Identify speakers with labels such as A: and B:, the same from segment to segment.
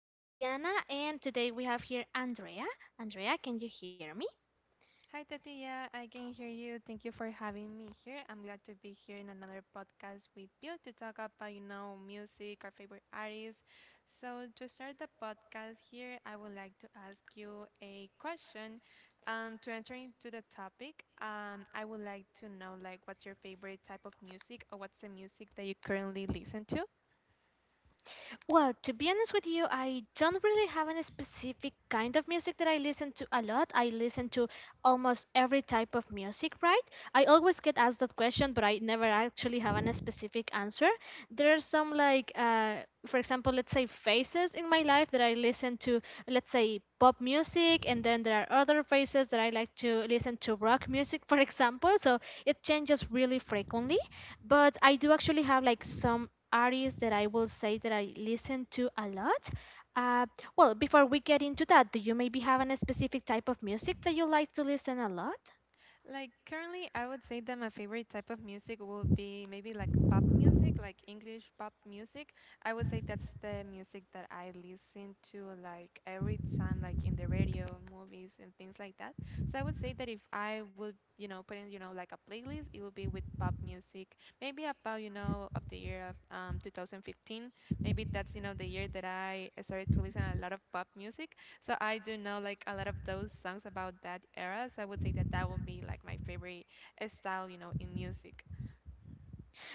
A: This is Tatiana, and today we have here Andrea. Andrea, can you hear me?
B: Hi, Tatia. I can hear you. Thank you for having me here. I'm glad to be here in another podcast with you to talk about, you know, music, our favorite artists. So, to start the podcast here, I would like to ask you a question. To enter into the topic, I would like to know, like, what's your favorite type of music or what's the music that you currently listen to?
A: Well, to be honest with you, I don't really have any specific kind of music that I listen to a lot. I listen to almost every type of music, right? I always get asked that question, but I never actually have any specific answer. There are some, like, for example, let's say phases in my life that I listen to, let's say pop music, and then there are other phases that I like to listen to rock music, for example. So it changes really frequently, but I do actually have like some artists that I will say that I listen to a lot. Uh, before we get into that, do you maybe have a specific type of music that you like to listen a lot?
B: Like currently, I would say that my favorite type of music would be maybe like pop music, like English pop music. I would say that's the music that I listen to like every time, like in the radio, movies, and things like that. So I would say that if I would, you know, put in, you know, like a playlist, it would be with pop music. Maybe about, you know, of the year of 2015. Maybe that's, you know, the year that I started to listen a lot of pop music. So I do know like a lot of those songs about that era. So I would say that that would be like my favorite style, you know, in music.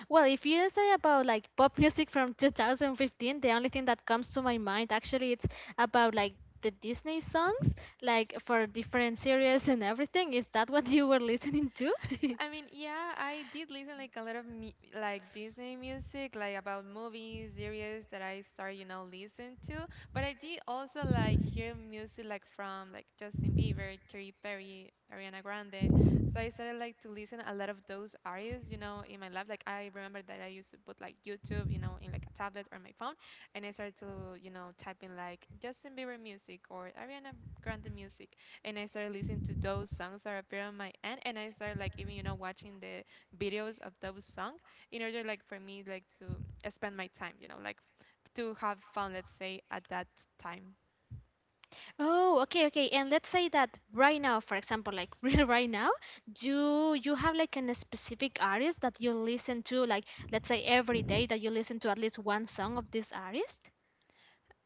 A: Well, if you say about like pop music from 2015, the only thing that comes to my mind actually, it's about like the Disney songs, like for different series and everything. Is that what you were listening to?
B: I mean, yeah, I did listen like a lot of like Disney music, like about movies, series that I start, you know, listen to. But I did also like hear music like from like Justin Bieber, Katy Perry, Ariana Grande. So I started like to listen a lot of those artists, you know, in my life. Like I remember that I used to put like YouTube, you know, in like a tablet or my phone, and I started to, you know, type in like Justin Bieber music or Ariana Grande music and I started listening to those songs that appear on my end, and I started like even you know watching the videos of those songs in order like for me like to spend my time, you know, like to have fun, let's say at that time.
A: Oh, okay, okay. And let's say that right now, for example, like really right now, do you have like an specific artist that you listen to, like let's say every day that you listen to at least one song of this artist?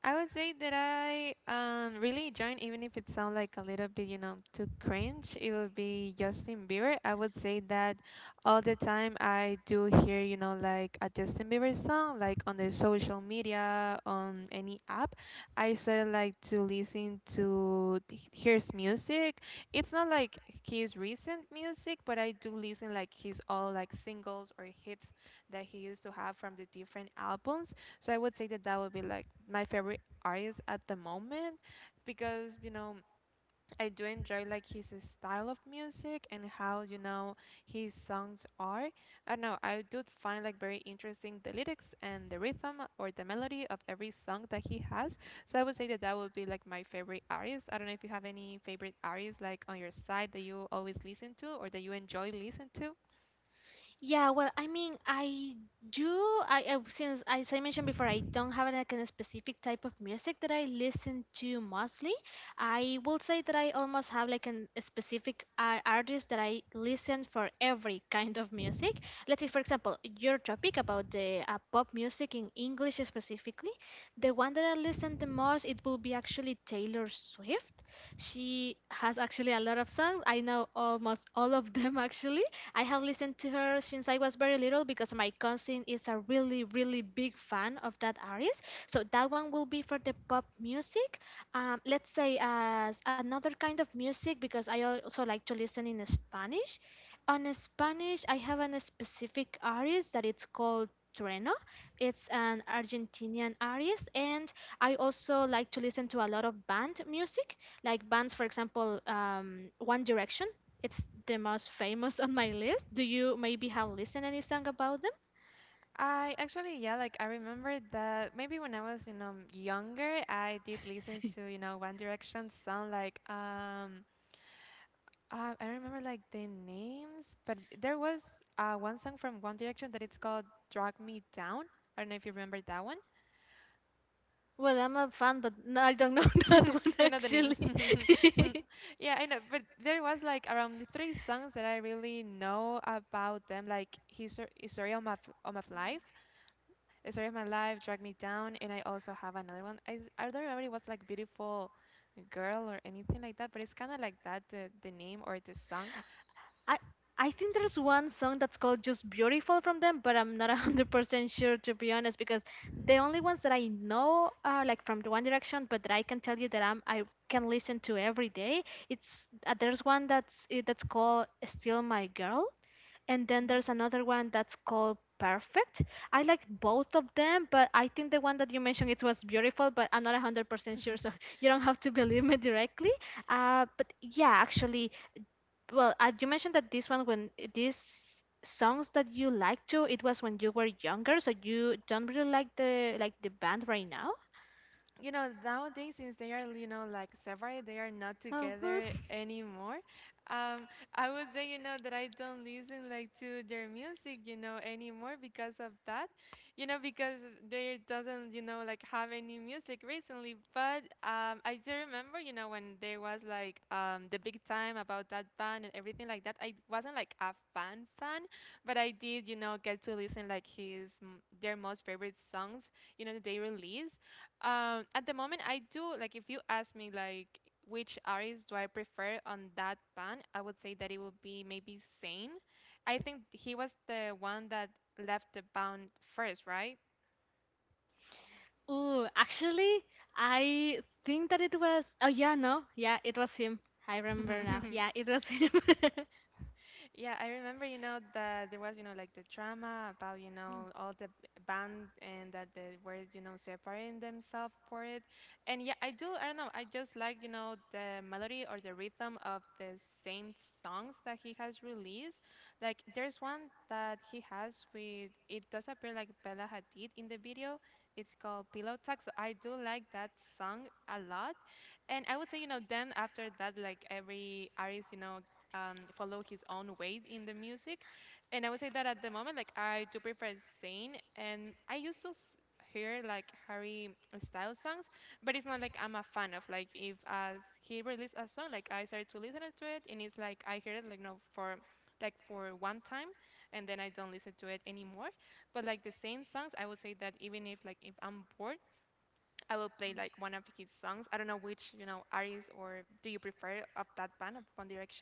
B: I would say that I really join even if it sounds like a little bit, you know, too cringe, it would be Justin Bieber. I would say that all the time I do hear, you know, like a Justin Bieber song, like on the social media, on any app. I sort of like to listen to his music. It's not like his recent music, but I do listen like his all like singles or hits that he used to have from the different albums. So I would say that that would be like my favorite artist at the moment because you know I do enjoy like his style of music and how you know his songs are. I don't know, I do find like very interesting the lyrics and the rhythm or the melody of every song that he has. So I would say that that would be like my favorite artist. I don't know if you have any favorite artists like on your side that you always listen to or that you enjoy listen to.
A: Yeah, well, I mean, I do. Since, as I mentioned before, I don't have like a specific type of music that I listen to mostly. I will say that I almost have like a specific artist that I listen for every kind of music. Let's say, for example, your topic about the pop music in English specifically, the one that I listen the most, it will be actually Taylor Swift. She has actually a lot of songs. I know almost all of them actually, I have listened to her since I was very little because my cousin is a really, really big fan of that artist. So that one will be for the pop music. Let's say as another kind of music because I also like to listen in Spanish. On Spanish, I have a specific artist that it's called Trueno. It's an Argentinian artist, and I also like to listen to a lot of band music, like bands, for example, One Direction. It's the most famous on my list. Do you maybe have listened any song about them?
B: I actually, yeah, like I remember that maybe when I was, you know, younger, I did listen to, you know, One Direction sound like I remember like the names, but there was one song from One Direction that it's called Drag Me Down. I don't know if you remember that one.
A: Well, I'm a fan, but no, I don't know that one
B: You know the names.
A: actually.
B: Yeah, I know, but there was like around three songs that I really know about them, like History of My Life. A Story of My Life, Drag Me Down, and I also have another one. I don't remember it was like Beautiful Girl or anything like that, but it's kind of like that, the name or the song.
A: I I think there's one song that's called Just Beautiful from them, but I'm not 100% sure, to be honest, because the only ones that I know are like from the One Direction, but that I can tell you that I can listen to every day. It's there's one that's that's called Still My Girl, and then there's another one that's called Perfect. I like both of them, but I think the one that you mentioned, it was Beautiful, but I'm not 100% sure, so you don't have to believe me directly. But yeah, actually, you mentioned that this one, when these songs that you like to, it was when you were younger, so you don't really like the band right now.
B: You know, nowadays, since they are, you know, like separate, they are not
A: Oh, hmm.
B: together anymore. Um, I would say, you know, that I don't listen like to their music, you know, anymore because of that, you know, because they doesn't, you know, like have any music recently. But I do remember, you know, when there was like the big time about that band and everything like that. I wasn't like a fan fan, but I did, you know, get to listen like their most favorite songs, you know, that they release. At the moment, I do like if you ask me like which artist do I prefer on that band, I would say that it would be maybe Zayn. I think he was the one that left the band first, right?
A: Ooh, actually, I think that it was. Oh, yeah, no. Yeah, it was him. I remember now. Yeah, it was him.
B: Yeah, I remember, you know, that there was, you know, like the drama about, you
A: Hmm.
B: know, all the band and that they were, you know, separating themselves for it. And yeah, I don't know, I just like, you know, the melody or the rhythm of the same songs that he has released. Like, there's one that he has with, it does appear like Bella Hadid in the video. It's called Pillow Talk. So I do like that song a lot. And I would say, you know, then after that, like every artist, you know, follow his own way in the music. And I would say that at the moment, like I do prefer Zayn, and I used to hear like Harry Styles songs, but it's not like I'm a fan of like if as he released a song, like I started to listen to it, and it's like I heard it like no for like for one time and then I don't listen to it anymore. But like the same songs, I would say that even if like if I'm bored, I will play like one of his songs. I don't know which you know artist or do you prefer of that band of One Direction?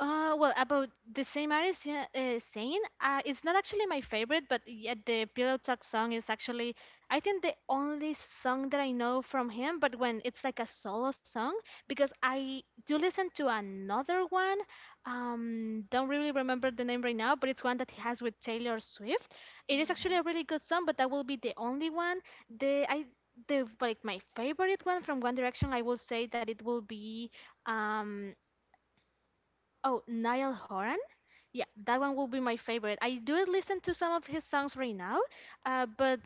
A: About the Saint Mary's, yeah, Zayn, it's not actually my favorite, but yet the Pillow Talk song is actually, I think, the only song that I know from him. But when it's like a solo song, because I do listen to another one, don't really remember the name right now, but it's one that he has with Taylor Swift. It is actually a really good song, but that will be the only one. The I the like my favorite one from One Direction, I will say that it will be um. Oh, Niall Horan. Yeah, that one will be my favorite. I do listen to some of his songs right now, but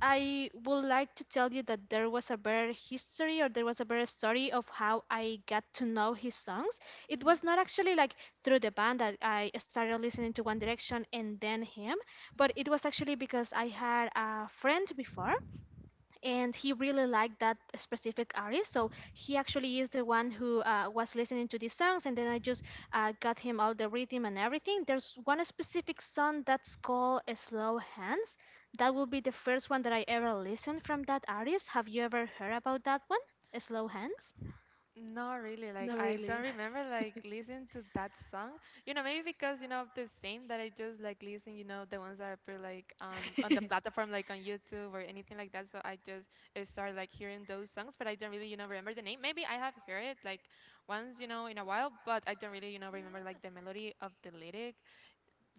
A: I would like to tell you that there was a better history, or there was a better story of how I got to know his songs. It
B: Mhm.
A: was not actually like through the band that I started listening to One Direction and then him, but it was actually because I had a friend before, and he really liked that specific artist, so he actually is the one who was listening to these songs, and then I just got him all the rhythm and everything. There's one specific song that's called Slow Hands. That will be the first one that I ever listened from that artist. Have you ever heard about that one, Slow Hands?
B: Not really. Like
A: No,
B: I
A: really.
B: don't remember like listening to that song. You know, maybe because you know of the same that I just like listen. You know, the ones that appear like on the platform, like on YouTube or anything like that. So I just start like hearing those songs, but I don't really you know remember the name. Maybe I have heard it like once you know in a while, but I don't really you know remember like the melody of the lyric.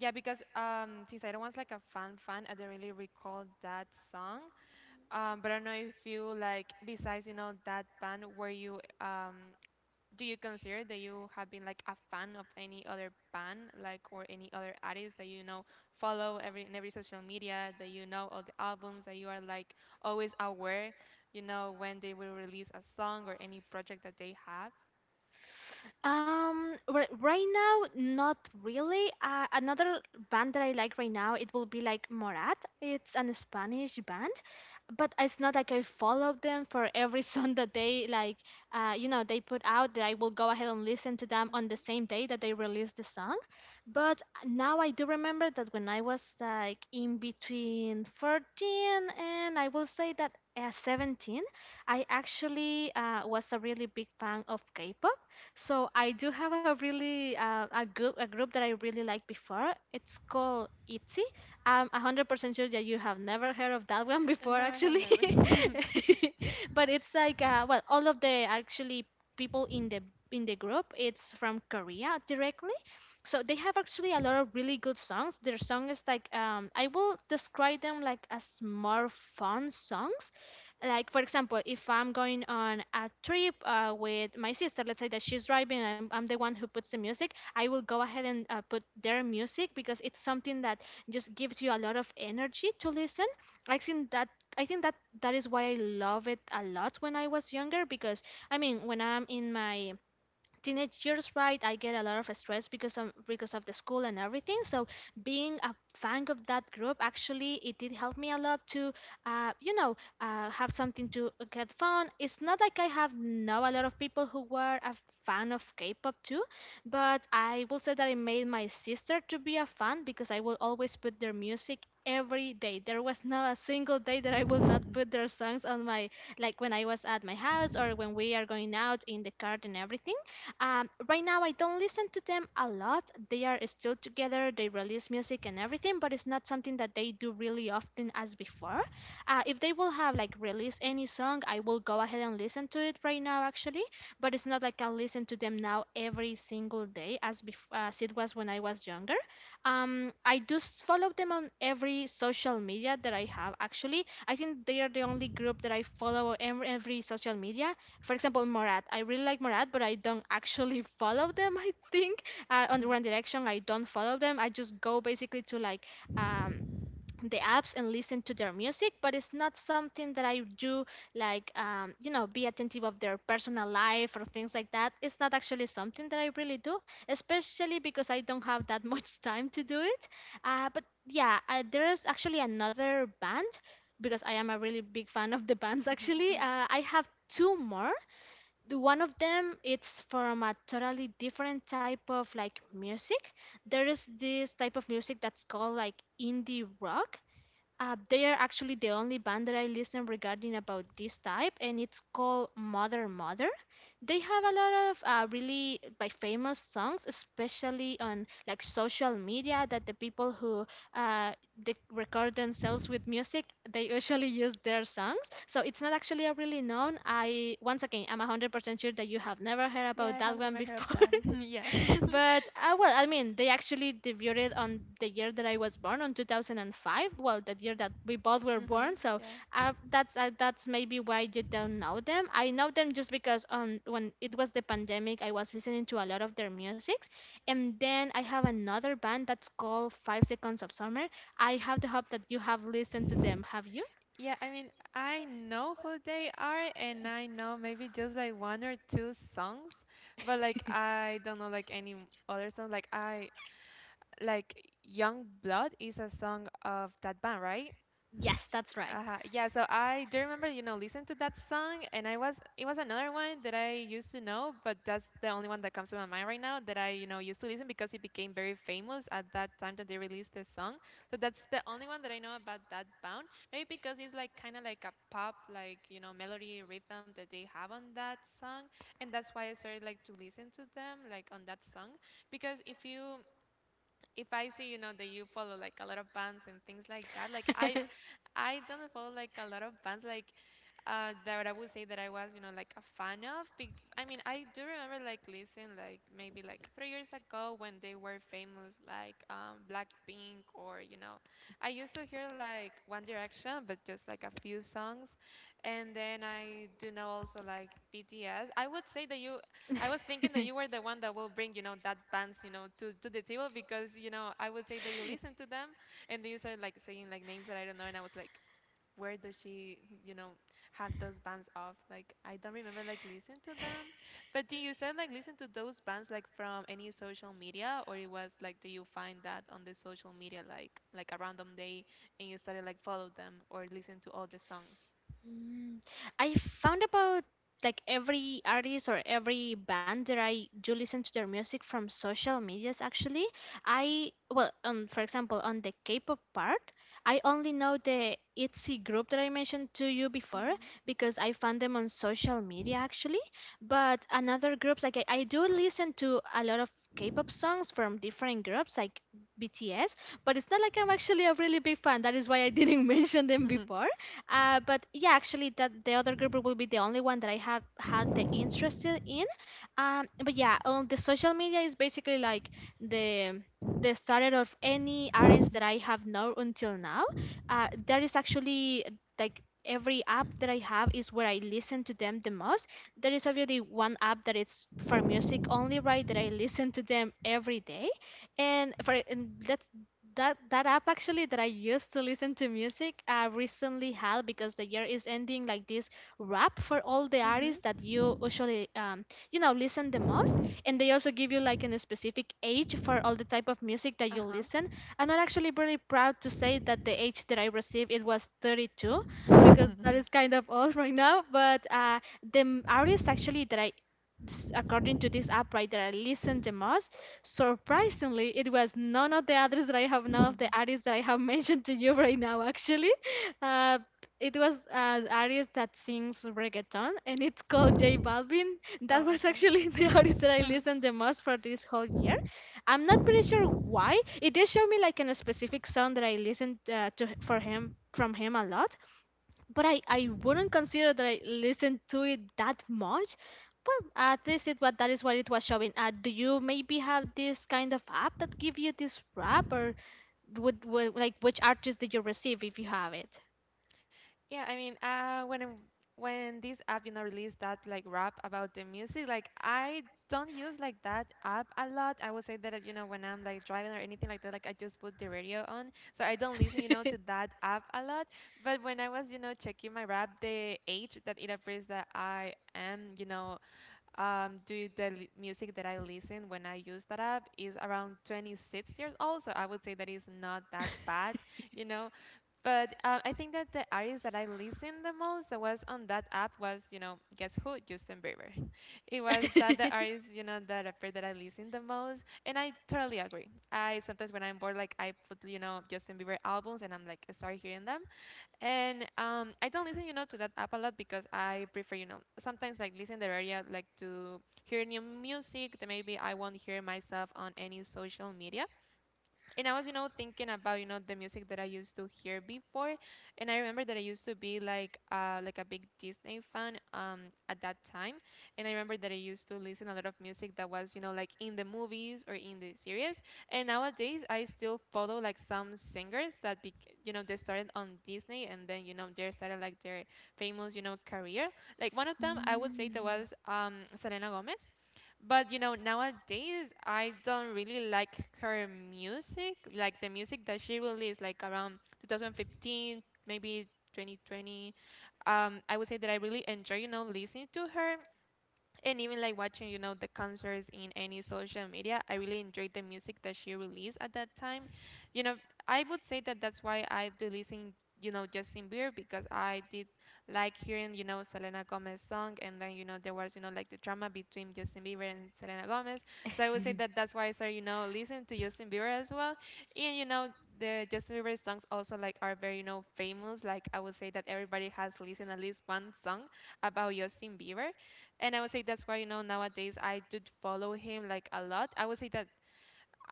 B: Yeah, because since I don't was like a fan fan, I don't really recall that song. But I don't know if you like besides you know that band, were you do you consider that you have been like a fan of any other band, like or any other artist that you know follow every in every social media that you know all the albums that you are like always aware, you know when they will release a song or any project that they have?
A: Right now, not really. Another band that I like right now, it will be like Morat. It's an Spanish band, but it's not like I follow them for every song that they like. They put out that I will go ahead and listen to them on the
B: Mhm.
A: same day that they release the song. But now I do remember that when I was like in between 14 and I will say that 17, I actually was a really big fan of K-pop, so I do have a group that I really liked before. It's called ITZY. I'm 100% sure that you have never heard of that one before,
B: And no, I have
A: actually.
B: never.
A: But it's like all of the actually people in the group, it's from Korea directly. So they have actually a lot of really good songs. Their song is like I will describe them like as more fun songs, like for example, if I'm going on a trip with my sister, let's say that she's driving and I'm the one who puts the music. I will go ahead and put their music because it's something that just gives you a lot of energy to listen. I think that i think that that is why I love it a lot when I was younger, because I mean, when I'm in my teenage years, right, I get a lot of stress because of the school and everything, so being a fan of that group, actually it did help me a lot to uh, you know have something to get fun. It's not like I have know a lot of people who were a fan of K-pop too, but I will say that it made my sister to be a fan because I will always put their music every day. There was not a single day that I will not put their songs on my, like when I was at my house or when we are going out in the car and everything. Right now, I don't listen to them a lot. They are still together, they release music and everything, but it's not something that they do really often as before. If they will have like release any song, I will go ahead and listen to it right now, actually. But it's not like I listen to them now every single day as it was when I was younger. I do follow them on every social media that I have. Actually, I think they are the only group that I follow on every social media, for example, Morat. I really like Morat, but I don't actually follow them. I think on the One Direction, I don't follow them. I just go basically to like um, the apps and listen to their music, but it's not something that I do, like be attentive of their personal life or things like that. It's not actually something that I really do, especially because I don't have that much time to do it. But yeah, there is actually another band because I am a really big fan of the bands actually. I have two more. The one of them, it's from a totally different type of like music. There is this type of music that's called like indie rock. They are actually the only band that I listen regarding about this type, and it's called Mother Mother. They have a lot of really like famous songs, especially on like social media, that the people who uh, they record themselves with music, they usually use their songs. So it's not actually a really known. I once again, I'm 100% sure that you have never heard
B: Yeah,
A: about
B: I
A: that
B: have
A: one
B: never heard of
A: before.
B: that. Yeah. Mhm.
A: But, I mean, they actually debuted on the year that I was born, on 2005. Well, the year that we both were born, so
B: Yeah.
A: that's maybe why you don't know them. I know them just because when it was the pandemic, I was listening to a lot of their musics, and then I have another band that's called Five Seconds of Summer. I have the hope that you have listened to them. Have you?
B: Yeah, I mean, I know who they are, and I know maybe just like one or two songs, but like I don't know like any other songs. Like I like Young Blood is a song of that band, right?
A: Yes, that's right.
B: Uh-huh. Yeah, so I do remember, you know, listen to that song and I was it was another one that I used to know, but that's the only one that comes to my mind right now that I, you know, used to listen because it became very famous at that time that they released the song. So that's the only one that I know about that band. Maybe because it's like kind of like a pop like, you know, melody rhythm that they have on that song, and that's why I started like to listen to them like on that song because if you if I see, you know, that you follow like a lot of bands and things like that, like I don't follow like a lot of bands like that I would say that I was, you know, like a fan of. I mean, I do remember like listening like maybe like 3 years ago when they were famous, like Blackpink or you know, I used to hear like One Direction, but just like a few songs, and then I do know also like BTS. I would say that I was thinking that you were the one that will bring, that bands, to the table, because I would say that you listen to them, and they started like saying like names that I don't know. And I was like, where does she you know have those bands of, like, I don't remember like listen to them. But do you start like listen to those bands like from any social media? Or it was like, do you find that on the social media, like a random day, and you started like follow them or listen to all the songs?
A: Mm, I found about like every artist or every band that I do listen to their music from social medias actually. I well on for example on the K-pop part, I only know the ITZY group that I mentioned to you before
B: Mm-hmm.
A: because I found them on social media actually. But another groups like I do listen to a lot of K-pop songs from different groups like BTS, but it's not like I'm actually a really big fan. That is why I didn't mention them before. But yeah, actually, that the other group will be the only one that I have had the interest in. But yeah, on the social media is basically like the the starter of any artist that I have known until now. There is actually like every app that I have is where I listen to them the most. There is obviously one app that it's for music only, right? That I listen to them every day, and for and that's that app actually that I used to listen to music recently had because the year is ending like this wrap for all the artists that
B: Mm-hmm.
A: you usually listen the most and they
B: Yes.
A: also give you like a specific age for all the type of music that you
B: Uh-huh.
A: listen. I'm not actually really proud to say that the age that I received it was 32 because that is kind of old right now. But the artists actually that I according to this app right that I listened the most, surprisingly, it was none of the others that I have, none of the artists that I have mentioned to you right now. Actually, uh, it was an artist that sings reggaeton, and it's called J Balvin.
B: Oh,
A: That was
B: okay.
A: actually the artist that I listened the most for this whole year. I'm not pretty sure why. It did show me like in a specific song that I listened to for him from him a lot but I wouldn't consider that I listened to it that much. But at least it was that is what it was showing. Do you maybe have this kind of app that give you this rap or would like which artist did you receive if you have it?
B: Yeah, I mean, when this app, released that like rap about the music, like I don't use like that app a lot. I would say that when I'm like driving or anything like that, like I just put the radio on, so I don't listen, to that app a lot. But when I was, checking my rap, the age that it appears that I am, music that I listen when I use that app is around 26 years old. So I would say that is not that bad, you know. But I think that the artist that I listened the most that was on that app was, guess who? Justin Bieber. It was that the artist, that rapper that I listened the most. And I totally agree. I sometimes when I'm bored, like I put, Justin Bieber albums, and I'm like, I start hearing them. And I don't listen, to that app a lot, because I prefer, sometimes like listen the radio, like to hear new music that maybe I won't hear myself on any social media. And I was, thinking about, the music that I used to hear before. And I remember that I used to be like a big Disney fan, at that time. And I remember that I used to listen a lot of music that was, like in the movies or in the series. And nowadays I still follow like some singers that, they started on Disney, and then, they started like their famous, career. Like one of them, I would say that
A: Mm.
B: was Selena Gomez. But nowadays I don't really like her music, like the music that she released, like around 2015, maybe 2020. I would say that I really enjoy, listening to her, and even like watching, the concerts in any social media. I really enjoyed the music that she released at that time. you know I would say that that's why I do listen, Justin Bieber, because I did like hearing, Selena Gomez song. And then, there was, like the drama between Justin Bieber and Selena Gomez. So I would say that that's why I started, listening to Justin Bieber as well. And, the Justin Bieber songs also like are very, famous. Like I would say that everybody has listened at least one song about Justin Bieber, and I would say that's why, nowadays I do follow him like a lot. I would say that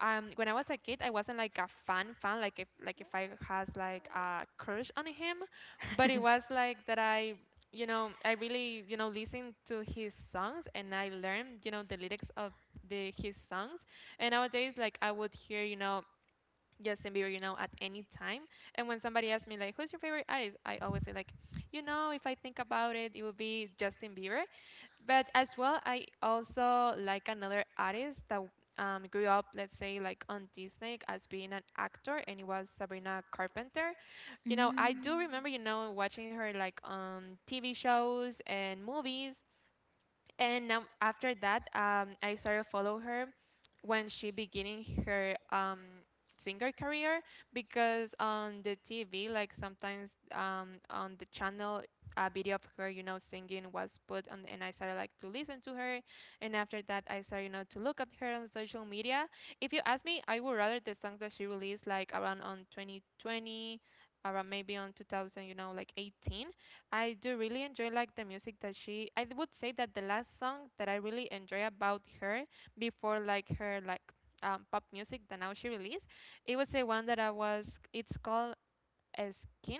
B: when I was a kid, I wasn't like a fan fan, like if I has like a crush on him. But it was like that I, I really, listened to his songs, and I learned, the lyrics of the his songs. And nowadays, like, I would hear, Justin Bieber, at any time. And when somebody asks me like who's your favorite artist, I always say like, if I think about it, it would be Justin Bieber. But as well, I also like another artist that grew up, let's say, like on Disney as being an actor, and it was Sabrina Carpenter. I
A: Mm.
B: do remember, watching her like on TV shows and movies. And after that, I started follow her when she beginning her singer career, because on the TV, like sometimes, on the channel, a video of her, singing was put on, and I started like to listen to her. And after that, I started, to look at her on social media. If you ask me, I would rather the songs that she released like around on 2020, around maybe on 2000, like 18. I do really enjoy like the music that she, I would say that the last song that I really enjoy about her, before like her like pop music that now she released, it was the one that I was, it's called Skin,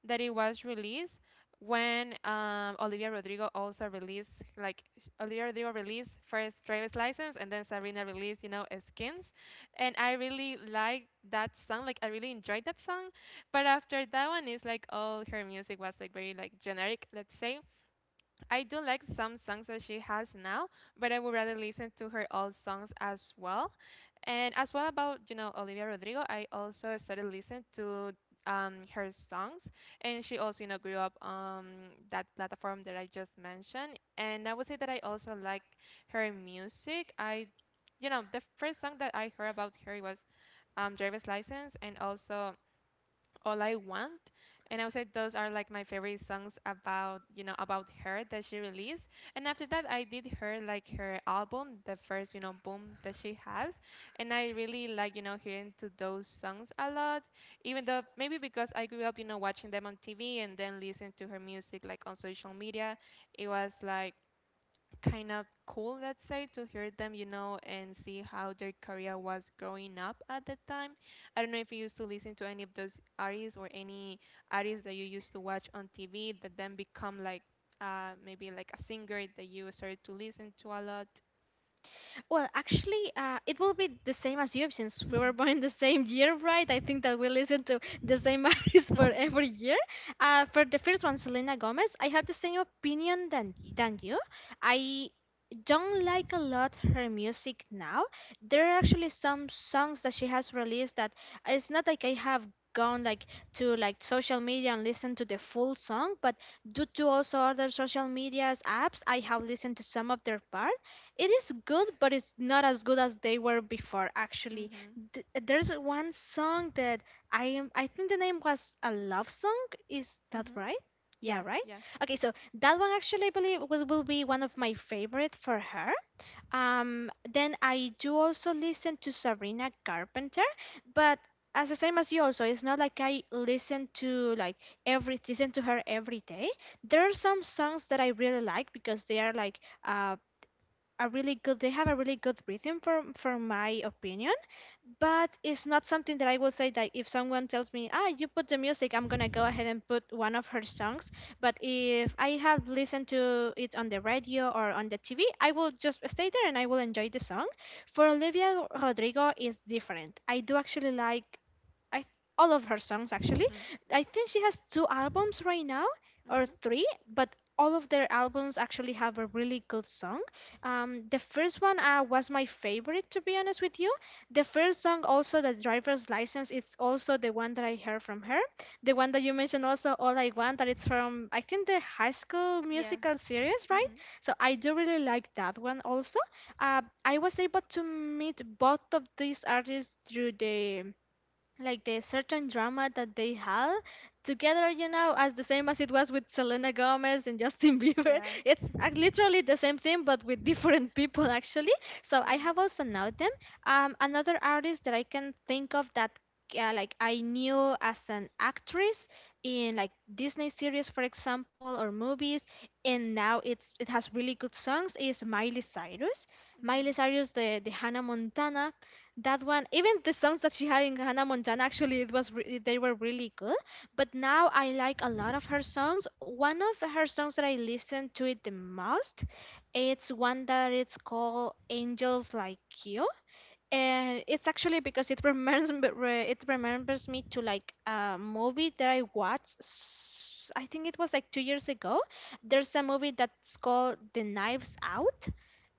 B: that it was released when Olivia Rodrigo also released, like Olivia Rodrigo released first Driver's License, and then Sabrina released, Skins. And I really liked that song, like I really enjoyed that song. But after that one, is like all her music was like very like generic, let's say. I do like some songs that she has now, but I would rather listen to her old songs as well. And as well about, Olivia Rodrigo, I also started listening to her songs. And she also, grew up on that platform that I just mentioned. And I would say that I also like her music. The first song that I heard about her was Driver's License, and also All I Want. And I would say those are like my favorite songs about her that she released. And after that, I did her like her album, the first, boom that she has. And I really like, hearing to those songs a lot, even though maybe because I grew up, watching them on TV, and then listening to her music like on social media, it was like kind of cool, let's say, to hear them, and see how their career was growing up at the time. I don't know if you used to listen to any of those artists, or any artists that you used to watch on TV that then become like maybe like a singer that you started to listen to a lot.
A: Well, actually, it will be the same as you since we were born in the same year, right? I think that we listen to the same artist for every year. For the first one, Selena Gomez, I have the same opinion than you. I don't like a lot her music now. There are actually some songs that she has released that it's not like I have gone like to like social media and listened to the full song, but due to also other social media's apps, I have listened to some of their parts it is good, but it's not as good as they were before. Actually,
B: Mhm.
A: There's one song that I am. I think the name was a love song. Is that
B: Mhm.
A: right? Yeah,
B: Yeah.
A: right.
B: Yeah.
A: Okay, so that one actually I believe will be one of my favorite for her. Then I do also listen to Sabrina Carpenter, but as the same as you also, it's not like I listen to like every listen to her every day. There are some songs that I really like because they are like a really good they have a really good rhythm from my opinion but it's not something that I will say that if someone tells me ah you put the music I'm gonna go ahead and put one of her songs but if I have listened to it on the radio or on the TV I will just stay there and I will enjoy the song for Olivia Rodrigo is different I do actually like I th- all of her songs actually. I think she has two albums right now or
B: Mhm.
A: three, but all of their albums actually have a really good song. The first one was my favorite, to be honest with you. The first song, also the driver's license, is also the one that I heard from her. The one that you mentioned, also all I want, that it's from I think the High School
B: Yeah.
A: Musical series, right?
B: Mhm.
A: So I do really like that one also. I was able to meet both of these artists through the like the certain drama that they had together you know as the same as it was with Selena Gomez and Justin bieber
B: Yeah.
A: it's literally the same thing but with different people actually so I
B: Yeah.
A: have also known them another artist that I can think of that I knew as an actress in like Disney series for example or movies and now it's it has really good songs is Miley Cyrus Miley
B: Mhm.
A: Cyrus the Hannah Montana that one even the songs that she had in Hannah Montana actually it was they were really good but now I like a lot of her songs one of her songs that I listen to it the most it's one that it's called angels like you and it's actually because it remembers it remembers me to like a movie that I watched. I think it was like 2 years ago. There's a movie that's called The Knives Out.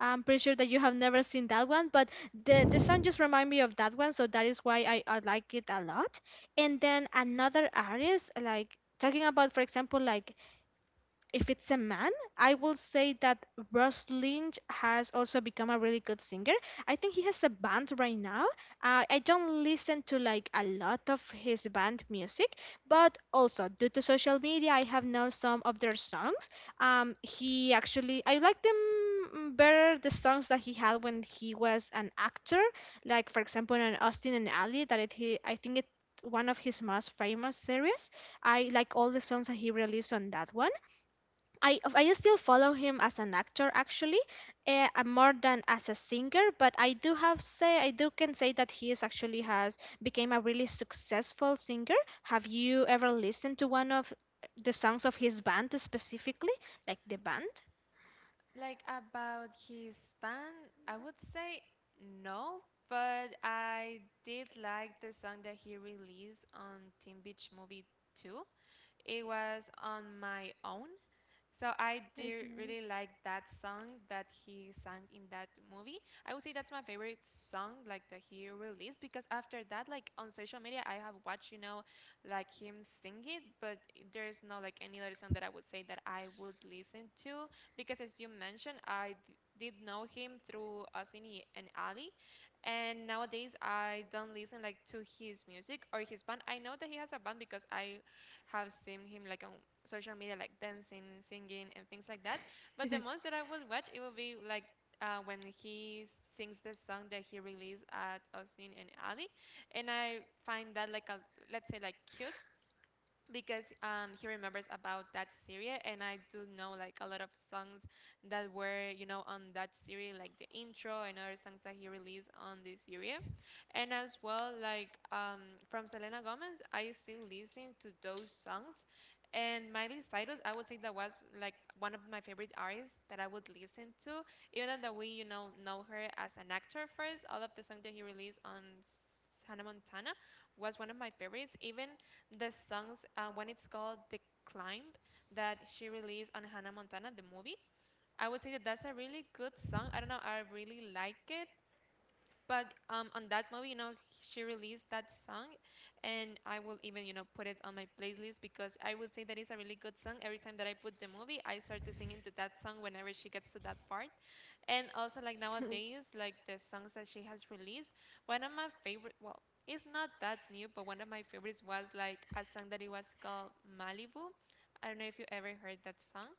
A: I'm pretty sure that you have never seen that one, but the song just remind me of that one, so that is why I like it a lot. And then another artist, like talking about, for example, like if it's a man, I will say that Russ Lynch has also become a really good singer. I think he has a band right now. I don't listen to like a lot of his band music, but also due to social media, I have known some of their songs. He actually, I like them better the songs that he had when he was an actor, like for example in Austin and Ali, that it he, I think it one of his most famous series. I like all the songs that he released on that one. I still follow him as an actor actually, more than as a singer. But I do have say I do can say that he is actually has became a really successful singer. Have you ever listened to one of the songs of his band specifically, like the band?
B: Like about his band, I would say no, but I did like the song that he released on Teen Beach Movie 2. It was On My Own. So I do really like that song that he sang in that movie. I would say that's my favorite song like that he released, because after that, like on social media, I have watched, like him sing it. But there's no like any other song that I would say that I would listen to, because as you mentioned, I did know him through Asini and Ali, and nowadays I don't listen like to his music or his band. I know that he has a band because I have seen him like on social media like dancing, singing, and things like that. But the most that I would watch, it would be like when he sings the song that he released at Austin and Ali, and I find that like a, let's say, like cute, because he remembers about that series. And I do know like a lot of songs that were, on that series, like the intro and other songs that he released on this series. And as well like from Selena Gomez, I still listen to those songs. And Miley Cyrus, I would say that was like one of my favorite artists that I would listen to, even though we know her as an actor first. All of the songs that he released on Hannah Montana was one of my favorites. Even the songs one it's called The Climb that she released on Hannah Montana The Movie, I would say that that's a really good song. I don't know, I really like it. But on that movie, she released that song, and I will even, put it on my playlist, because I would say that it's a really good song. Every time that I put the movie, I start to sing into that song whenever she gets to that part. And also, like nowadays, like the songs that she has released, one of my favorite, well, it's not that new, but one of my favorites was like a song that it was called Malibu. I don't know if you ever heard that song.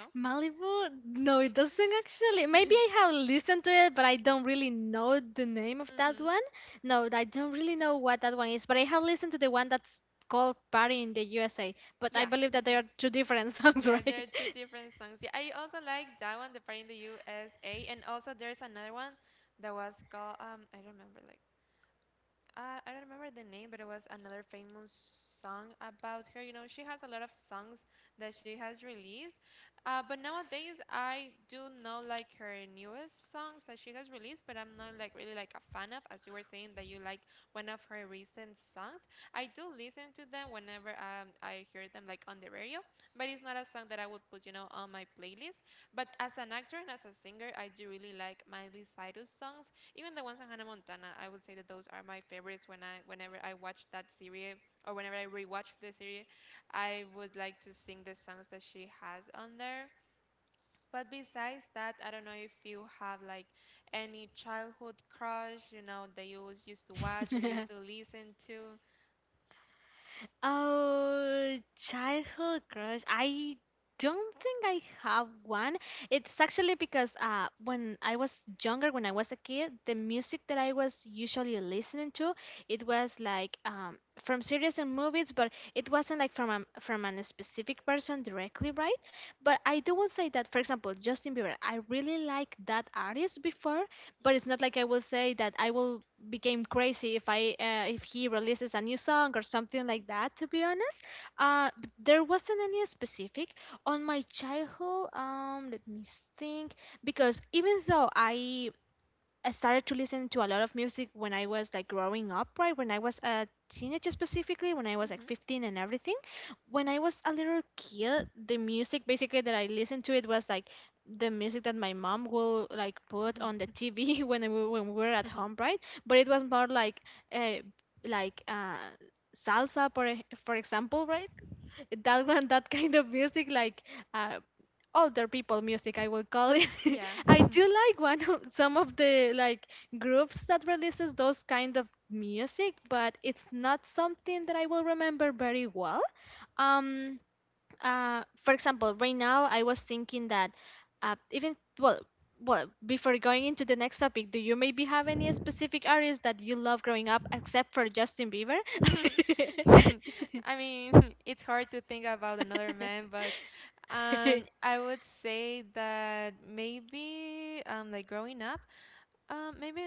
B: No?
A: Malibu? No, it doesn't actually. Maybe I have listened to it, but I don't really know the name of that
B: Mm-hmm.
A: one. No, I don't really know what that one is, but I have listened to the one that's called Party in the USA. But I
B: Yeah.
A: believe that they are
B: Mm-hmm.
A: two different songs,
B: Yeah,
A: right?
B: there are two different songs. Yeah, I also like that one, the part in the USA. And also there's another one that was called I don't remember like, I don't remember the name, but it was another famous song about her. She has a lot of songs that she has released. But nowadays, I do know like her newest songs that she has released, but I'm not like really like a fan of, as you were saying that you like one of her recent songs. I do listen to them whenever I hear them like on the radio, but it's not a song that I would put, you know, on my playlist. But as an actor and as a singer, I do really like Miley Cyrus songs, even the ones on Hannah Montana. I would say that those are my favorites. Whenever I watch that series or whenever I rewatch the series, I would like to sing the songs that she has on there. But besides that, I don't know if you have like any childhood crush, you know, that you always used to watch or used to listen to.
A: Oh, childhood crush. I don't think I have one. It's actually because when I was younger, when I was a kid, the music that I was usually listening to, it was like from series and movies, but it wasn't like from a specific person directly, right? But I do will say that, for example, Justin Bieber. I really like that artist before, but it's not like I will say that I will become crazy if I if he releases a new song or something like that. To be honest, but there wasn't any specific on my childhood. Let me think because even though I started to listen to a lot of music when I was like growing up, right? When I was a teenager specifically, when I was like 15 and everything. When I was a little kid, the music basically that I listened to it was like the music that my mom will like put on the TV when we were at
B: Hmm
A: home, right? But it was more like uh, like uh, salsa for for example, right? That one, that kind of music, like uh, older people music, I will call it.
B: Yeah.
A: I do like one of some of the like groups that releases those kind of music, but it's not something that I will remember very well. um for example, right now I was thinking that even, well before going into the next topic, do you maybe have any specific artists that you love growing up, except for Justin Bieber?
B: I mean, it's hard to think about another man, but I would say that maybe like growing up, maybe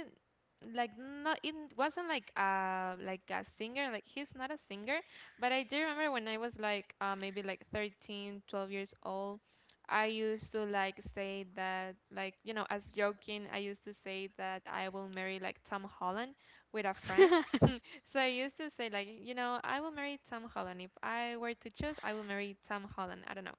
B: like not it wasn't like a singer, like he's not a singer, but I do remember when I was like maybe like 13, 12 years old, I used to like say that like, you know, as joking, I used to say that I will marry like Tom Holland with a friend. So I used to say like, you know, I will marry Tom Holland. If I were to choose, I will marry Tom Holland. I don't know.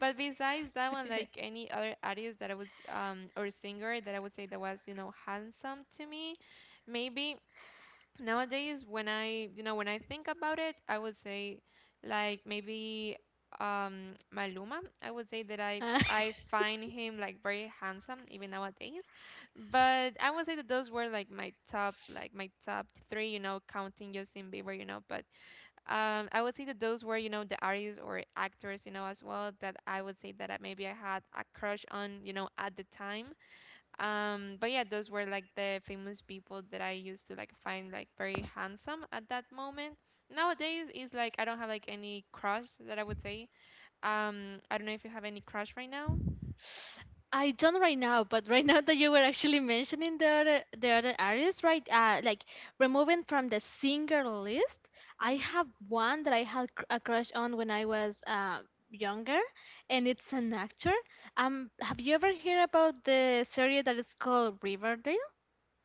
B: But besides that one, like any other artist that I was or singer that I would say that was, you know, handsome to me, maybe nowadays when I, you know, when I think about it, I would say like maybe Maluma. I would say that I
A: Ah.
B: I find him like very handsome even nowadays. But I would say that those were like my top, like my top three, you know, counting Justin Bieber, you know, but I would say that those were, you know, the artists or actors, you know, as well that I would say that I, maybe I had a crush on, you know, at the time. But yeah, those were like the famous people that I used to like find like very handsome at that moment. Nowadays is like I don't have like any crush that I would say. I don't know if you have any crush right now.
A: I don't right now, but right now that you were actually mentioning the other artists, right? Like removing from the singer list, I
B: Mm-hmm.
A: have one that I had a crush on when I was younger, and it's an actor. Have you ever heard about the series that is called Riverdale?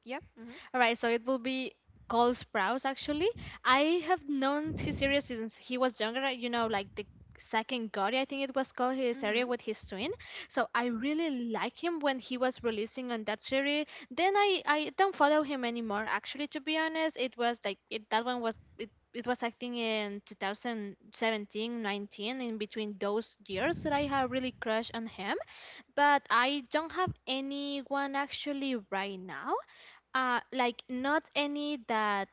B: Yeah. Mm-hmm.
A: Alright, so it will be Cole Sprouse actually. I have known his series since he was younger, you know, like the second Gotti. I think it was called his
B: Mm-hmm.
A: area with his twin. So I really like him when he was releasing on that series. Then I don't follow him anymore. Actually, to be honest, it was like it, that one was it, it was, I think, in 2017, nineteen, in between those years that I have really crushed on him. But I don't have anyone actually right now. Like not any that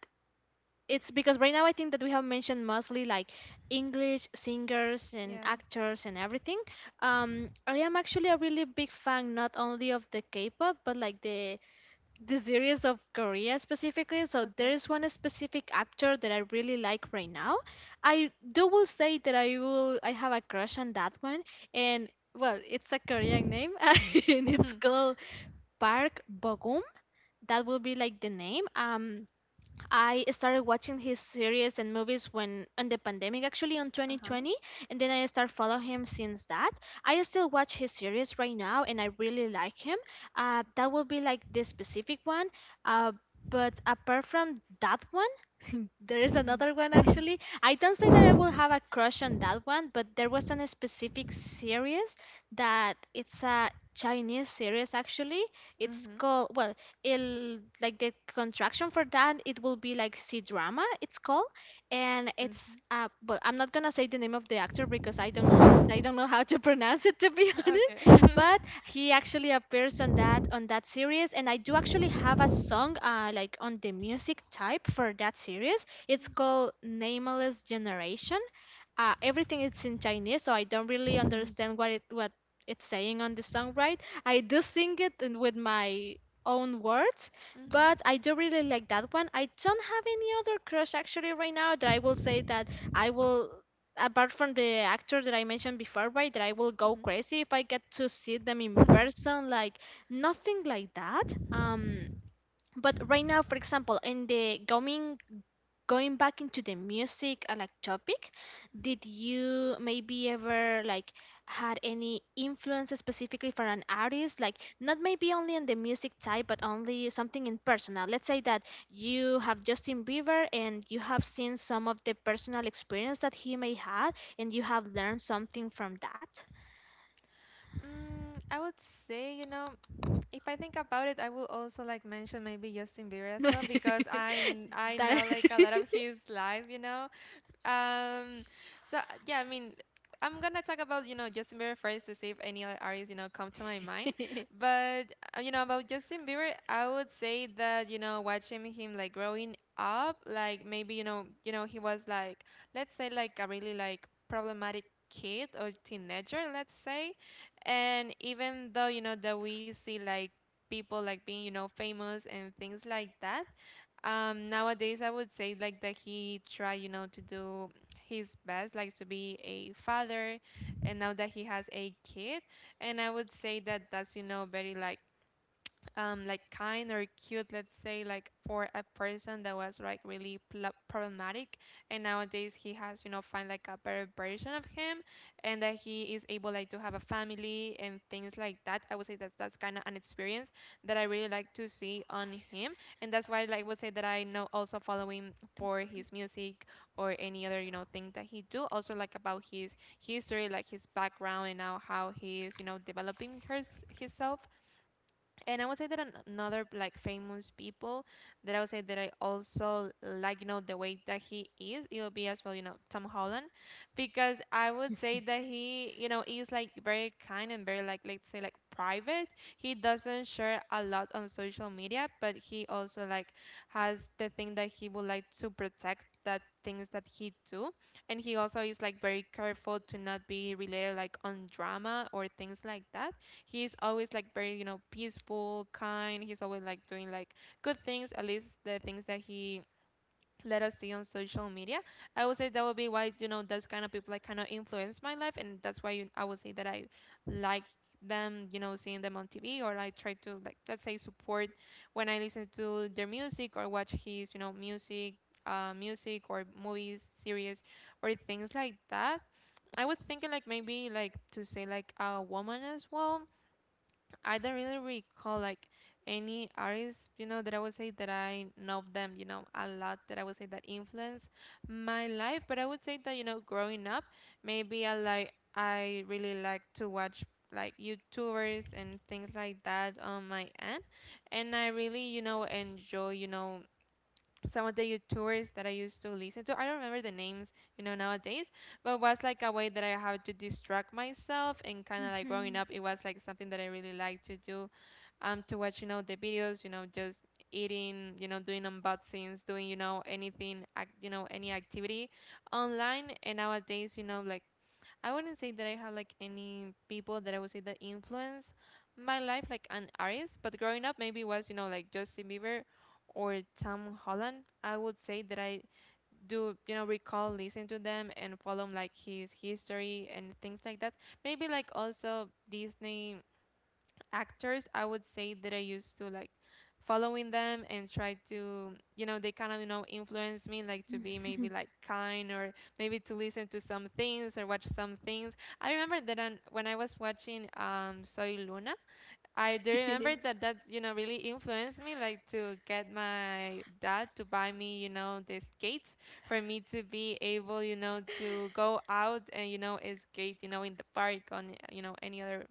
A: it's because right now I think that we have mentioned mostly like English singers and
B: Yeah.
A: actors and everything. I am actually a really big fan not only of the K-pop but like the series of Korea specifically. So there
B: Okay.
A: is one specific actor that I really like right now. I do will say that I have a crush on that one, and well, it's a Korean name and it's called Park Bogum. That will be like the name. I started watching his series and movies when in the pandemic actually on
B: Uh-huh.
A: 2020, and then I started following him since that. I still watch his series right now and I really like him. That will be like this specific one. Uh, but apart from that one, there is another one actually. I don't say that I will
B: Mm-hmm.
A: have a crush on that one, but there was a specific series that it's a Chinese series actually. It's called, well, it like the contraction for that, it will be like C drama, it's called. And it's
B: Mm-hmm.
A: uh, but I'm not gonna say the name of the actor because I don't know how to pronounce it, to be honest.
B: Okay.
A: But he actually appears on that series, and I do actually have a song like on the music type for that series. It's called Nameless Generation. Uh, everything it's in Chinese, so I don't really
B: Mhm.
A: understand what it's saying on the song, right? I do sing it with my own words,
B: Mhm.
A: but I do really like that one. I don't have any other crush actually right now that I will say that I will apart from the actor that I mentioned before, right, that I will go
B: Mhm.
A: crazy if I get to see them in
B: Mhm.
A: person. Like nothing like that. Um, but right now, for example, in the coming going back into the music like topic, did you maybe ever like had any influence specifically for an artist? Like not maybe only on the music type, but only something in personal. Let's say that you have Justin Bieber and you have seen some of the personal experience that he may have, and you have learned something from that.
B: I would say, you know, if I think about it, I will also like mention maybe Justin Bieber as well because I know
A: that.
B: like a lot of his life, you know. Um, so yeah, I mean, I'm gonna talk about, you know, Justin Bieber first to see if any other artists you know come to my mind. But you know, about Justin Bieber, I would say that, you know, watching him like growing up, like maybe, you know, you know he was like, let's say, like a really like problematic kid or teenager, let's say, and even though you know that we see like people like being, you know, famous and things like that, nowadays, I would say like that he try, you know, to do his best, like to be a father, and now that he has a kid, and I would say that that's, you know, very like kind or cute, let's say, like for a person that was like really problematic, and nowadays he has, you know, find like a better version of him, and that he is able like to have a family and things like that. I would say that's kind of an experience that I really like to see on him, and that's why like, I would say that I know also follow him for his music or any other, you know, thing that he do. Also like about his history, like his background, and now how he is, you know, developing hers himself. And I would say that another like famous people that I would say that I also like, you know, the way that he is, it'll be as well, you know, Tom Holland, because I would say that he, you know, is like very kind and very like, let's say, like private. He doesn't share a lot on social media, but he also like has the thing that he would like to protect that things that he do, and he also is like very careful to not be related like on drama or things like that. He's always like very, you know, peaceful, kind. He's always like doing like good things, at least the things that he let us see on social media. I would say that would be why, you know, those kind of people like kind of influence my life, and that's why, you, I would say that I like them, you know, seeing them on TV or I try to like, let's say, support when I listen to their music or watch his, you know, music or movies, series or things like that. I would think like maybe like to say like a woman as well, I don't really recall like any artists, you know, that I would say that I know them, you know, a lot that I would say that influence my life. But I would say that, you know, growing up, maybe I like I really like to watch like YouTubers and things like that on my end. And I really, you know, enjoy, you know, some of the YouTubers that I used to listen to. I don't remember the names, you know, nowadays, but was like a way that I had to distract myself, and kind of like growing
A: Mhm.
B: up, it was like something that I really liked to do, to watch, you know, the videos, you know, just eating, you know, doing unboxings, doing, you know, anything, you know, any activity online. And nowadays, you know, like I wouldn't say that I have like any people that I would say that influence my life like an artist, but growing up maybe was, you know, like Justin Bieber or Tom Holland. I would say that I do, you know, recall listen to them and follow like his history and things like that. Maybe like also Disney actors, I would say that I used to like following them and try to, you know, they kind of, you know, influence me like to be maybe like kind or maybe to listen to some things or watch some things. I remember that when I was watching Soy Luna, I do remember that that, you know, really influenced me like to get my dad to buy me, you know, the skates for me to be able, you know, to go out and, you know, skate, you know, in the park on, you know, any other,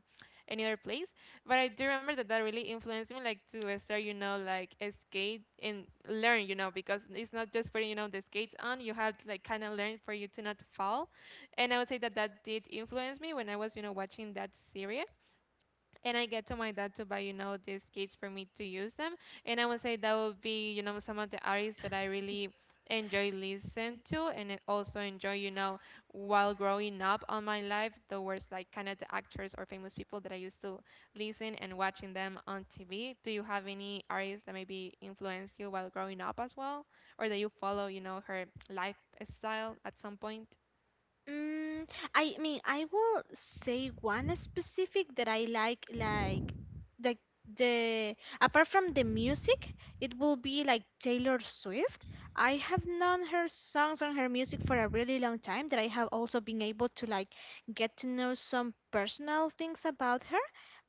B: any other place. But I do remember that that really influenced me, like to start, you know, like skate and learn, you know, because it's not just putting, you know, the skates on. You have to like kind of learn for you to not fall. And I would say that that did influence me when I was, you know, watching that series and I get to my dad to buy, you know, these kits for me to use them. And I would say that would be, you know, some of the artists that I really enjoy listen to, and I also enjoy, you know, while growing up on my life, the words like kind of the actors or famous people that I used to listen and watching them on TV. Do you have any artists that maybe influenced you while growing up as well? Or that you follow, you know, her lifestyle at some point?
A: Mm, I mean, I will say one specific that I like the apart from the music, it will be like Taylor Swift. I have known her songs and her music for a really long time that I have also been able to like get to know some personal things about her.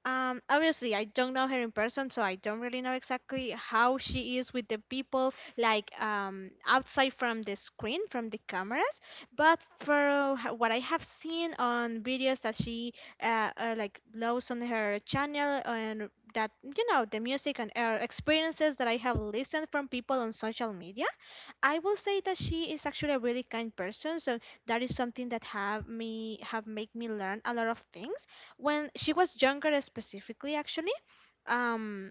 A: Obviously, I don't know her in person, so I don't really know exactly how she is with the people, like outside from the screen, from the cameras. But for what I have seen on videos that she like loads on her channel, and that, you know, the music and experiences that I have listened from people on social media, I will say that she is actually a really kind person. So that is something that have made me learn a lot of things. When she was younger, specifically, actually, um,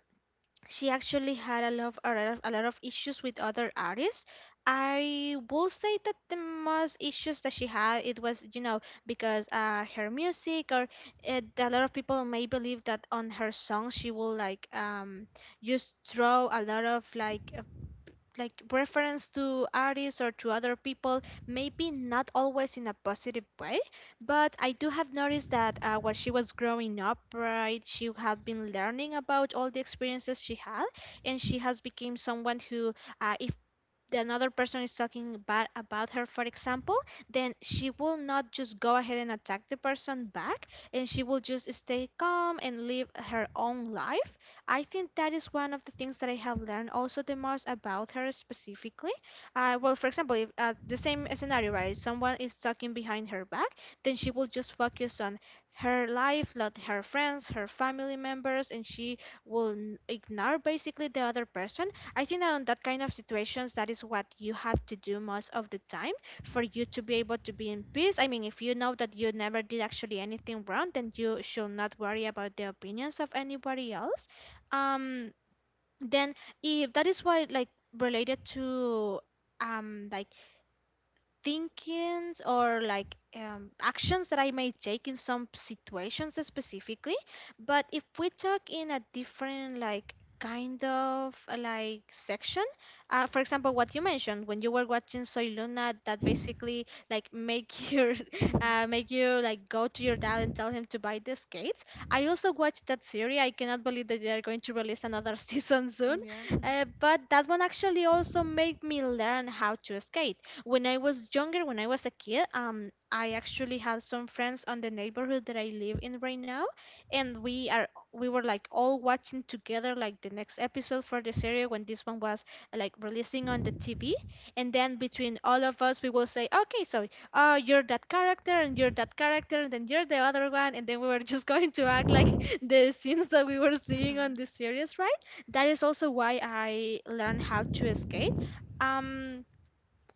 A: she actually had a lot of issues with other artists. I will say that the most issues that she had, it was, you know, because her music, or a lot of people may believe that on her songs she will like um, just throw a lot of like reference to artists or to other people, maybe not always in a positive way. But I do have noticed that while she was growing up, right, she had been learning about all the experiences she had, and she has become someone who, if the another person is talking bad about her, for example, then she will not just go ahead and attack the person back, and she will just stay calm and live her own life. I think that is one of the things that I have learned also the most about her specifically. Well, for example, if the same scenario, right, someone is talking behind her back, then she will just focus on her life, like her friends, her family members, and she will ignore basically the other person. I think that on that kind of situations, that is what you have to do most of the time for you to be able to be in peace. I mean, if you know that you never did actually anything wrong, then you should not worry about the opinions of anybody else. Um, then if that is why, like related to um, like thinkings or like actions that I may take in some situations specifically. But if we talk in a different like kind of like section, for example, what you mentioned when you were watching Soy Luna, that basically like make your make you like go to your dad and tell him to buy the skates. I also watched that series. I cannot believe that they are going to release another season soon. But that one actually also made me learn how to skate when I was younger, when I was a kid. Um, I actually had some friends on the neighborhood that I live in right now, and we were like all watching together like the next episode for the series when this one was like releasing on the TV. And then between all of us we will say, okay, so you're that character and you're that character and then you're the other one, and then we were just going to act like the scenes that we were seeing on the series, right? That is also why I learned how to skate. Um,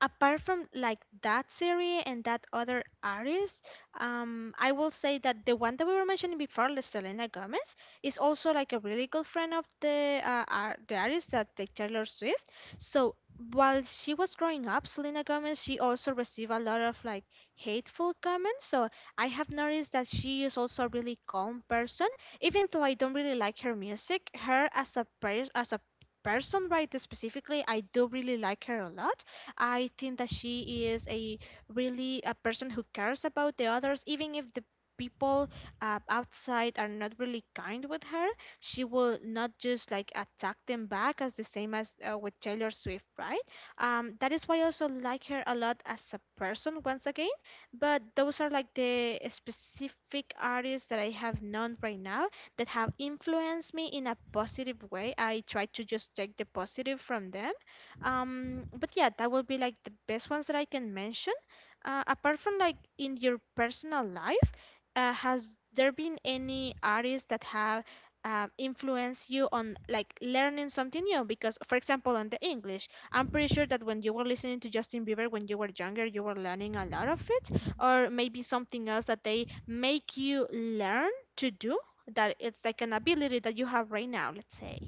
A: apart from like that series and that other artist, I will say that the one that we were mentioning before, like Selena Gomez, is also like a really good friend of the artist that the Taylor Swift. So while she was growing up, Selena Gomez, she also received a lot of like hateful comments. So I have noticed that she is also a really calm person, even though I don't really like her music. Her as a as a person, right, specifically, I do really like her a lot. I think that she is a really a person who cares about the others, even if the people outside are not really kind with her. She will not just like attack them back, as the same as with Taylor Swift, right? That is why I also like her a lot as a person once again. But those are like the specific artists that I have known right now that have influenced me in a positive way. I try to just take the positive from them. Um, but yeah, that would be like the best ones that I can mention. Apart from like in your personal life, has there been any artists that have influenced you on like learning something new? Because, for example, on the English, I'm pretty sure that when you were listening to Justin Bieber when you were younger, you were learning a lot of it, or maybe something else that they make you learn to do that it's like an ability that you have right now, let's say.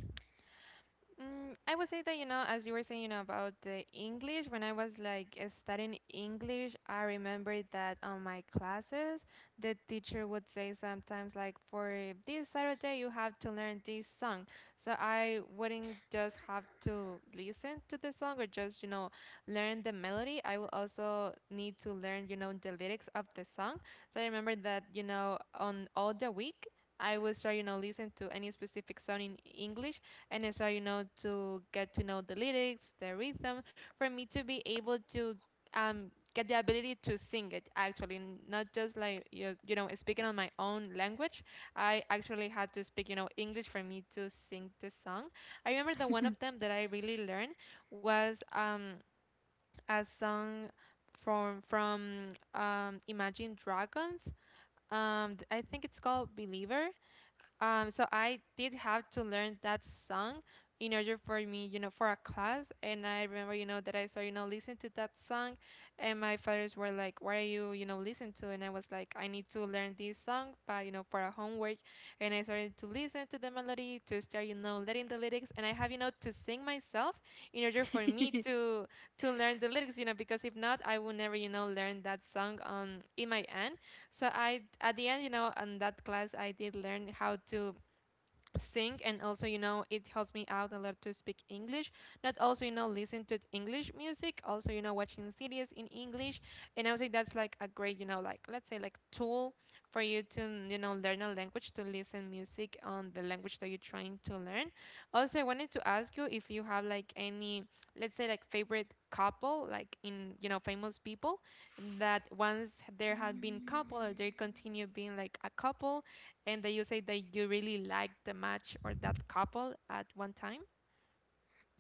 B: I would say that, you know, as you were saying, you know, about the English, when I was like studying English, I remember that on my classes, the teacher would say sometimes, like, for this Saturday, you have to learn this song. So I wouldn't just have to listen to the song or just, you know, learn the melody. I will also need to learn, you know, the lyrics of the song. So I remember that, you know, on all the week, I would start, you know, listen to any specific song in English, and I start, you know, to get to know the lyrics, the rhythm, for me to be able to um, get the ability to sing it actually, not just like, you know, speaking on my own language. I actually had to speak, you know, English for me to sing the song. I remember that one of them that I really learned was a song from Imagine Dragons. I think it's called Believer. So I did have to learn that song in order for me, you know, for a class. And I remember, you know, that I started, you know, listening to that song, and my fathers were like, "What are you, you know, listening to?" And I was like, "I need to learn this song, but you know, for a homework." And I started to listen to the melody, to start, you know, learning the lyrics, and I have, you know, to sing myself in order for me to to learn the lyrics, you know, because if not, I would never, you know, learn that song on in my end. So I, at the end, you know, on that class, I did learn how to sing and also you know it helps me out a lot to speak english not also you know listen to english music also you know watching series in english and I would say that's like a great you know like let's say like tool for you to you know learn a language to listen music on the language that you're trying to learn also I wanted to ask you if you have like any let's say like favorite couple like in you know famous people that once there had been couple or they continue being like a couple and that you say that you really like the match or that couple at one time?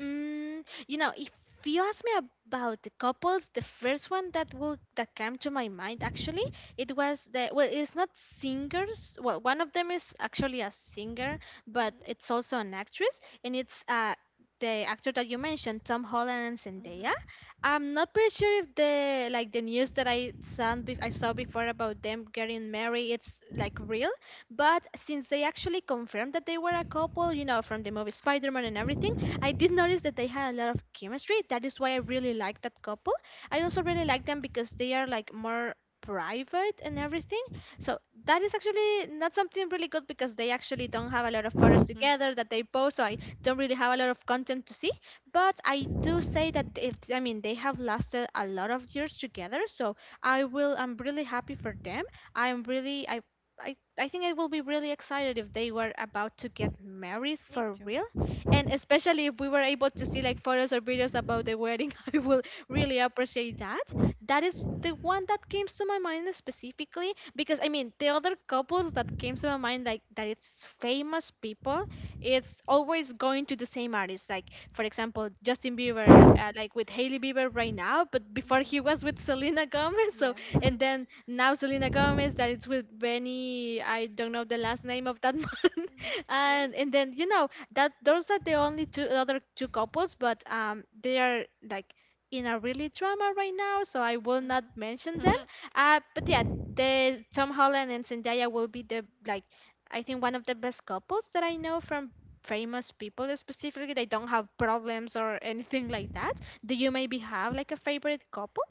A: Mm, you know, if you ask me about the couples, the first one that will that came to my mind actually, it was the well, it's not singers. Well, one of them is actually a singer, but
B: Mhm.
A: it's also an actress, and it's uh, the actor that you mentioned, Tom Holland and Zendaya.
B: Mhm.
A: I'm not pretty sure if the like the news that I saw I saw before about them getting married, it's like real. But since they actually confirmed that they were a couple, you know, from the movie Spider-Man and everything, I did notice that they had a lot of chemistry. That is why I really like that couple. I also really like them because they are like more private and everything. So that is actually not something really good because they actually don't have a lot of photos
B: Mm,
A: together that they post. So I don't really have a lot of content to see. But I do say that if I mean they have lasted a lot of years together. So I will. I'm really happy for them. I'm really. I I think I will be really excited if they were about to get married
B: me
A: for
B: too.
A: real, and especially if we were able to see like photos or videos about the wedding. I will really appreciate that. That is the one that came to my mind specifically because I mean the other couples that came to my mind like that it's famous people, it's always going to the same artist, like for example Justin Bieber, like with Hailey Bieber right now, but before he was
B: Mhm.
A: with Selena Gomez. So
B: Yeah.
A: and then now Selena Gomez that it's with Benny, I don't know the last name of that man,
B: Hmm. Yeah.
A: and then you know that those are the only two other two couples, but they are like in a really drama right now, so I will not
B: Mhm.
A: mention them. Uh, but yeah, the Tom Holland and Zendaya will be the like I think one of the best couples that I know from famous people specifically. They don't have problems or anything like that. Do you maybe have like a favorite couple?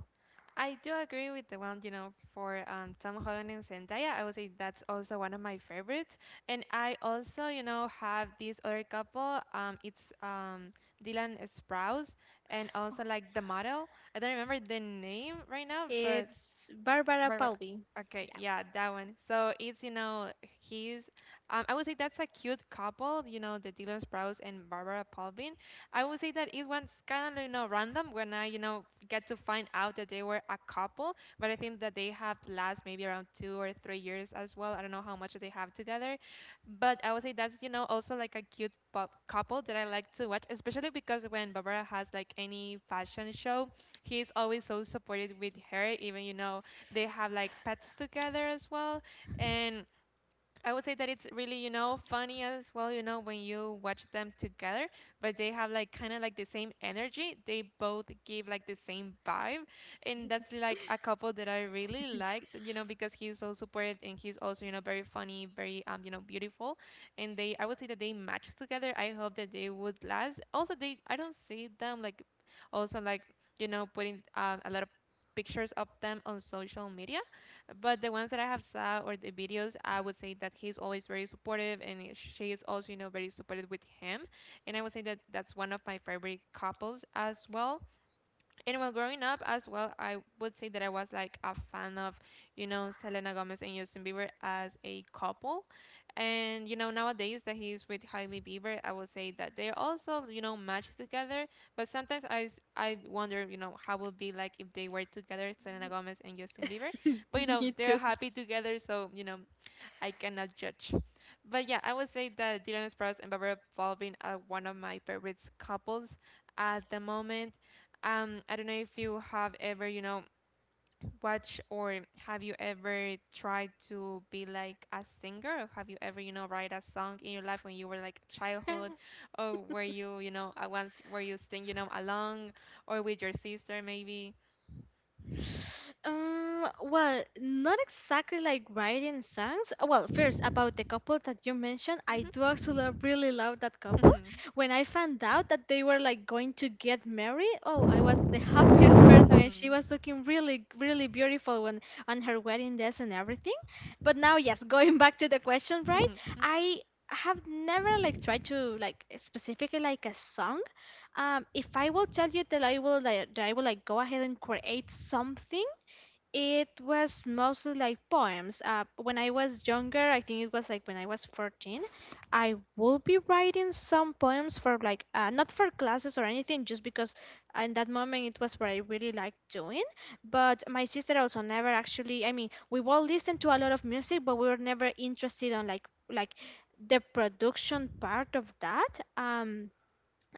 B: I do agree with the one, you know, for Tom Holland and Zendaya. I would say that's also one of my favorites. And I also, you know, have this other couple. It's Dylan Sprouse and also like the model. I don't remember the name right now, but
A: It's Barbara
B: Barbara.
A: Palvin.
B: Okay,
A: Yeah.
B: yeah, that one. So it's, you know, he's, I would say that's a cute couple, you know, the Dylan Sprouse and Barbara Palvin. I would say that it was kind of, you know, random when I, you know, get to find out that they were a couple, but I think that they have last maybe around 2 or 3 years as well. I don't know how much they have together, but I would say that's, you know, also like a cute pop couple that I like to watch, especially because when Barbara has like any fashion show, he's always so supportive with her, even, you know, they have like pets together as well and I would say that it's really you know funny as well you know when you watch them together but they have like kind of like the same energy they both give like the same vibe and that's like a couple that I really liked you know because he's so supportive and he's also you know very funny very you know beautiful and they I would say that they match together I hope that they would last also they I don't see them like also like you know putting a lot of pictures of them on social media but the ones that I have saw or the videos, I would say that he's always very supportive, and she is also, you know, very supportive with him. And I would say that that's one of my favorite couples as well. And while growing up as well, I would say that I was like a fan of, you know, Selena Gomez and Justin Bieber as a couple. And, you know, nowadays that he's with Hailey Bieber, I would say that they're also, you know, matched together. But sometimes I wonder, you know, how would be like if they were together, Selena Gomez and Justin Bieber. But, you know,
A: Me
B: they're
A: too.
B: happy together. So, you know, I cannot judge. But yeah, I would say that Dylan Sprouse and Barbara Baldwin are one of my favorites couples at the moment. I don't know if you have ever, you know, watched or have you ever tried to be like a singer or have you ever, you know, write a song in your life when you were like childhood or were you, you know, once where you sing, you know, along or with your sister maybe?
A: Well, not exactly like writing songs. Well, first about the couple that you mentioned, I do
B: Mhm.
A: actually really love that couple. When I found out that they were like going to get married, oh, I was the happiest person, and she was looking really, really beautiful when on her wedding dress and everything. But now, yes, going back to the question, right?
B: Mhm. Mhm.
A: I have never like tried to like specifically like a song. If I will tell you that I will like that I will like go ahead and create something, it was mostly like poems. When I was younger, I think it was like when I was 14, I would be writing some poems for like, not for classes or anything, just because in that moment it was what I really liked doing. But my sister also never actually, I mean, we will listen to a lot of music, but we were never interested on like the production part of that.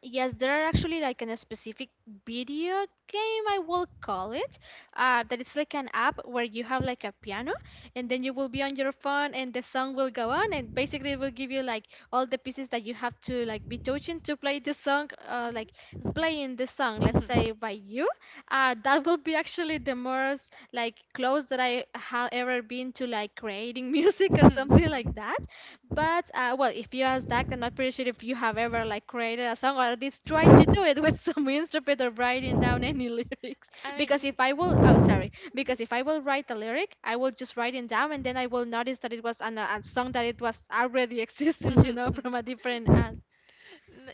A: Yes, there are actually like a specific video game I will call it. That it's like an app where you have like a piano, and then
B: Mhm.
A: you will be on your phone, and the song will go on, and basically it will give you like all the pieces that you have to like be touching to play the song, like
B: Mhm. Mhm.
A: playing the song, let's
B: Mhm.
A: say by you. That will be actually the most like close that I have ever been to like creating music or
B: Mhm.
A: something like that. But well, if you ask that, I'm not pretty sure if you have ever like created a song or at least tried to do it with some instrument or writing down any lyrics.
B: I mean,
A: Because if I will, oh sorry, because if I will write the lyric, I will just write it down and then I will notice that it was an, a song that it was already existing, you know, from a different.
B: N-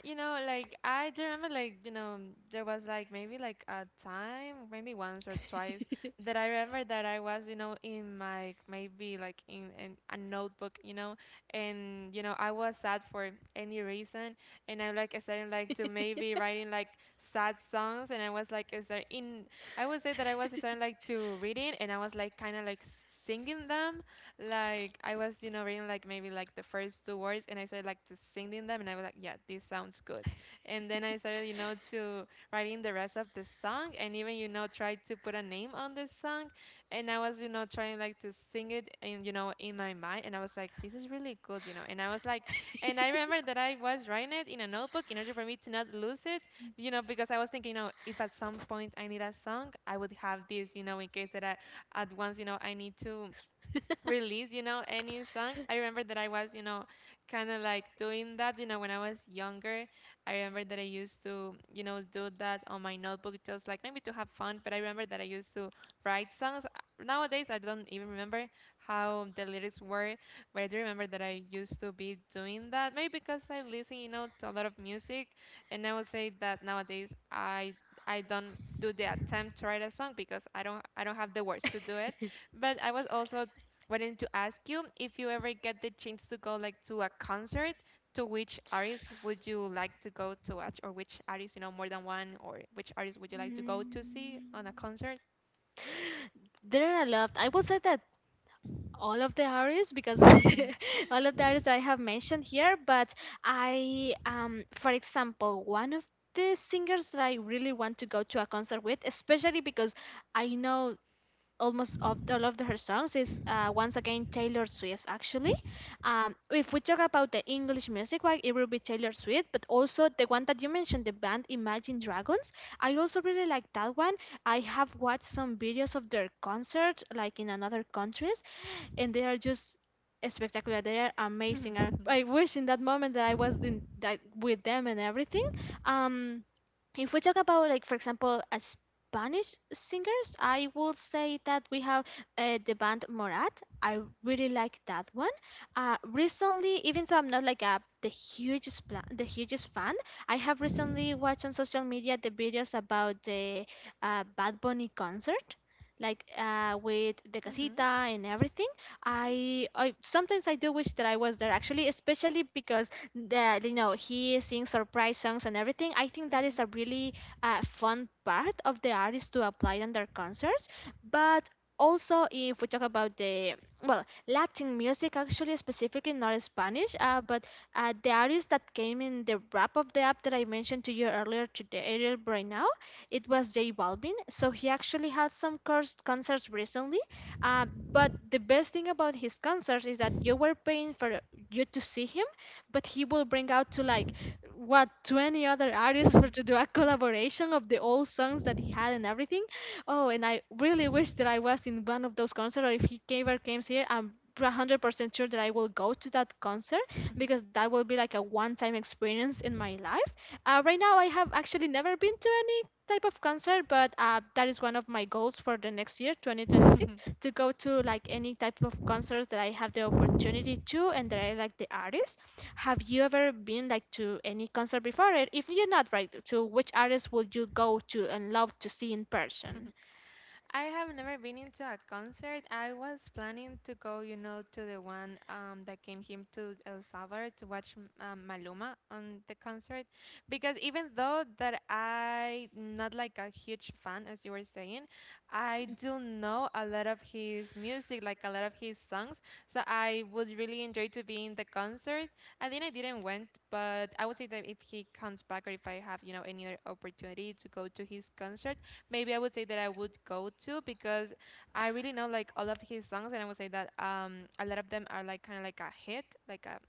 B: you know, like I do remember, like you know, there was like maybe like a time, maybe once or twice, that I remember that I was, you know, in my maybe like in a notebook, you know, and you know I was sad for any reason, and I like started like to maybe writing like sad songs, and I was like start in I would say that I was starting like to reading, and I was like kind of like singing them like I was, you know, reading like maybe like the first two words and I started like to singing them and I was like, yeah, this sounds good. And then I started, you know, to writing the rest of the song and even, you know, tried to put a name on this song and I was, you know, trying like to sing it and, you know, in my mind and I was like, this is really good, you know. And I was like and I remember that I was writing it in a notebook in order for me to not lose it, you know, because I was thinking, you know, if at some point I need a song, I would have this, you know, in case that I at once, you know, I need to release, you know, any song. I remember that I was, you know, kind of like doing that, you know, when I was younger. I remember that I used to, you know, do that on my notebook just like maybe to have fun, but I remember that I used to write songs. Nowadays, I don't even remember how the lyrics were, but I do remember that I used to be doing that. Maybe because I listen, you know, to a lot of music, and I would say that nowadays I don't do the attempt to write a song because I don't have the words to do it but I was also wanting to ask you if you ever get the chance to go like to a concert, to which artist would you like to go to watch, or which artist, you know, more than one, or which artist would you like to go to see on a
A: Mm,
B: concert?
A: there are a lot. I will say that all of the areas because
B: Mhm.
A: all of the areas I have mentioned here, but I for example one of the singers that I really want to go to a concert with, especially because I know almost of all of her songs is once again Taylor Swift actually. If we talk about the English music, right, it will be Taylor Swift, but also the one that you mentioned, the band Imagine Dragons. I also really like that one. I have watched some videos of their concert, like in another countries, and they are just spectacular. They are amazing. I,
B: Hmm.
A: I wish in that moment that I was in that with them and everything. Um, if we talk about like for example a Spanish singers, I will say that we have the band Morat. I really like that one. Recently, even though I'm not like a the hugest fan, I have recently watched on social media the videos about the Bad Bunny concert, like with the casita and everything. I sometimes I do wish that I was there actually, especially because the you know he sings surprise songs and everything. I think that is a
B: Mm-hmm.
A: really fun part of the artist to apply on their concerts. But also, if we talk about the well Latin music, actually specifically not Spanish, but the artist that came in the wrap of the app that I mentioned to you earlier today, earlier right now, it was J Balvin. So he actually had some concerts recently, uh, but the best thing about his concerts is that you were paying for you to see him, but he will bring out to like what 20 other artists for to do a collaboration of the old songs that he had and everything. Oh, and I really wish that I was in one of those concerts, or if he ever came here, I'm 100% sure that I will go to that concert because that will be like a one-time experience in my life. Right now, I have actually never been to any type of concert, but that is one of my goals for the next year, 2026, to go to like any type of concerts that I have the opportunity to and that I like the artist. Have you ever been like to any concert before? And if you're not right, to which artist would you go to and love to see in person?
B: I have never been into a concert. I was planning to go, you know, to the one that came here to El Salvador to watch Maluma on the concert, because even though that I not like a huge fan, as you were saying, I do know a lot of his music, like a lot of his songs. So I would really enjoy to be in the concert. I think I didn't went, but I would say that if he comes back or if I have, you know, any other opportunity to go to his concert maybe I would say that I would go to because I really know like all of his songs, and I would say that a lot of them are like kind of like a hit, like a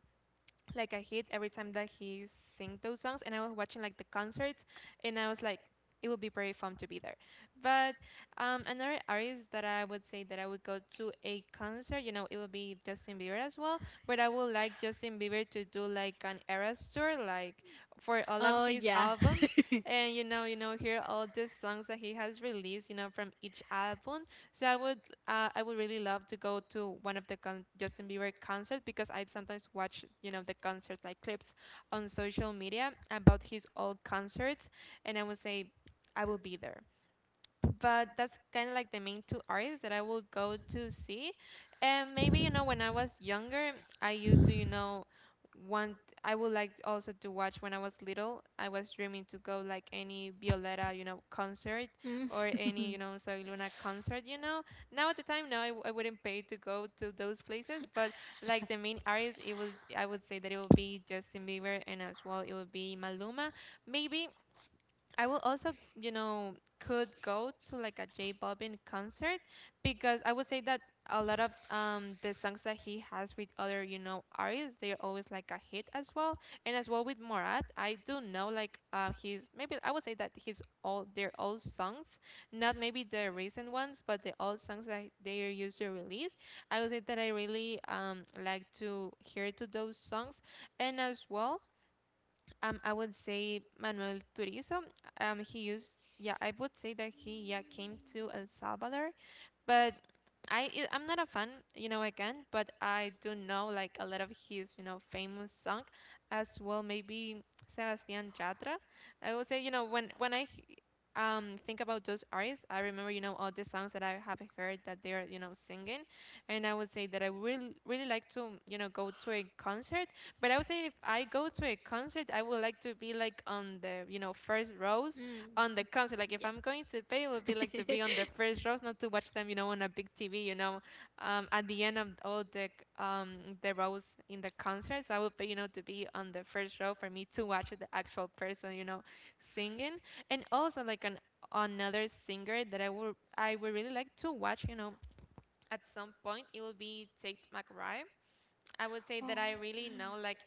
B: like a hit every time that he sing those songs and I was watching like the concerts and I was like it would be very fun to be there but another artist that I would say that I would go to a concert you know it would be justin bieber as well but I would like justin bieber to do like an eras tour like for all of his albums and you know hear all the songs that he has released you know from each album so I would really love to go to one of the Justin Bieber concerts because I've sometimes watched you know the concert like clips on social media about his old concerts, and I would say I will be there but that's kind of like the main two artists that I will go to see. And maybe, you know, when I was younger, I used to, you know, want, I would like also to watch when I was little. I was dreaming to go like any Violeta, you know, concert
A: Mm.
B: or any, you know, Soy Luna concert, you know. Now at the time, no, I wouldn't pay to go to those places, but like the main artists, it was, I would say that it would be Justin Bieber and as well it would be Maluma. Maybe I will also, you know, could go to like a J Balvin concert because I would say that a lot of the songs that he has with other, you know, artists, they're always like a hit as well. And as well with Morat, I do know like his maybe I would say that his all their old songs, not maybe the recent ones, but the old songs that they are used to release. I would say that I really like to hear to those songs and as well I would say Manuel Turizo. He used, yeah, I would say that he, yeah, came to El Salvador but I'm not a fan, you know, again, but I do know like a lot of his, you know, famous song, as well maybe Sebastián Yatra. I would say, you know, when I think about those artists, I remember, you know, all the songs that I have heard that they are, you know, singing, and I would say that I really really like to, you know, go to a concert. But I would say if I go to a concert, I would like to be like on the, you know, first rows
A: Mm.
B: on the concert. Like if
A: Yeah.
B: I'm going to pay, it would be like to be on the first rows, not to watch them, you know, on a big TV, you know, at the end of all the the rows in the concerts. I would pay, you know, to be on the first row for me to watch the actual person, you know, singing. And also like an another singer that I would really like to watch, you know, at some point it would be Tate McRae. I would say that
A: Oh.
B: I really know like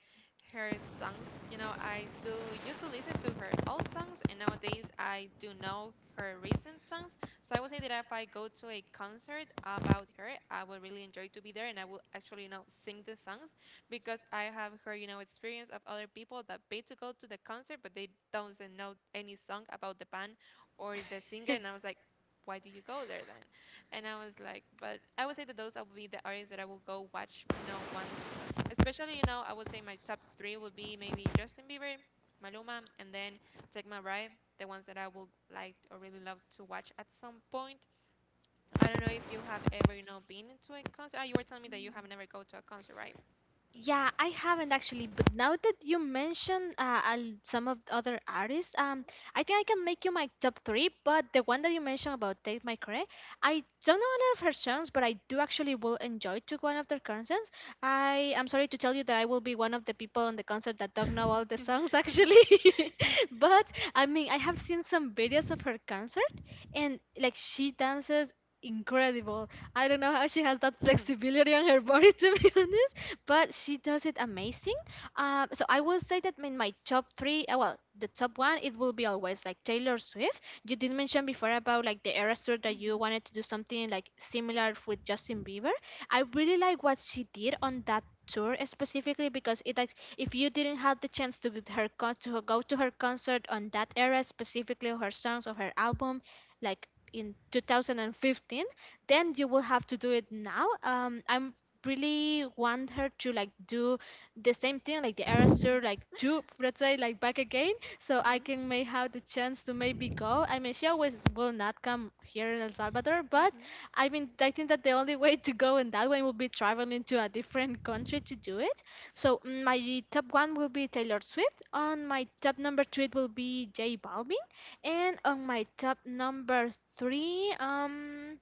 B: her songs. You know, I do used to listen to her old songs, and nowadays I do know her recent songs. So I would say that if I go to a concert about her, I would really enjoy to be there, and I will actually, you know, sing the songs because I have heard, you know, experience of other people that pay to go to the concert, but they don't know any song about the band or the singer, and I was like, why do you go there then? And I was like, but I would say that those would be the artists that I will go watch, you know, once. Especially, you know, I would say my top three would be maybe Justin Bieber, Maluma, and then Take My Ride, the ones that I would like or really love to watch at some point. I don't know if you have ever, you know, been to a concert. Ah, you were telling me that you have never go to a concert, right?
A: Yeah, I haven't actually, but now that you mentioned some of the other artists, I think I can make you my top three. But the one that you mentioned about Tate McRae, I don't know any of her songs, but I do actually will enjoy to go one of their concerts. I am sorry to tell you that I will be one of the people on the concert that don't know all the
B: Mm-hmm.
A: songs actually, but I mean I have seen some videos of her concert, and like she dances incredible. I don't know how she has that flexibility on her body to be honest, but she does it amazing. So I will say that in my top three, well, the top one, it will be always like Taylor Swift. You did mention before about like the era tour that you wanted to do something like similar with Justin Bieber. I really like what she did on that tour specifically because it like if you didn't have the chance to get her to go to her concert on that era specifically of her songs of her album like in 2015, then you will have to do it now. Um, I'm really want her to like do the same thing like the Aristotle like do let's say like back again, so I can may have the chance to maybe go. I mean she always will not come here in El Salvador, but I mean I think that the only way to go in that way will be traveling to a different country to do it. So mm, my top one will be Taylor Swift. On my top number two it will be J Balvin, and on my top number three um,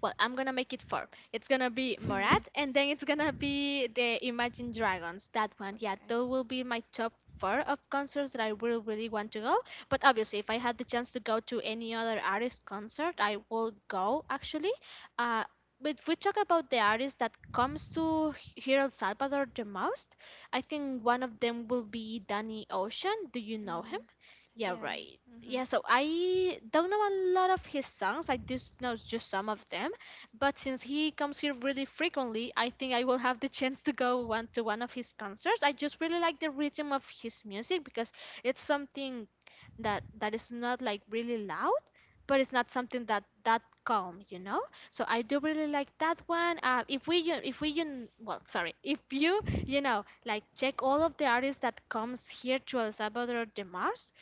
A: well, I'm gonna make it four. It's gonna be Morat, and then it's gonna be the Imagine Dragons. That one, yeah,
B: Okay.
A: those will be my top four of concerts that I will really want to go. But obviously, if I had the chance to go to any other artist concert, I will go actually. Uh, but if we talk about the artist that comes to here El Salvador the most, I think one of them will be Danny Ocean. Do you know
B: Mm,
A: him? Yeah,
B: yeah.
A: right. Yeah, so I don't know a lot of his songs. I just know just some of them. But since he comes here really frequently, I think I will have the chance to go one of his concerts. I just really like the rhythm of his music because it's something that is not like really loud, but it's not something that calm, you know? So I do really like that one. If we you well, sorry, If you you know like check all of the artists that comes here to El Salvador the most,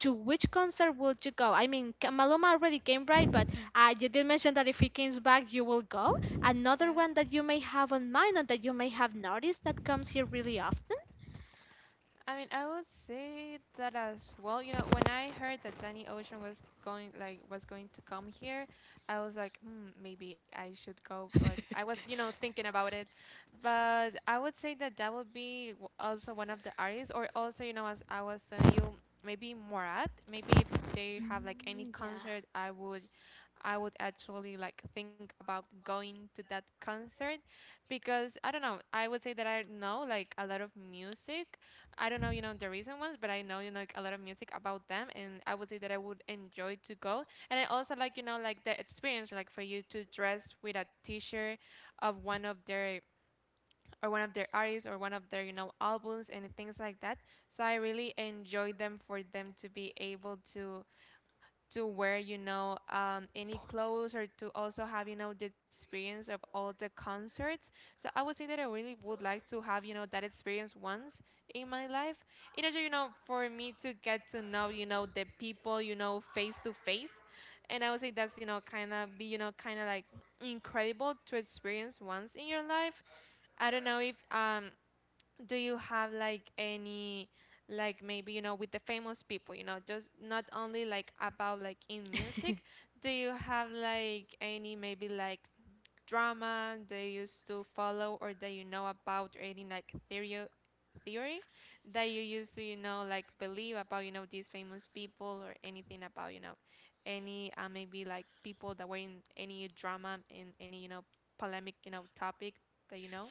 A: to which concert would you go? I mean, Maluma already came, right? But
B: Mm-hmm.
A: you did mention that if he comes back, you will go.
B: Yeah.
A: Another one that you may have on mind or that you may have noticed that comes here really often?
B: I mean, I would say that as well. You know, when I heard that Danny Ocean was going, like, was going to come here, I was like, hmm, maybe I should go. But I was, you know, thinking about it. But I would say that that would be also one of the artists, or also, you know, as I was telling you, maybe Morat. Maybe if they have like any
A: Mm,
B: concert,
A: yeah.
B: I would actually like think about going to that concert because I don't know, I would say that I know like a lot of music. I don't know, you know, the recent ones, but I know, you know, like, a lot of music about them and I would say that I would enjoy to go. And I also like, you know, like the experience like for you to dress with a t-shirt of one of their or one of their artists or one of their, you know, albums and things like that. So I really enjoy them for them to be able to wear, you know, any clothes or to also have, you know, the experience of all the concerts. So I would say that I really would like to have, you know, that experience once in my life. In order, you know, for me to get to know, you know, the people, you know, face to face. And I would say that's, you know, kind of be, you know, kind of like incredible to experience once in your life. I don't know if do you have like any like maybe you know with the famous people you know just not only like about like in music do you have like any maybe like drama they used to follow or that you know about or any like theory that you used to you know like believe about you know these famous people or anything about you know any maybe like people that were in any drama in any you know polemic you know topic that you know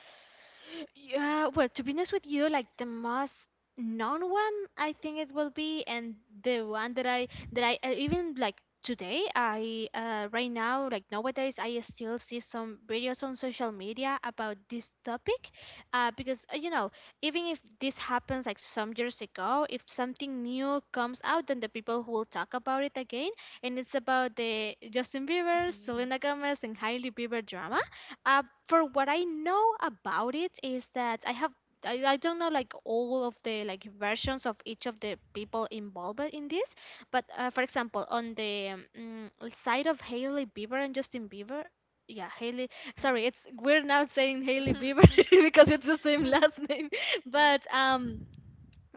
A: Yeah, well, to be honest with you, like the most known one, I think it will be, and the one that I even like today, I, right now, like nowadays, I still see some videos on social media about this topic, because even if this happens like some years ago, if something new comes out, then the people who will talk about it again, and it's about the Justin Bieber, Selena Gomez, and Hailey Bieber drama. uh, for what I know about it, is that I don't know like all of the, like, versions of each of the people involved in this, but for example, on the side of Hailey Bieber and Justin Bieber, yeah, Hailey, sorry,
B: hmm
A: it's we're now saying Hailey Bieber
B: Mhm,
A: because it's the same last name,
B: Yeah.
A: but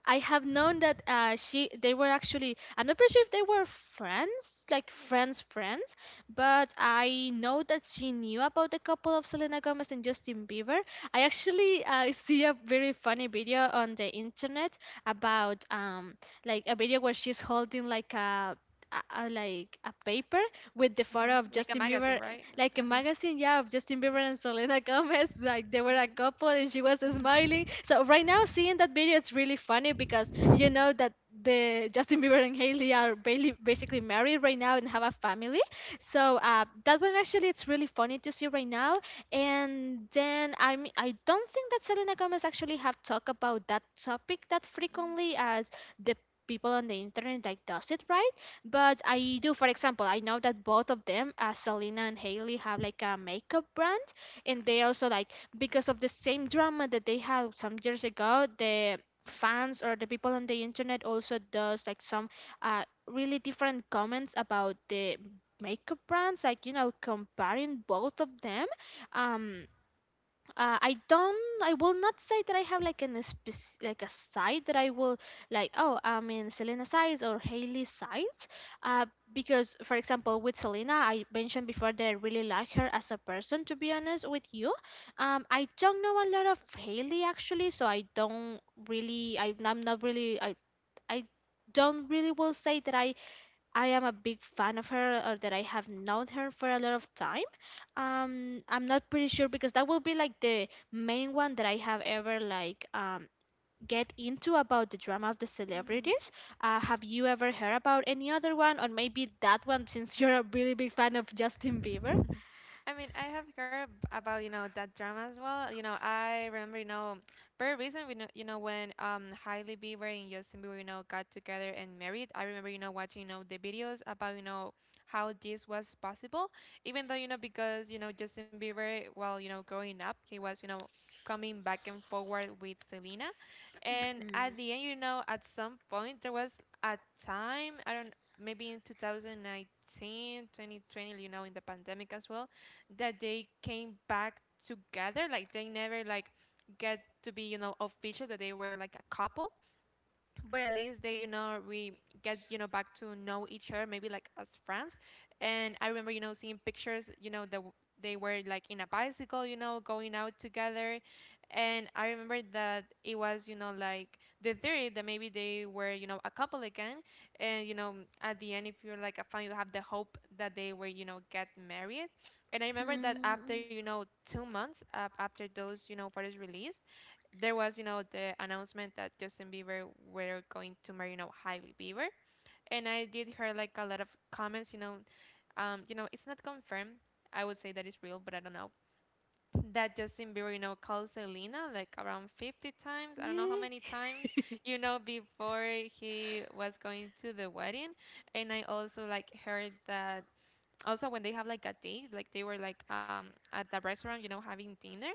A: I have known that she they were actually, I'm not pretty sure if they were friends, like friends friends, but I know that she knew about the couple of Selena Gomez and Justin Bieber. I actually see a very funny video on the internet about like a video where she's holding like a paper with the
B: Uh-huh.
A: photo of
B: Like a
A: Justin
B: magazine,
A: Bieber,
B: right?
A: like a
B: Uh-huh.
A: magazine, yeah, of Justin
B: Mhm,
A: Bieber and Selena Gomez. Like they were a
B: mhm,
A: couple and she was smiling. So right now, seeing that video, it's really funny because you know that the Justin Bieber and Haley are basically married right now and have a family. So that one, actually, it's really funny to see right now. And then, I mean, I don't think that Selena Gomez actually have talked about that topic that
B: mhm,
A: frequently as the people on the internet like does it, right? But I do, for example, I know that both of them, Selena and Hailey, have like a makeup brand, and they also like, because of the same drama that they had some years ago, the fans or the people on the internet also does like some, really different comments about the makeup brands, like, comparing both of them. Um, I will not say that I have like an like a site that I will like, oh, I'm in Selena sites or Haley sites, uh, because for example with Selena I mentioned before that I really like her as a person, to be honest with you. I don't know a lot of Haley actually, so I don't really, I, I'm not really, I don't really will say that I am a big fan of her, or that I have known her for a lot of time. I'm not pretty sure, because that will be like the main one that I have ever like get into about the drama of the
B: mhm.
A: celebrities. Have you ever heard about any other one, or maybe that one, since you're a really big fan of Justin Bieber?
B: I mean, I have heard about, you know, that drama as well. You know, I remember, you know, very recently, you know, when Hailey Bieber and Justin Bieber, you know, got together and married. I remember, you know, watching, you know, the videos about, you know, how this was possible. Even though, you know, because, you know, Justin Bieber, while, you know, growing up, he was, you know, coming back and forward with Selena. And
A: Hmm.
B: at the end, you know, at some point there was a time, I don't, maybe in 2019, 2020, you know, in the pandemic as well, that they came back together like they never like get to be, you know, official that they were like a couple but at least they, you know, we get you know back to know each other maybe like as friends. And I remember, you know, seeing pictures, you know, that they were like in a bicycle, you know, going out together and I remember that it was, you know, like the theory that maybe they were, you know, a couple again and you know at the end if you're like a fan you have the hope that they were, you know, get married. And I remember that
A: Hmm.
B: after, you know, 2 months after those, you know, photos released there was, you know, the announcement that Justin Bieber were going to marry, you know, Hailey Bieber, and I did hear like a lot of comments, you know, it's not confirmed. I would say that it's real, but I don't know. That Justin Bieber, you know, called Selena like around 50 times. I don't know
A: Yeah.
B: how many times, you know, before he was going to the wedding. And I also like heard that also when they have like a date, like they were like at the restaurant, you know, having dinner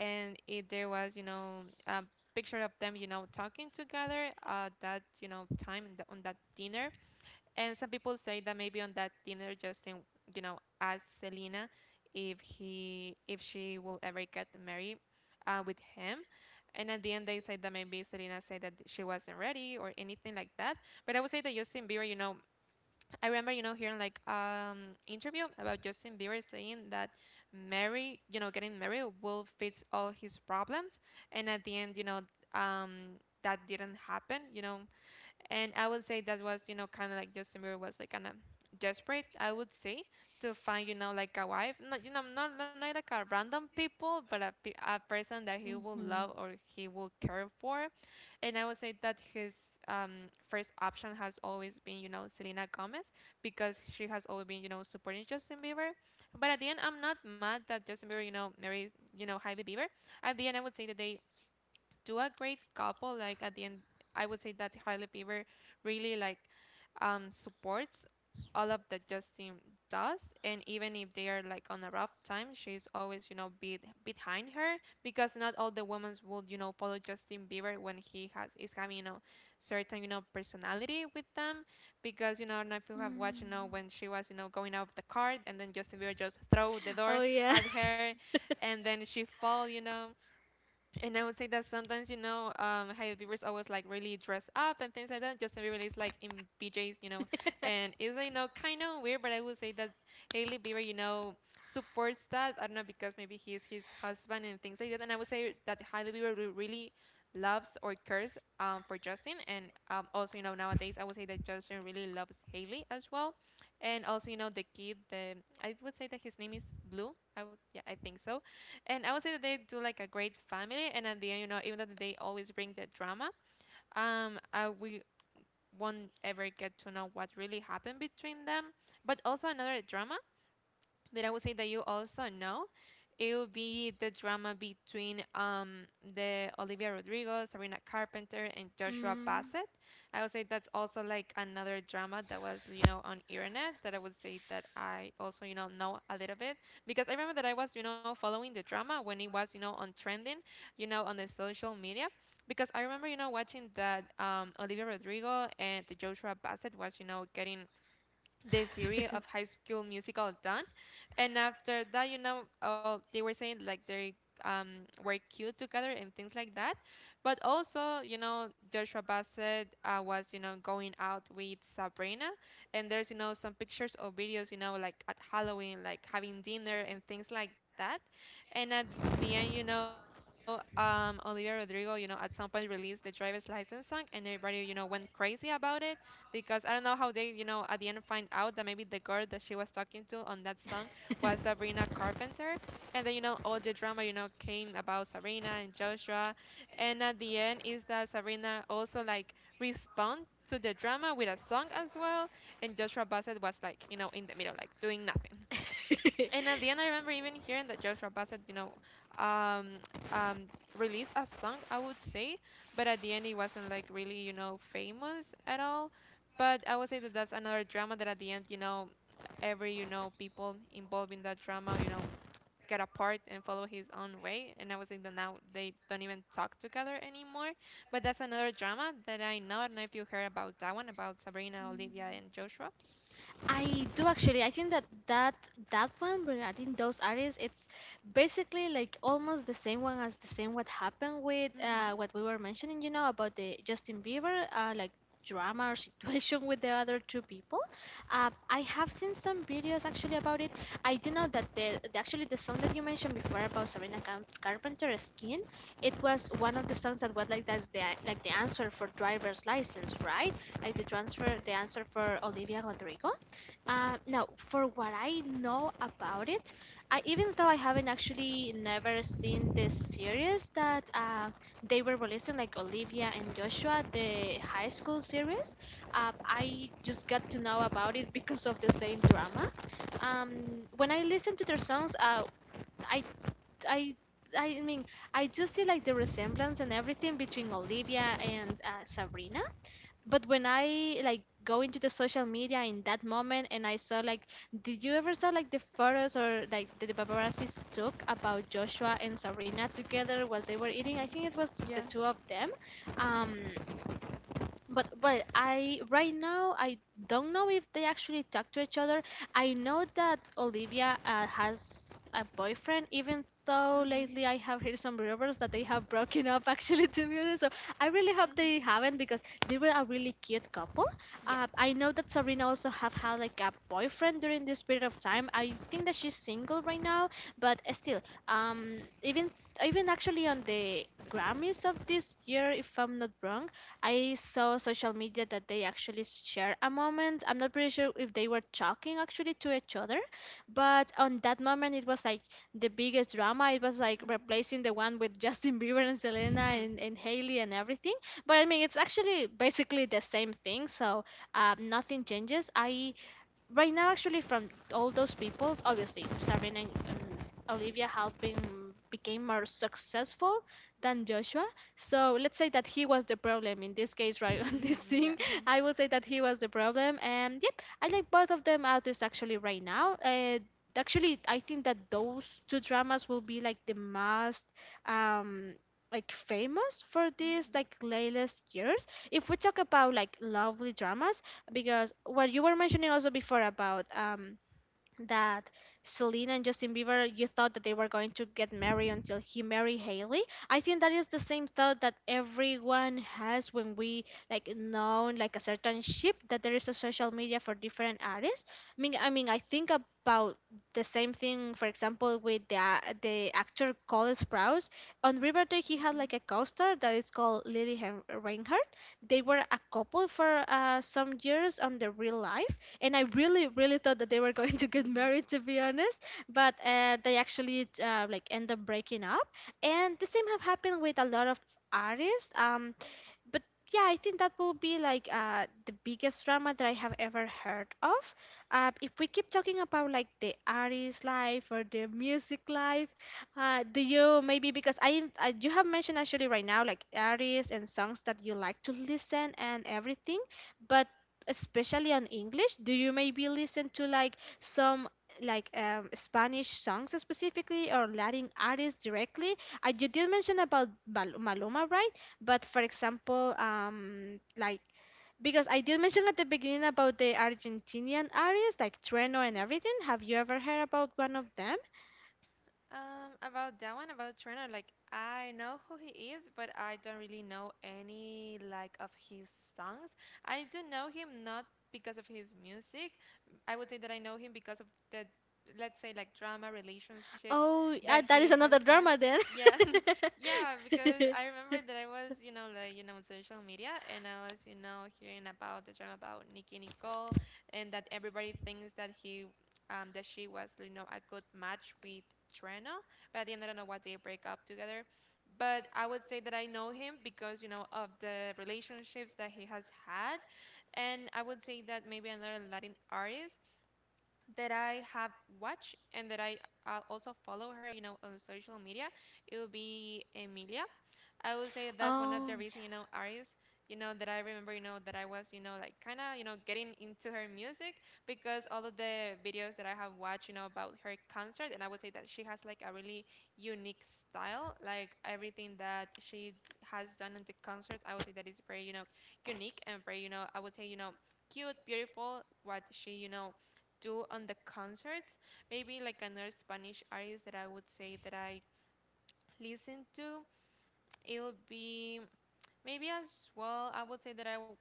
B: and if there was, you know, a picture of them, you know, talking together at that, you know, time in the, on that dinner. And some people say that maybe on that dinner Justin, you know, asked Selena if he if she will ever get married with him and at the end they said that maybe Selena said that she wasn't ready or anything like that. But I would say that Justin Bieber, you know, I remember, you know, hearing like interview about Justin Bieber saying that marry, you know, getting married will fix all his problems, and at the end, you know, that didn't happen, you know. And I would say that was, you know, kind of like Justin Bieber was like kind of desperate, I would say, to find, you know, like a wife, not, you know, not, not like a random people, but a, a person that he will
A: Mm-hmm.
B: love or he will care for. And I would say that his first option has always been, you know, Selena Gomez because she has always been, you know, supporting Justin Bieber. But at the end, I'm not mad that Justin Bieber, you know, married, you know, Hailey Bieber. At the end, I would say that they do a great couple. Like at the end, I would say that Hailey Bieber really like supports all of that Justin does. And even if they are like on a rough time, she's always, you know, be behind her because not all the women would, you know, follow Justin Bieber when he has is having, you know, certain, you know, personality with them. Because, you know, I don't know if you have watched, you
A: Mm.
B: know, when she was, you know, going out of the car and then Justin Bieber just throw the
A: Oh,
B: door
A: yeah.
B: at her and then she fall, you know. And I would say that sometimes, you know, Hailey Bieber's always like really dressed up and things like that. Justin Bieber is like in PJs, you know, and it's you know kind of weird, but I would say that Hailey Bieber, you know, supports that. I don't know because maybe he's his husband and things like that. And I would say that Hailey Bieber really loves or cares for Justin, and also nowadays I would say that Justin really loves Hailey as well, and also the kid, the I would say that his name is Blue. Yeah, I think so, and I would say that they do like a great family. And at the end, even though they always bring the drama, we won't ever get to know what really happened between them. But also another drama that I would say that you also know, it would be the drama between the Olivia Rodrigo, Serena Carpenter, and Joshua
A: Mm.
B: Bassett. I would say that's also like another drama that was, on internet that I would say that I also, know a little bit, because I remember that I was, following the drama when it was, on trending, on the social media, because I remember, watching that Olivia Rodrigo and the Joshua Bassett was, getting the series of High School Musical done. And after that, oh, they were saying like they um were cute together and things like that. But also, Joshua Bassett was, going out with Sabrina, and there's, some pictures or videos, like at Halloween, like having dinner and things like that. And at the end, Olivia Rodrigo, at some point released the driver's license song, and everybody, went crazy about it, because I don't know how they, at the end find out that maybe the girl that she was talking to on that song was Sabrina Carpenter. And then, all the drama, came about Sabrina and Joshua. And at the end is that Sabrina also like respond to the drama with a song as well. And Joshua Bassett was like, in the middle, like doing nothing. And at the end, I remember even hearing that Joshua Bassett, um, um, released a song, I would say, but at the end, it wasn't like really, famous at all. But I would say that that's another drama that at the end, every, people involved in that drama, get apart and follow his own way. And I would say that now they don't even talk together anymore. But that's another drama that I know. I don't know if you heard about that one, about Sabrina, Olivia,
A: Mm.
B: and Joshua.
A: I do, actually. I think that that one regarding those areas, it's basically like almost the same one as the same what happened with,
B: Mhm.
A: what we were mentioning. You know, about the Justin Bieber, like, drama or situation with the other two people. I have seen some videos actually about it. I do know that the actually the song that you mentioned before, about Sabrina Carpenter's Skin, it was one of the songs that was like the answer for driver's license, right? Like the answer for Olivia Rodrigo. No, for what I know about it, even though I haven't actually never seen the series that they were releasing, like Olivia and Joshua, the high school series, I just got to know about it because of the same drama. Um, when I listen to their songs, I, I, I mean, I just see like the resemblance and everything between Olivia and, Sabrina. But when I like go into the social media in that moment, and I saw like, did you ever saw like the photos or like that the paparazzi took about Joshua and Sabrina together while they were eating? I
B: Mhm.
A: think it was the
B: Yeah.
A: two of them.
B: Mhm.
A: Um but I, right now, I don't know if they actually talk to each other. I know that Olivia, has a boyfriend, even though
B: Mhm.
A: lately I have heard some rumors that they have broken up. Actually, to be honest, so I really hope they
B: Mhm.
A: haven't, because they were a really cute couple.
B: Yeah.
A: I know that Sabrina also have had like a boyfriend during this period of time. I think that she's single right now, but still, um, even even actually, on the Grammys of this year, if I'm not wrong, I saw social media that they actually share a moment. I'm not pretty sure if they were talking actually to each other, but on that moment it was like the biggest drama. It was like
B: Mhm.
A: replacing the one with Justin Bieber and Selena, and Hailey and everything. But I mean, it's actually basically the same thing, so nothing changes. I right now, actually, from all those people, obviously Sabrina and Olivia helping, became more successful than Joshua, so let's say that he was the problem in this case, right? On this thing,
B: Yeah.
A: I will say that he was the problem, and yep, I like both of them artists actually right now. Actually, I think that those two dramas will be like the most, um like, famous for this,
B: Mhm.
A: like, latest years, if we talk about like lovely dramas, because what you were mentioning also before about, that Selena and Justin Bieber, you thought that they were going to get married until he married Haley. I think that is the same thought that everyone has, when we like know like a certain ship that there is a social media for different artists. I mean, I think about the same thing. For example, with the actor Cole Sprouse on Riverdale, he
B: Mhm.
A: had like a co-star that is called Lily Reinhart. They were a couple for, some years on the real life, and I really, really thought that they were going to get married, to be honest. But they actually like end up breaking up, and the same have happened with a lot of artists. But yeah, I think that will be like, the biggest drama that I have ever heard of. If we keep talking about like the artist life or the music life, do you maybe, because I you have mentioned actually right now like artists and songs that you like to listen and everything, but especially on English, do you maybe listen to like some, like, Spanish songs specifically or Latin artists directly? You did mention about Maluma, right? But for example, like, because I did mention at the beginning about the Argentinian artists like Trueno and
B: Mhm.
A: everything. Have you ever heard about one of them?
B: About that one, about Trainer, like I know who he is, but I don't really know any like of his songs. I do know him not because of his music. I would say that I know him because of the, let's say like drama relationships
A: Oh, yeah,
B: that
A: that is
B: he
A: another
B: has had.
A: drama then.
B: Yeah, yeah, because I remember that I was, like, on social media, and I was, hearing about the drama about Nicki Nicole, and that everybody thinks that she was, a good match with Trena. But at the end, I don't know what they break up together. But I would say that I know him because, of the relationships that he has had. And I would say that maybe another Latin artist that I have watched and that I also follow her, on social media, it would be Emilia. I would say that that's one of
A: Oh, yeah.
B: the reasons, artists, that I remember, that I was, like kind of, getting into her music, because all of the videos that I have watched, about her concert. And I would say that she has like a really unique style. Like everything that she has done in the concerts, I would say that is very, unique and very, I would say, cute, beautiful, what she, do on the concerts. Maybe like another Spanish artist that I would say that I listen to, it would be. Maybe as well, I would say that I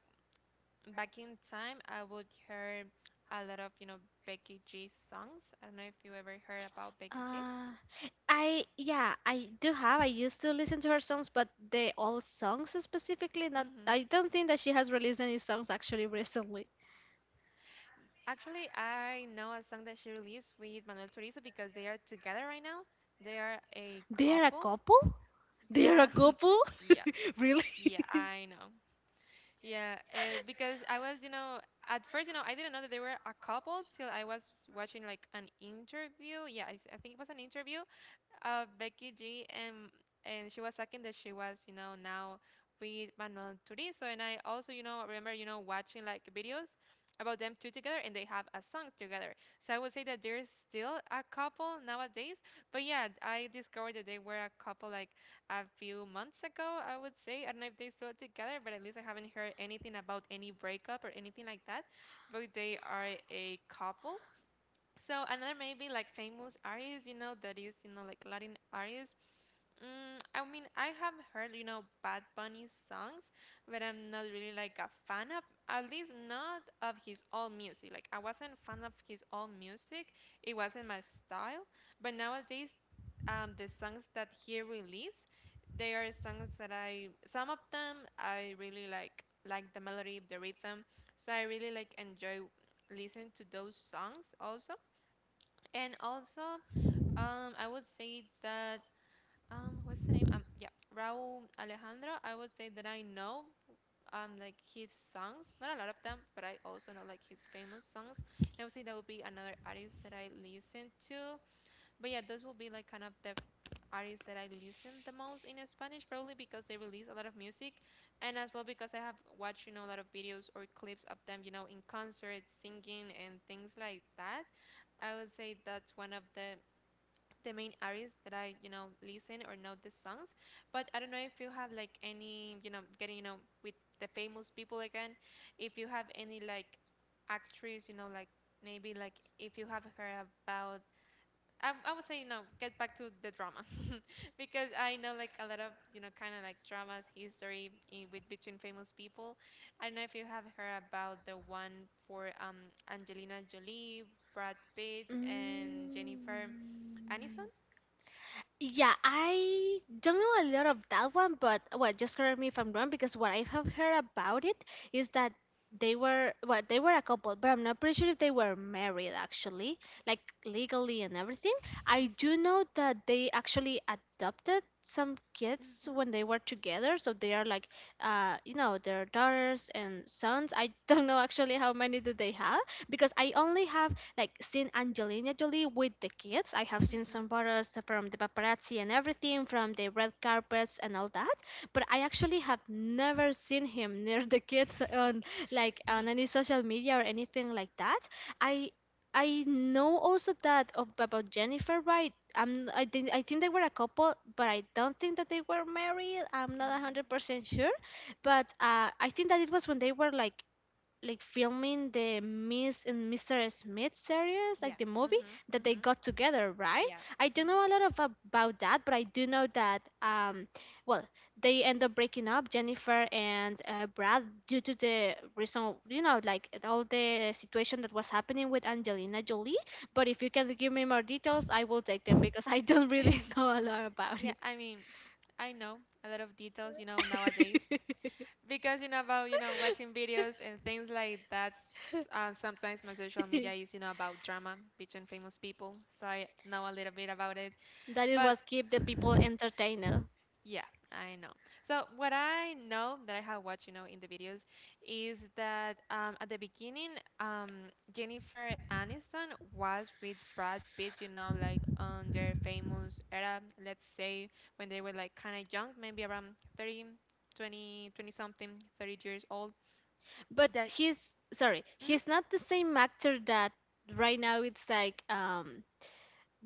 B: back in time I would hear a lot of Becky G songs. I don't know if you ever heard about Becky G.
A: Uh, I yeah, I do have. I used to listen to her songs, but the old songs
B: Mm-hmm.
A: specifically, not. I don't think that she has released any songs actually recently.
B: Actually, I know a song that she released with Manuel Turizo because they are together right now. They are a
A: They are a
B: couple.
A: couple? They
B: Yeah,
A: are a couple?
B: yeah,
A: Really?
B: yeah. I know. Yeah, because I was at first I didn't know that they were a couple till I was watching like an interview. Yeah, I think it was an interview Becky G, and she was talking that she was, now with Manuel Turizo, and I also, remember, watching like videos about them two together, and they have a song together. So I would say that there's still a couple nowadays, but yeah, I discovered that they were a couple like a few months ago. I would say I don't know if they still together, but at least I haven't heard anything about any breakup or anything like that. But they are a couple. So another maybe like famous artists, that is, like Latin artists. I mean, I have heard, Bad Bunny's songs, but I'm not really like a fan of, at least not of his old music. Like I wasn't fan of his old music. It wasn't my style. But nowadays, the songs that he released, they are songs that I, some of them I really like the melody, the rhythm. So I really like enjoy listening to those songs also. And also, I would say that what's the name? Yeah, Raul Alejandro. I would say that I know like his songs, not a lot of them, but I also know like his famous songs. And I would say that would be another artist that I listen to. But yeah, those will be like kind of the artists that I listen the most in Spanish, probably because they release a lot of music, and as well because I have watched a lot of videos or clips of them, in concerts, singing and things like that. I would say that's one of the main artists that I, listen or know the songs. But I don't know if you have like any, getting, with the famous people again, if you have any like actress, like maybe like if you have heard about I would say, get back to the drama because I know like a lot of, kind of like dramas, history in, with between famous people. I don't know if you have heard about the one for Angelina Jolie, Brad Pitt, and
A: Mm.
B: Jennifer Aniston.
A: Yeah, I don't know a lot of that one, but well, just correct me if I'm wrong, because what I have heard about it is that they were well, they were a couple, but I'm not pretty sure if they were married actually, like legally and everything. I do know that they actually adopted some kids
B: Mhm.
A: when they were together, so they are like, their daughters and sons. I don't know actually how many do they have, because I only have like seen Angelina Jolie with the kids. I have seen some
B: Mhm.
A: photos from the paparazzi and everything from the red carpets and all that, but I actually have never seen him near the kids on like on any social media or anything like that. I I know also that of, about Jennifer, right? I think they were a couple, but I don't think that they were married. I'm not a hundred
B: Mhm.
A: percent sure, but I think that it was when they were like filming the Miss and Mr. Smith series, like
B: Yeah.
A: the movie
B: Mhm.
A: that they
B: Mhm.
A: got together, right?
B: Yeah.
A: I don't
B: Mhm.
A: know a lot of about that, but I do know that well, they end up breaking up, Jennifer and Brad, due to the reason, you know, like all the situation that was happening with Angelina Jolie. But if you can give me more details, I will take them because I don't really know a lot about
B: Yeah,
A: it.
B: I mean, I know a lot of details, nowadays because about, watching videos and things like that. Sometimes my social media is, about drama between famous people. So I know a little bit about it.
A: That it
B: But
A: was keep the people entertained.
B: yeah, I know. So what I know that I have watched, in the videos is that at the beginning, Jennifer Aniston was with Brad Pitt, like on their famous era, let's say when they were like kind of young, maybe around 30, 20, 20 something, 30 years old.
A: But
B: That
A: he's sorry,
B: mhm,
A: he's not the same actor that right now it's like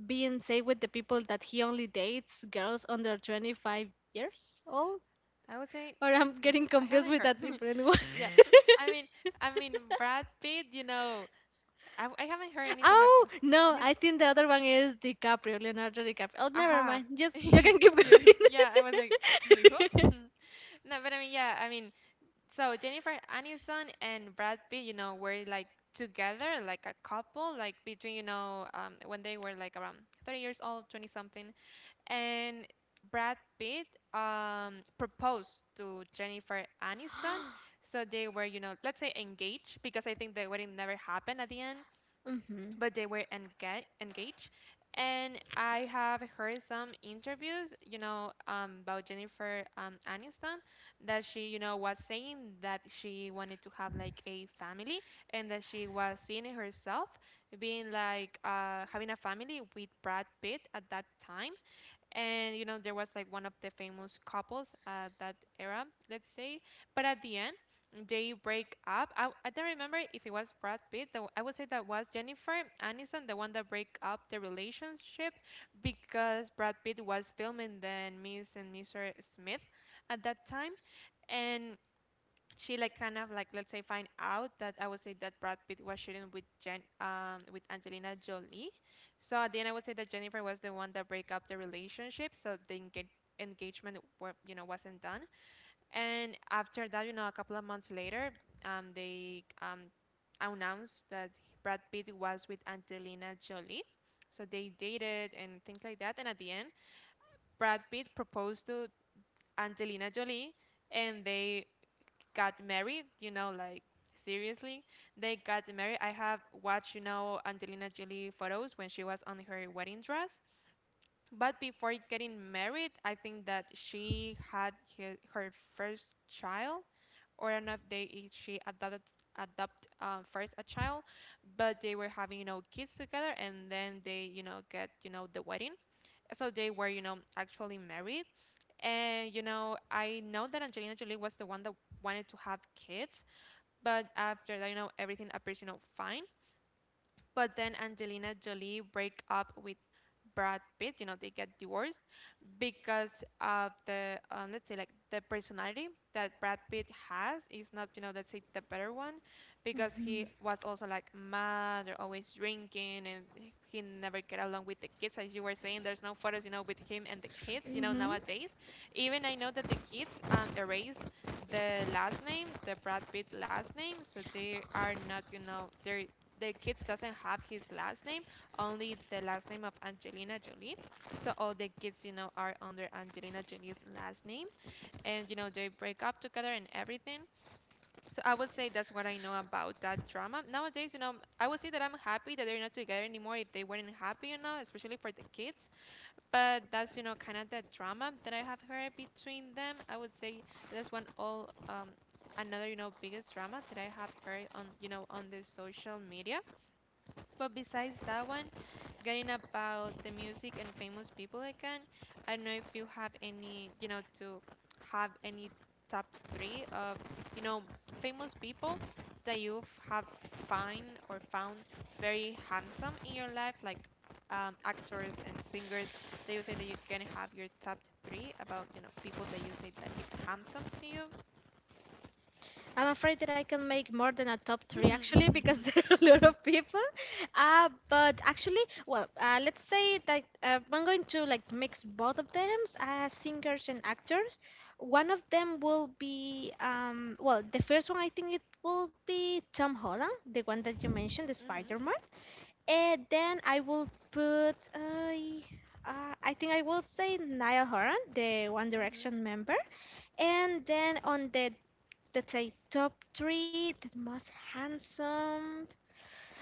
A: being safe with the people that he only dates girls under 25 years old.
B: I would say
A: Or I'm getting
B: I
A: confused
B: haven't
A: with
B: heard.
A: that different one.
B: Yeah, I mean, I mean, Brad Pitt, I haven't heard anything
A: Oh
B: about.
A: no, I think the other one is DiCaprio, Leonardo DiCaprio. Oh, never
B: Aha
A: mind. Just you can keep
B: yeah, yeah, I was like "Mijo?" No, but I mean, yeah, I mean, so Jennifer Aniston and Brad Pitt were like together, like a couple, like between when they were like around 30 years old, 20 something, and Brad Pitt proposed to Jennifer Aniston,
A: going.
B: so they were let's say engaged, because I think the wedding never happened at the end,
A: Mhm.
B: but they were engaged. And I have heard some interviews, about Jennifer Aniston, that she was saying that she wanted to have like a family and that she was seeing herself being like having a family with Brad Pitt at that time, and there was like one of the famous couples at that era, let's say, but at the end they break up. I don't remember if it was Brad Pitt, though. I would say that was Jennifer Aniston, the one that break up the relationship, because Brad Pitt was filming then Miss and Mr. Smith at that time, and she like kind of like, let's say, find out that I would say that Brad Pitt was shooting with Jen with Angelina Jolie. So at the end I would say that Jennifer was the one that break up the relationship, so the engagement were, wasn't done. And after that, a couple of months later, they announced that Brad Pitt was with Angelina Jolie. So they dated and things like that, and at the end Brad Pitt proposed to Angelina Jolie and they got married, you know, like seriously, they got married. I have watched, Angelina Jolie photos when she was on her wedding dress. But before getting married, I think that she had her first child, or I don't know if they if she adopted adopt first a child, but they were having kids together, and then they get the wedding. So they were actually married, and I know that Angelina Jolie was the one that wanted to have kids, but after that, you know, everything appears, you know, fine. But then Angelina Jolie break up with Brad Pitt. They get divorced because of the let's say like the personality that Brad Pitt has is not, let's say, the better one, because he
A: Mhm.
B: was also like mad or always drinking, and he never get along with the kids. As you were saying, there's no photos, with him and the kids,
A: Mhm.
B: nowadays. Even I know that the kids erase the last name, the Brad Pitt last name, so they are not, their kids doesn't have his last name, only the last name of Angelina Jolie. So all the kids, are under Angelina Jolie's last name, and they break up together and everything. So I would say that's what I know about that drama. Nowadays, I would say that I'm happy that they're not together anymore. If they weren't happy, you know, especially for the kids. But that's, kind of the drama that I have heard between them. I would say that's one all another, biggest drama that I have heard on you know on the social media. But besides that one, getting about the music and famous people again, I don't know if you have any, to have any top three of, you know, famous people that you have find or found very handsome in your life, like actors and singers that you say that you can have your top three about, people that you say that it's handsome to you.
A: I'm afraid that I can make more than a top three actually because there are a lot of people. But actually, well, let's say that I'm going to like mix both of them as singers and actors. One of them will be, well, the first one I think it will be Tom Holland, the one that you mentioned, the
B: Mm-hmm,
A: Spider-Man. And then I will put, uh, I think I will say Niall Horan, the One
B: mm-hmm,
A: Direction member. And then on the that's a top three. That most handsome.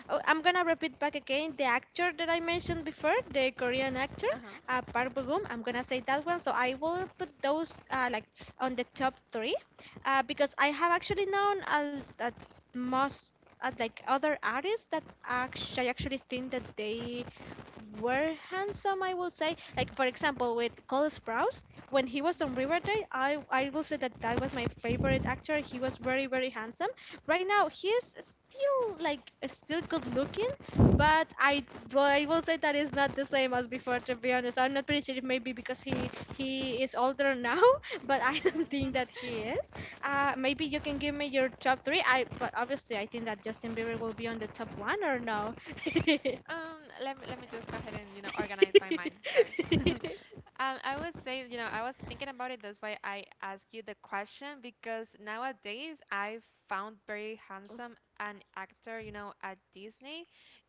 A: Oh, I'm gonna repeat back again. The actor that I mentioned before, the Korean actor,
B: uh-huh,
A: Park Bo Gum. I'm gonna say that one. So I will put those like on the top three, because I have actually known that most like other artists that actually, I actually think that they were handsome, I will say. Like for example, with Cole Sprouse, when he was on Riverdale, I will say that that was my favorite actor. He was very handsome. Right now, he's still like still good looking, but I well, I will say that is not the same as before. To be honest, I'm not pretty sure if maybe because he is older now, but I don't
B: yeah.
A: think that he is. Maybe you can give me your top three. I but obviously I think that Justin Bieber will be on the top one or no.
B: Let me just go ahead and organize my mind first. I would say, I was thinking about it. That's why I asked you the question, because nowadays I found very handsome an actor, at Disney.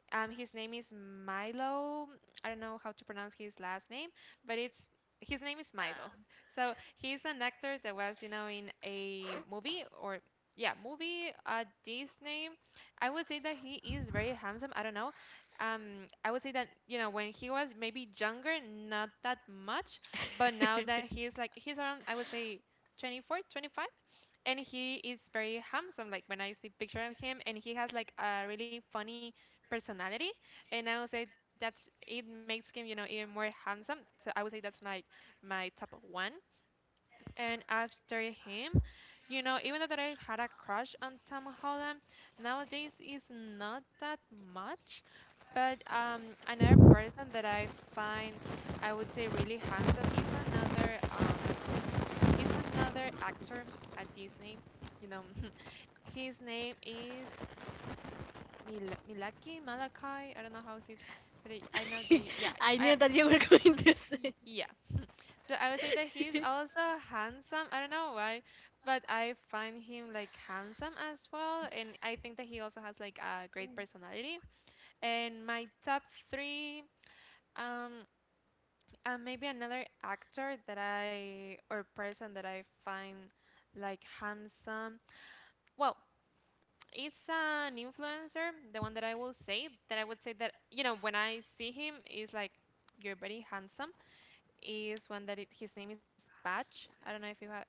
B: His name is Milo. I don't know how to pronounce his last name, but it's his name is Milo. So he's an actor that was, in a movie or, yeah, movie at Disney. I would say that he is very handsome. I don't know. I would say that, when he was maybe younger, not that much, but now that he's around, I would say 24, 25, and he is very handsome. Like when I see picture of him, and he has like a really funny personality, and I would say that's it makes him, even more handsome. So I would say that's my top one. And after him, even though that I had a crush on Tom Holland, nowadays is not that much. But another person that I find, I would say, really handsome is another, is another actor at Disney, you know his name is Malachi. I don't know how he's, but I know that. You, yeah, I,
A: I knew that you were going to
B: y-
A: say.
B: yeah. So I would say that he's also handsome. I don't know why, but I find him like handsome as well, and I think that he also has like a great personality. And my top three, um, and maybe another actor that I or person that I find like handsome. Well, it's an influencer, the one that I will say, that I would say that, when I see him, is like, you're very handsome. Is one his name is Patch. I don't know if you have ever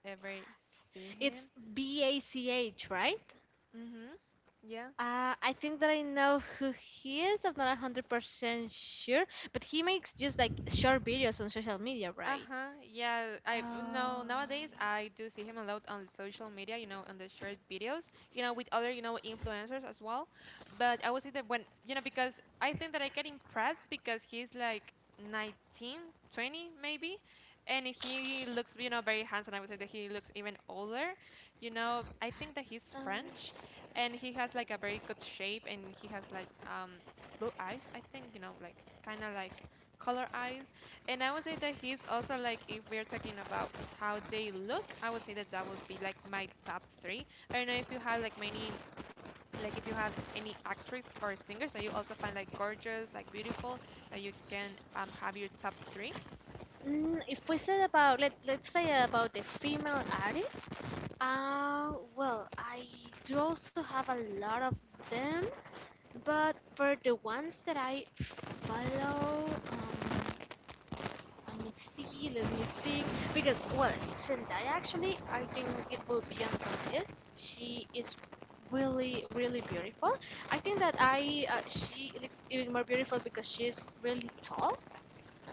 B: see him.
A: It's Bach, right?
B: Mm-hmm. Yeah.
A: I think that I know who he is. I'm not 100% sure, but he makes just like short videos on social media, right?
B: Uh-huh. Yeah, I no,
A: Oh,
B: nowadays I do see him a lot on social media, on the short videos, with other, influencers as well. But I would say that when, you know, because I think that I get impressed because he's like 19, 20 maybe, and he looks, very handsome. I would say that he looks even older. I think that he's
A: Um,
B: French and he has like a very good shape, and he has like blue eyes, I think, you know, like kind of like color eyes, and I would say that he's also like, if we're talking about how they look, I would say that that would be like my top three. I don't know if you have like many, like if you have any actress or singers that you also find like gorgeous, like beautiful, that you can have your top three.
A: if we said about let's say about the female artist, well, I do also have a lot of them, but for the ones that I follow, let me see, let me think. Because, well, Zendaya actually, I think it will be on the list. She is really, really beautiful. I think that she looks even more beautiful because she is really tall,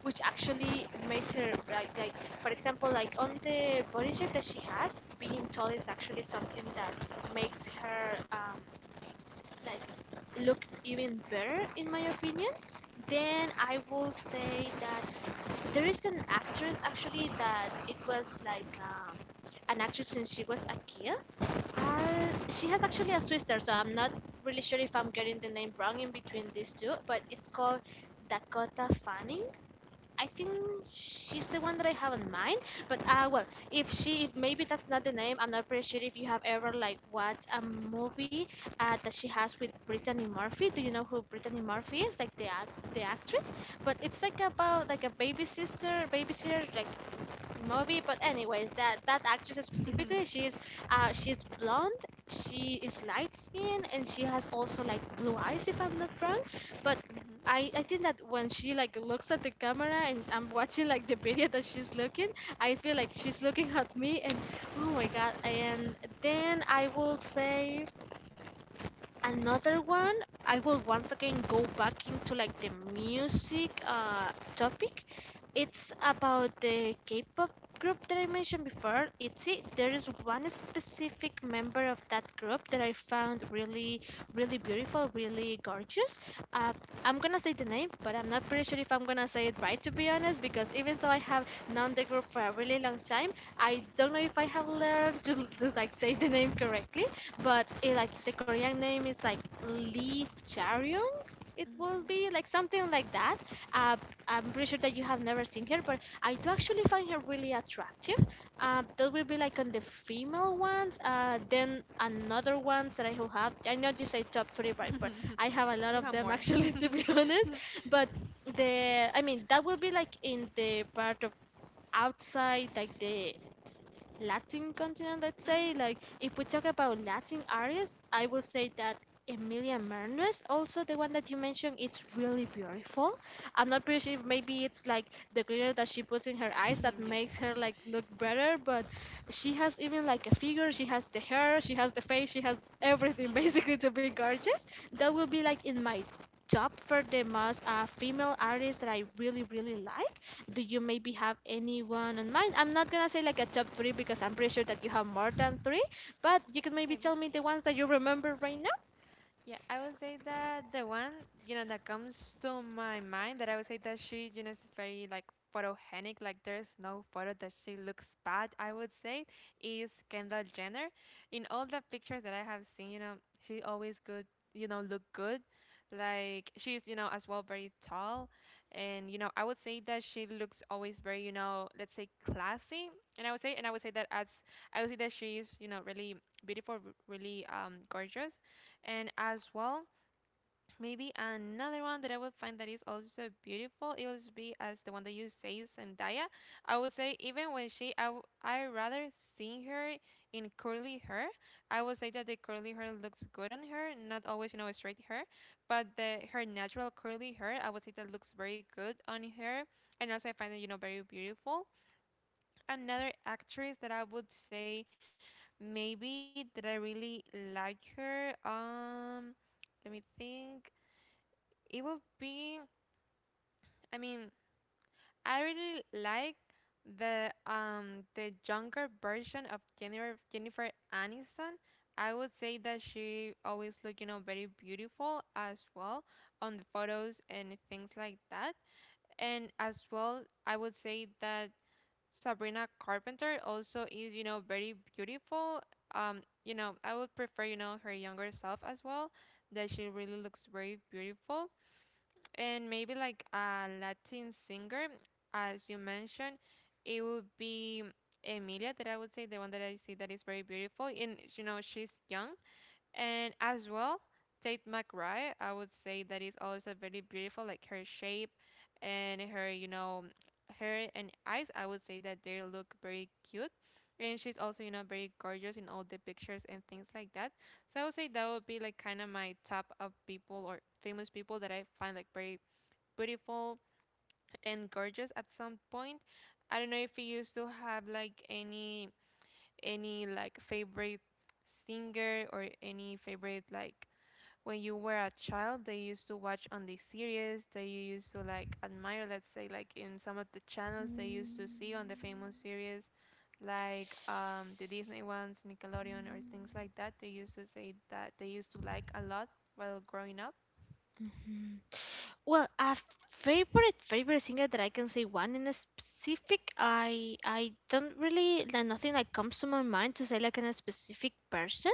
A: which actually makes her like, for example, like on the body shape that she has, being tall is actually something that makes her like look even better, in my opinion. Then I will say that. There is an actress actually that it was like an actress since she was a kid. She has actually a sister, so I'm not really sure if I'm getting the name wrong in between these two, but it's called Dakota Fanning. I think she's the one that I have in mind. But well, if she, if maybe that's not the name. I'm not pretty sure if you have ever like watched a movie that she has with Brittany Murphy. Do you know who Brittany Murphy is? Like the actress. But it's like about like a baby sister, babysitter, like movie. But anyways, that that actress specifically, she's blonde, she is light skin, and she has also like blue eyes if I'm not wrong. But
B: Mhm,
A: I think that when she like looks at the camera and I'm watching like the video that she's looking, I feel like she's looking at me and oh my god! And then I will say another one. I will once again go back into like the music topic. It's about the k-pop group that I mentioned before. It there is one specific member of that group that I found really really beautiful, really gorgeous. uh, I'm gonna say the name, but I'm not pretty sure if I'm gonna say it right, to be honest, because even though I have known the group for a really long time, I don't know if I have learned to like say the name correctly. But it, like the Korean name is like Lee Charyong. It will
B: mhm,
A: be like something like that. Uh, I'm pretty sure that you have never seen her, but I do actually find her really attractive. That will be like on the female ones. Then another ones that I will have. I know you say top three, but I have a
B: you
A: lot
B: have
A: of
B: more.
A: them actually, to be honest. But the I mean that will be like in the part of outside like the Latin continent, let's
B: Mhm.
A: say, like if we talk about Latin artists, I will say that Emilia Mernes, also the one that you mentioned, it's really beautiful. I'm not pretty sure if maybe it's like the glitter that she puts in her eyes that
B: Yeah.
A: makes her like look better, but she has even like a figure, she has the hair, she has the face, she has everything basically to be gorgeous. That will be like in my top for the most female artists that I really really like. Do you maybe have anyone on mind? I'm not gonna say like a top three because I'm pretty sure that you have more than three, but you can maybe
B: Maybe.
A: tell me the ones that you remember right
B: Yeah, I would say that the one, that comes to my mind, that I would say that she is very like photogenic, like there's no photo that she looks bad, I would say, is Kendall Jenner. In all the pictures that I have seen, she always good, look good. Like she's as well very tall. And, I would say that she looks always very, let's say, classy. And I would say I would say that she is, really beautiful, really, gorgeous. And as well, maybe another one that I would find that is also so beautiful, it would be as the one that you say, Zendaya. I would say even when I rather seeing her in curly hair. I would say that the curly hair looks good on her, not always, you know, straight hair, but the her natural curly hair, I would say that looks very good on her. And also I find it, very beautiful, another actress that I would say maybe that I really like her. Let me think. It would be, I mean, I really like the younger version of Jennifer Aniston. I would say that she always look, very beautiful as well on the photos and things like that. And as well, I would say that Sabrina Carpenter also is, very beautiful. I would prefer, her younger self as well, that she really looks very beautiful. And maybe like a Latin singer, as you mentioned, it would be Emilia that I would say, the one that I see that is very beautiful. And, she's young, and as well, Tate McRae, I would say that is also very beautiful, like her shape and her, hair and eyes. I would say that they look very cute. And she's also, very gorgeous in all the pictures and things like that. So I would say that would be like kind of my top of people or famous people that I find like very beautiful and gorgeous at some point. I don't know if you used to have like any like favorite singer or any favorite, like when you were a child that you used to watch on the series that you used to like admire, let's say like in some of the channels they used to see on the famous series, like the Disney ones, Nickelodeon or things like that, they used to say that they used to like a lot while growing up.
A: now. Well, a favorite singer that I can say one in a specific I don't really like nothing like comes to my mind to say like in a specific person,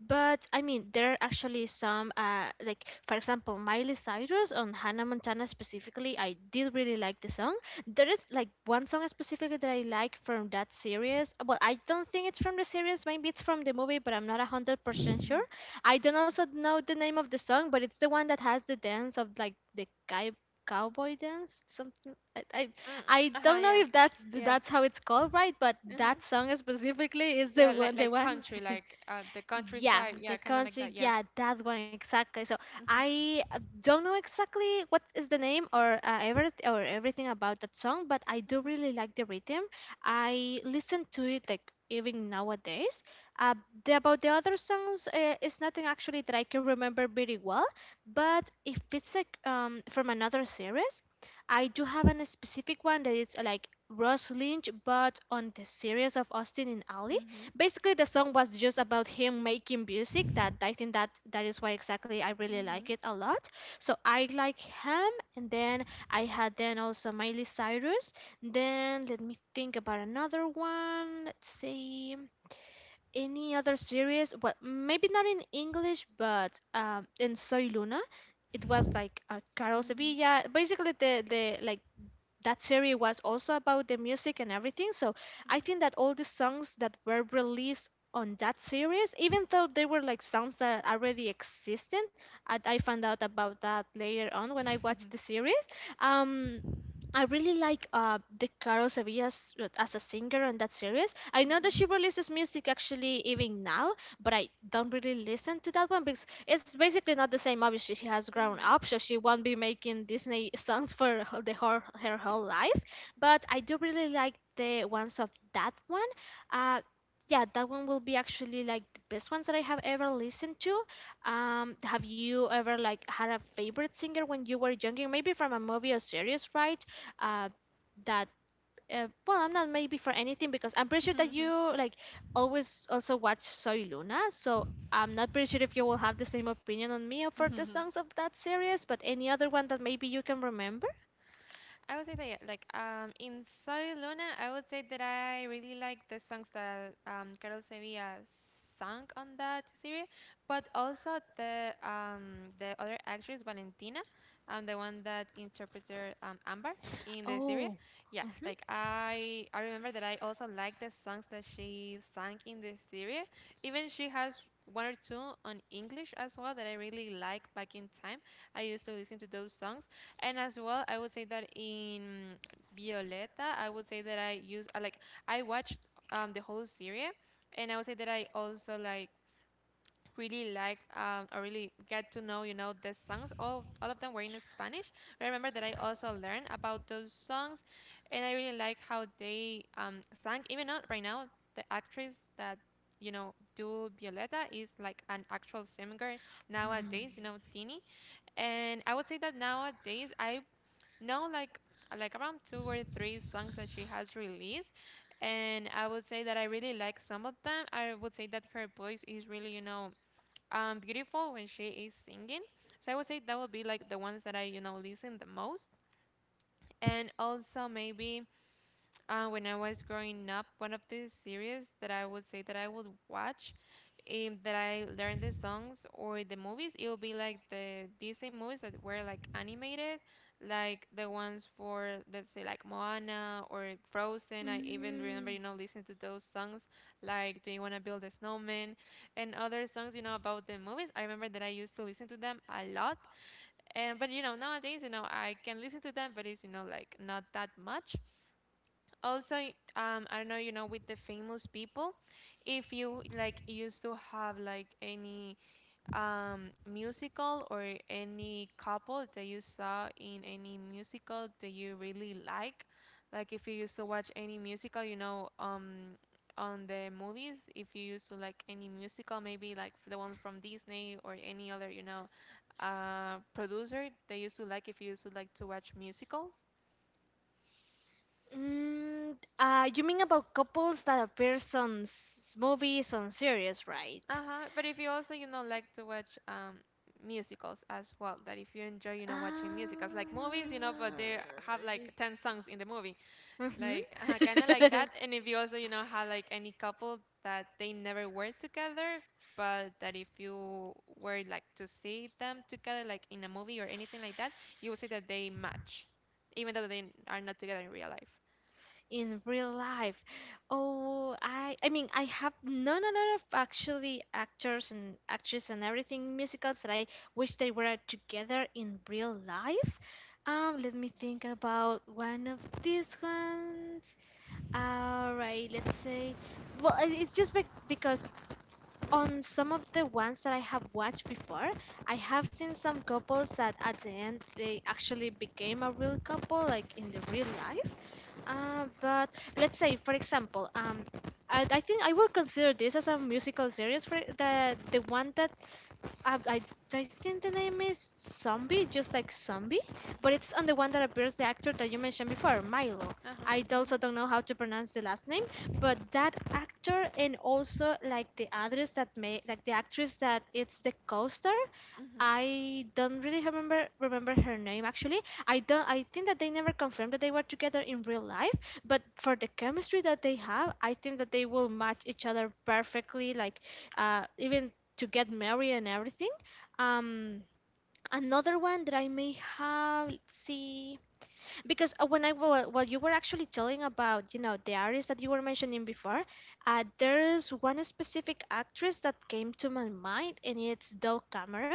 A: but I mean there are actually some like for example Miley Cyrus on Hannah Montana specifically I did really like the song. There is like one song specifically that I like from that series. Well, I don't think it's from the series, maybe it's from the movie, but I'm not 100% sure. I don't also know the name of the song, but it's the one that has the dance of like the guy cowboy dance something. I, I
B: Mm,
A: i
B: uh-huh,
A: don't
B: yeah.
A: know if that's
B: Yeah.
A: that's how it's called, right? But that
B: Mm-hmm.
A: song specifically is
B: Yeah,
A: the
B: like
A: one
B: like country, like the countryside.
A: yeah,
B: Yeah,
A: the
B: kind of like that.
A: country.
B: Yeah.
A: Yeah, that one exactly. So
B: Mm-hmm.
A: I don't know exactly what is the name or everything about that song, but I do really like the rhythm. I listen to it like even nowadays. Uh, about the other songs, it's nothing actually that I can remember very well. But if it's like from another series, I do have an specific one that is like Ross Lynch, but on the series of Austin and Ali.
B: Mhm.
A: Basically the song was just about him making music that I think that that is why exactly I really
B: Mhm.
A: like it a lot. So I like him and then I had then also Miley Cyrus. Then let me think about another one. Let's see any other series. Well, maybe not in English, but in Soy Luna it was like Carol
B: Mhm.
A: Sevilla. Basically the like that series was also about the music and everything. So I think that all the songs that were released on that series, even though they were like songs that already existed, I found out about that later on when I watched the series. Um, I really like the Carol Sevilla's as a singer on that series. I know
B: Mhm.
A: that she releases music actually even now, but I don't really listen to that one because it's basically not the same. Obviously, she has
B: Mm-hmm.
A: grown up, so she won't be making Disney songs for the whole, her whole life. But I do really like the ones of that one. Uh, yeah, that one will be actually like the best ones that I have ever listened to. Have you ever like had a favorite singer when you were younger? Maybe from a movie or series, right? Uh, that I'm not maybe for anything because I'm pretty sure that you like always also watch Soy Luna, so I'm not pretty sure if you will have the same opinion on me for the songs of that series, but any other one that maybe you can remember?
B: I would say that, yeah, in Soy Luna, I would say that I really like the songs that Carol Sevilla sang on that series, but also the other actress, Valentina, the one that interpreted Amber in the series.
A: Oh,
B: Yeah, like,
A: mm-hmm.
B: I I remember that I also like the songs that she sang in the series. Even she has one or two on English as well that I really like back in time. I used to listen to those songs and as well, I would say that in Violeta, I would say that I use I like I watched the whole series, and I would say that I also really like or really get to know the songs. All of them were in Spanish. But I remember that I also learned about those songs, and I really like how they sang. Even though right now, the actress that you know do Violeta is like an actual singer nowadays. You
A: Mm.
B: know, Tini. And I would say that nowadays I know like around two or three songs that she has released, and I would say that I really like some of them. I would say that her voice is really, you know, beautiful when she is singing. So I would say that would be like the ones that I, you know, listen the most. And also maybe when I was growing up, one of the series that I would say that I would watch that I learned the songs or the movies, it will be like the Disney movies that were like animated, like the ones for let's say like Moana or Frozen. I even remember, you know,
A: Mm.
B: listening to those songs like Do You Wanna Build a Snowman and other songs, you know, about the movies. I remember that I used to listen to them a lot. And but you know, nowadays, you know, I can listen to them, but it's you know like not that much also I don't know, you know, with the famous people if you like used to have like any musical or any couple that you saw in any musical that you really like if you used to watch any musical, you know, on the movies, if you used to like any musical maybe like the ones from Disney or any other, you know, producer they used to like, if you used to like to watch musicals.
A: You mean about couples that appears on movies on series, right?
B: Uh-huh. But if you also, you know, like to watch musicals as well, that if you enjoy, you know, watching musicals
A: Uh,
B: like movies, you know, but they have like 10 songs in the movie. Like kind of like that.
A: Mm-hmm.
B: And if you also, you know, have like any couple that they never were together, but that if you were like to see them together like in a movie or anything like that, you will see that they match, even though they are not together in real life.
A: In real life. Oh, I mean I have known a lot of actually actors and actresses and everything musicals that I wish they were together in real life. Let me think about one of these ones. All right, let's say. Well, because on some of the ones that I have watched before, I have seen some couples that at the end they actually became a real couple, like in the real life. But let's say, for example, I think I will consider this as a musical series. For the one that I, I, I think the name is Zombie, just like Zombie, but it's on the one that appears the actor that you mentioned before, Milo.
B: Uh-huh.
A: I
B: Mhm.
A: also don't know how to pronounce the last name, but that actor and also like the others that may like the actress that it's the co-star.
B: Mhm.
A: I don't really remember her name actually. I don't. I think that they never confirmed that they were together in real life, but for the chemistry that they have, I think that they will match each other perfectly. Like, even to get married and everything. Um, Another one that I may have, let's see, because when while you were actually telling about, the artists that you were mentioning before, there's one specific actress that came to my mind, and it's Doe Cameron.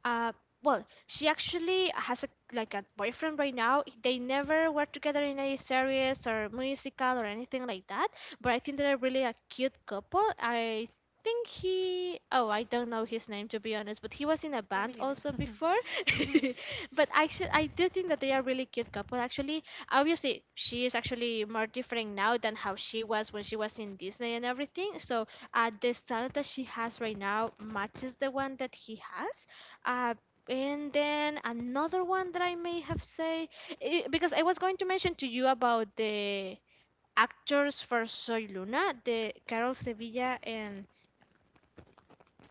A: Uh, well, she actually has a like a boyfriend right now. They never were together in any series or musical or anything like that. But I think they're really a cute couple. I think he oh, I don't know his name to be honest, but he was in
B: Yeah,
A: a
B: me neither.
A: band also before but actually I do think that they are really cute couple actually. Obviously she is actually more different now than how she was when she was in Disney and everything, so the style that she has right now matches the one that he has. uh, and then another one that I may have say, because I was going to mention to you about the actors for Soy Luna, the Carol Sevilla and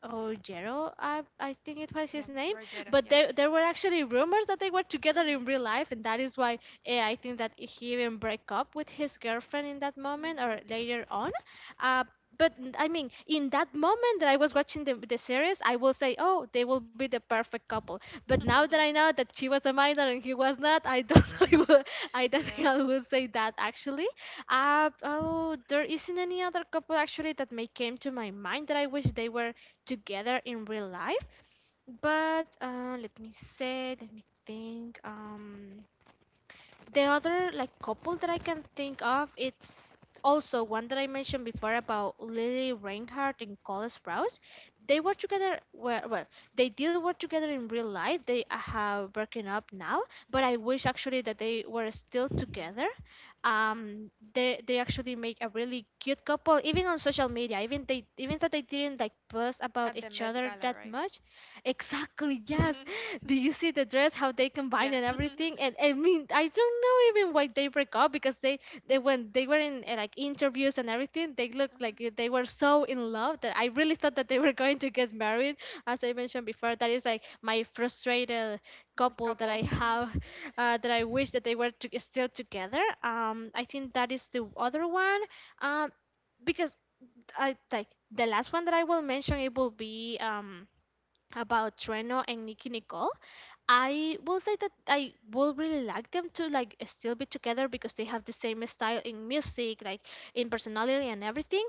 A: Oh, Jero, I think it
B: Yeah,
A: was his name.
B: Rogero. Yeah.
A: But there were actually rumors that they were together
B: Mhm.
A: in real life, and that is why, I think that he even break up with his girlfriend in that moment
B: Mhm.
A: or later on. Uh, but I mean, in that moment that I was watching the series, I will say, oh, they will be the perfect couple. But now that I know that she was a minor and he was not, I don't I, will, I don't
B: Yeah.
A: think I will say that actually. Oh, there isn't any other couple actually that may came to my mind that I wish they were together in real life. But let me say, let me think. The other like couple that I can think of, it's also one that I mentioned before about Lily Reinhardt and Cole Sprouse. They were together. Well, they did work together in real life. They have broken up now, but I wish actually that they were still together. They actually make a really cute couple, even on social media. Even they even though they didn't like post
B: At the
A: about
B: Met
A: each
B: Gala,
A: other
B: right?
A: that much, Exactly, yes. Do you see the dress, how they
B: Yeah,
A: combine
B: a
A: and everything? And I mean, I don't know even why they break up because they when they were in like interviews and everything, they looked like they were so in love that I really thought that they were going to get married. As I mentioned before, that is like my frustrated
B: couple.
A: couple that I have, that I wish that they were to, still together. I think that is the other one. Um, because I like the last one that I will mention, it will be about Treno and Nicky Nicole, I will say that I will really like them to like still be together because they have the same style in music, like in personality and everything.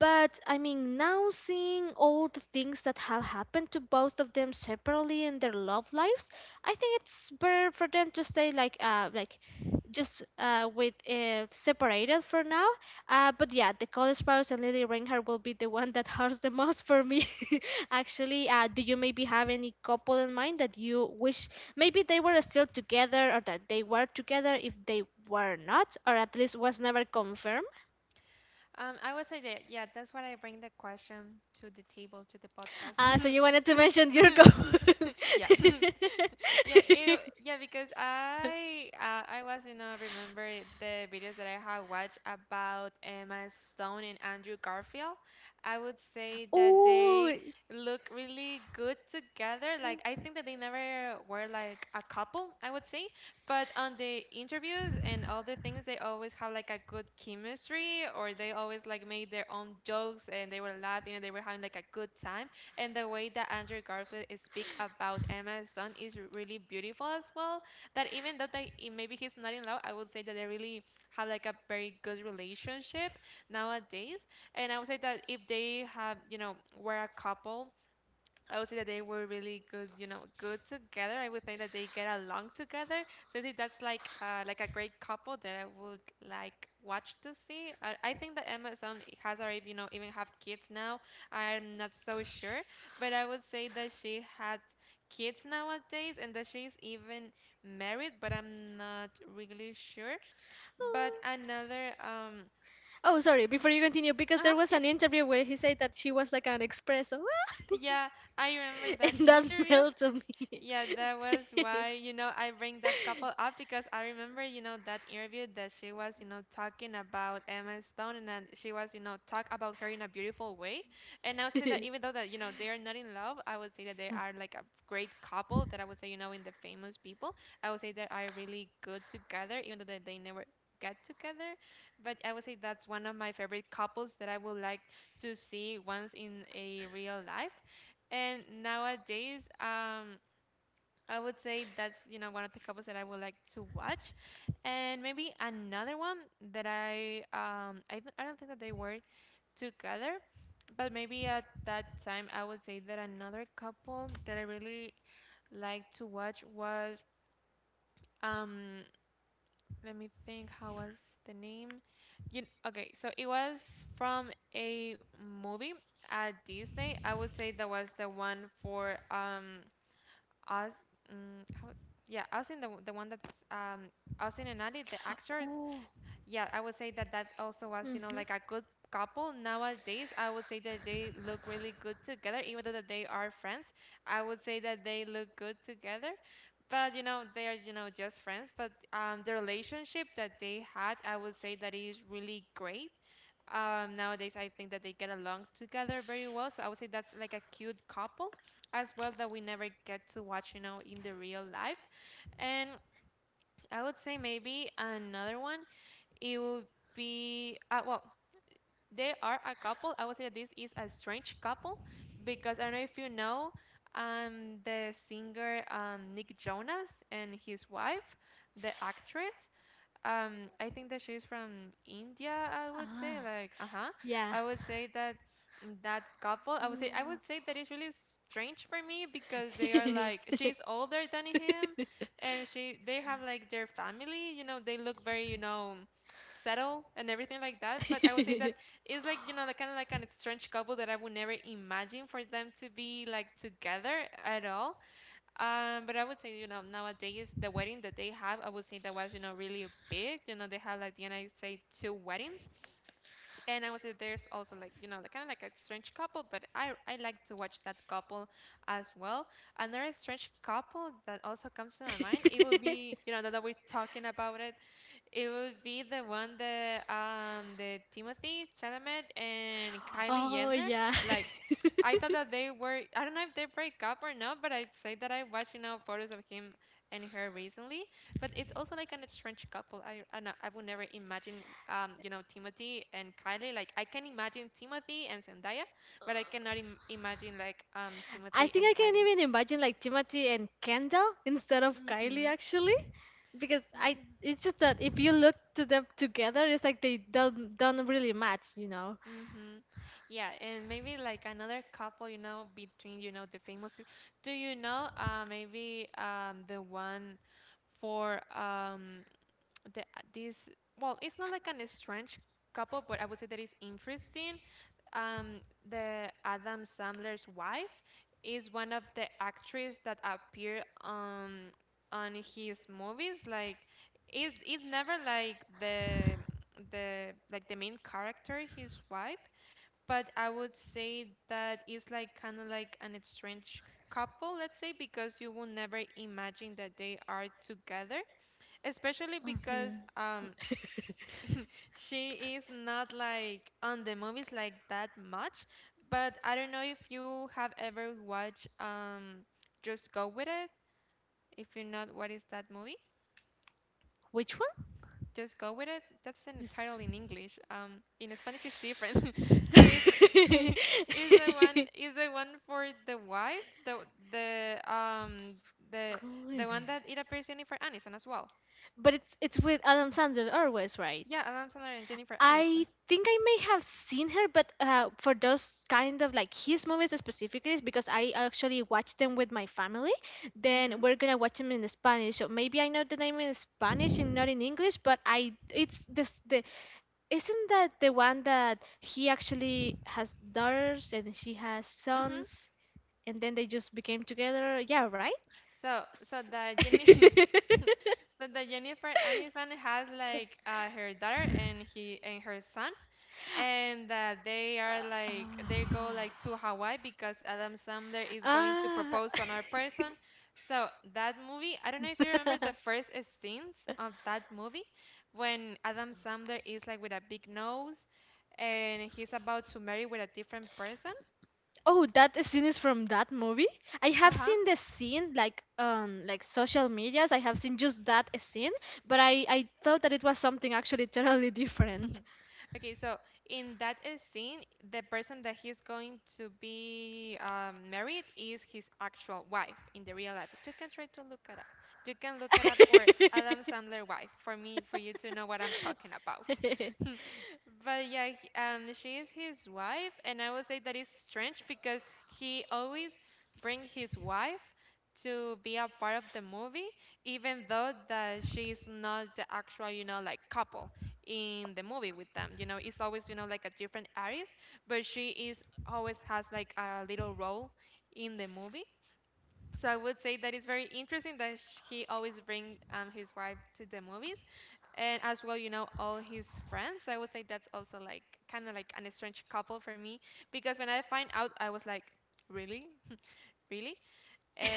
A: But I mean, now seeing all the things that have happened to both of them separately in their love lives, I think it's better for them to stay like just with separated for now. But yeah, the college spouse and Lily Reinhardt will be the one that hurts the most for me. Actually, do you maybe have any couple in mind that you wish maybe they were still together or that they were together if they were not, or at least was never confirmed?
B: I would say that, yeah, that's what I bring the question to the table, to the podcast.
A: So you wanted to mention your couple.
B: Yeah. Yeah, because I was, you know, remember the videos that I have watched about Emma Stone and Andrew Garfield. I would say that they
A: Oh,
B: look really good together. Like I think that they never were like a couple, I would say. But on the interviews and all the things, they always have like a good chemistry, or they always like made their own jokes and they were laughing and they were having like a good time. And the way that Andrew Garfield is speak about Emma Stone is really beautiful as well. That even though maybe he's not in love, I would say that they really have like a very good relationship nowadays. And I would say that if they have, you know, were a couple, I would say that they were really good, you know, good together. I would think that they get along together. So I think that's like a great couple that I would like watch to see. I think that Emma Stone has already, you know, even have kids now. I'm not so sure, but I would say that she had kids nowadays and that she's even married, but I'm not really sure. But
A: Oh. Oh, sorry. Before you continue, because there was
B: yeah.
A: an interview where he said that she was like an espresso,
B: Yeah, I remember that
A: and that
B: interview.
A: melted
B: Yeah,
A: me.
B: that was why, you know, I bring that couple up because I remember, you know, that interview that she was, you know, talking about Emma Stone and then she was, you know, talk about her in a beautiful way. And I would say that even though that, you know, they are not in love, I would say that they are like a great couple that I would say, you know, in the famous people, I would say they are really good together, even though that they never get together. But I would say that's one of my favorite couples that I would like to see once in a real life. And nowadays, I would say that's, you know, one of the couples that I would like to watch. And maybe another one that I don't think that they were together, but maybe at that time I would say that another couple that I really liked to watch was um let me think, how was the name? Okay, so it was from a movie at Disney. I would say that was the one for Oz, how, yeah, Oz in the one that's Oz in and Andy, the actor.
A: Oh.
B: Yeah, I would say that that also was, you know, like a
A: Mhm.
B: good couple. Nowadays, I would say that they look really good together, even though that they are friends. I would say that they look good together, but you know, they are, you know, just friends. But the relationship that they had, I would say that is really great, nowadays I think that they get along together very well. So I would say that's like a cute couple as well that we never get to watch, you know, in the real life. And I would say maybe another one, it would be, well, they are a couple. I would say that this is a strange couple because I don't know if you know the singer Nick Jonas and his wife, the actress. I think that she's from India, I would say,
A: Ah.
B: like, uh-huh. I would
A: Yeah.
B: say that that couple, I would say that it's really strange for me because they are like she's older than him and she they have like their family, you know, they look very, you know, settle and everything like that. But I would say that
A: Mm.
B: it's like, you know, the kind of like an strange couple that I would never imagine for them to be like together at all. But I would say, you know, nowadays the wedding that they have, I would say that was, you know, really big. You know, they have like the United States two weddings, and I would say there's also like, you know, like kind of like a strange couple, but I like to watch that couple as well. Another strange couple that also comes to my mind, it would be, you know, that we're talking about it would be the one that the Timothy Chalamet and Kylie Jenner.
A: Oh yeah.
B: Like I thought that they were, I don't know if they break up or not, but I'd say that I watched, you know, photos of him and her recently. But it's also like an strange couple. Know, I would never imagine, you know, Timothy and Kylie. Like I can imagine Timothy and Zendaya, but I cannot imagine like Timothy and
A: I think I
B: Kylie.
A: can even imagine like Timothy and Kendall instead of
B: Hmm.
A: Kylie actually, because I it's just that if you look to them together, it's like they don't really match, you know.
B: Mm-hmm. Yeah, and maybe like another couple, you know, between, you know, the famous people. Do you know maybe the one for the this, well, it's not like an strange couple, but I would say that is interesting. Um the Adam Sandler's wife is one of the actress that appear on his movies, like it's never like the main character, his wife, but I would say that it's like kind of like an strange couple, let's say, because you will never imagine that they are together, especially because
A: Hmm.
B: she is not like on the movies like that much. But I don't know if you have ever watched Just Go With It. If you not, what is that movie?
A: Which one?
B: Just go with it. That's the title in
A: Just...
B: English. In Spanish it's different, but it's is the one for the wife, the um the the one that
A: Scooter.
B: it appears Jennifer Aniston as well.
A: But it's with Adam Sandler always,
B: Yeah,
A: right?
B: Adam Sandler and Jennifer Aniston.
A: I think I may have seen her, but for those kind of like his movies specifically, is because I actually watch them with my family,
B: Mhm.
A: then we're gonna watch them in Spanish. So maybe I know the name in Spanish and not in English, but I it's this the isn't that the one that he actually has daughters and she has
B: Mhm.
A: sons, and then they just became together? Yeah, right?
B: So the
A: S-
B: Jenny. So the Jennifer Aniston has like her daughter and he and her son, and that they are like they go like to Hawaii because Adam Sandler is going to propose to
A: Ah.
B: another person. So that movie, I don't know if you remember the
A: Ah.
B: first scenes of that movie when Adam Sandler is like with a big nose and he's about to marry with a different person.
A: Oh, that scene is from that movie. I
B: Uh-huh.
A: have seen the scene like on like social medias. I have seen just that scene, but I thought that it was something actually totally different.
B: Okay, so in that scene, the person that he's going to be married is his actual wife in the real life. You can try to look it up. You can look it up for Adam Sandler wife for me for you to know what I'm talking about. But yeah, she is his wife, and I would say that is strange because he always bring his wife to be a part of the movie, even though that she is not the actual, like couple in the movie with them. It's always like a different artist, but she is always has like a little role in the movie. So I would say that it's very interesting that he always bring his wife to the movies, and as well, you know, all his friends. I would say that's also like kind of like an strange couple for me because when I find out, I was like, really, really, and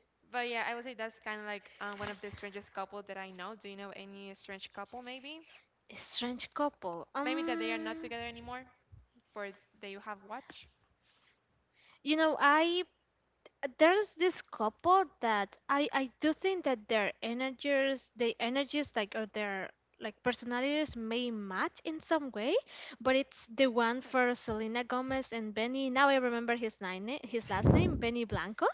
B: but yeah, I would say that's kind of like one of the strangest couple that I know. Do you know any strange couple maybe?
A: A strange couple.
B: Maybe that they are not together anymore, for that you have watched.
A: You know, I there's this couple that I do think that their energies, the energies like or their like personalities may match in some way, but it's the one for Selena Gomez and Benny. Now I remember his nine his last name, Benny Blanco.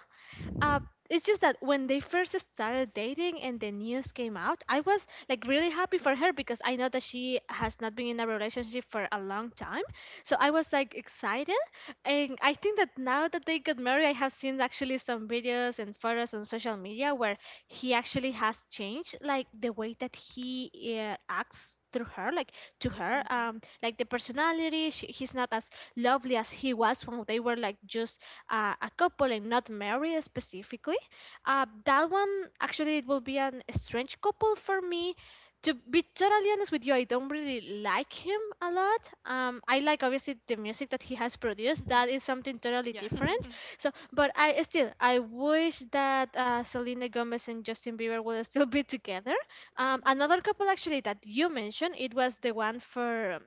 A: Uh, it's just that when they first started dating and the news came out, I was like really happy for her because I know that she has not been in a relationship for a long time. So I was like excited. And I think that now that they got married, I have seen actually some videos and photos on social media where he actually has changed like the way that he acts through her. Like to
B: Mm-hmm.
A: her. Like the personality, he's not as lovely as he was when they were like just a couple and not married specifically. That one actually it will be an strange couple for me. To be totally honest with you, I don't really like him a lot. I like obviously the music that he has produced. That is something
B: Yeah.
A: totally different. So, but I still I wish that Selena Gomez and Justin Bieber will still be together. Another couple actually that you mentioned, it was the one for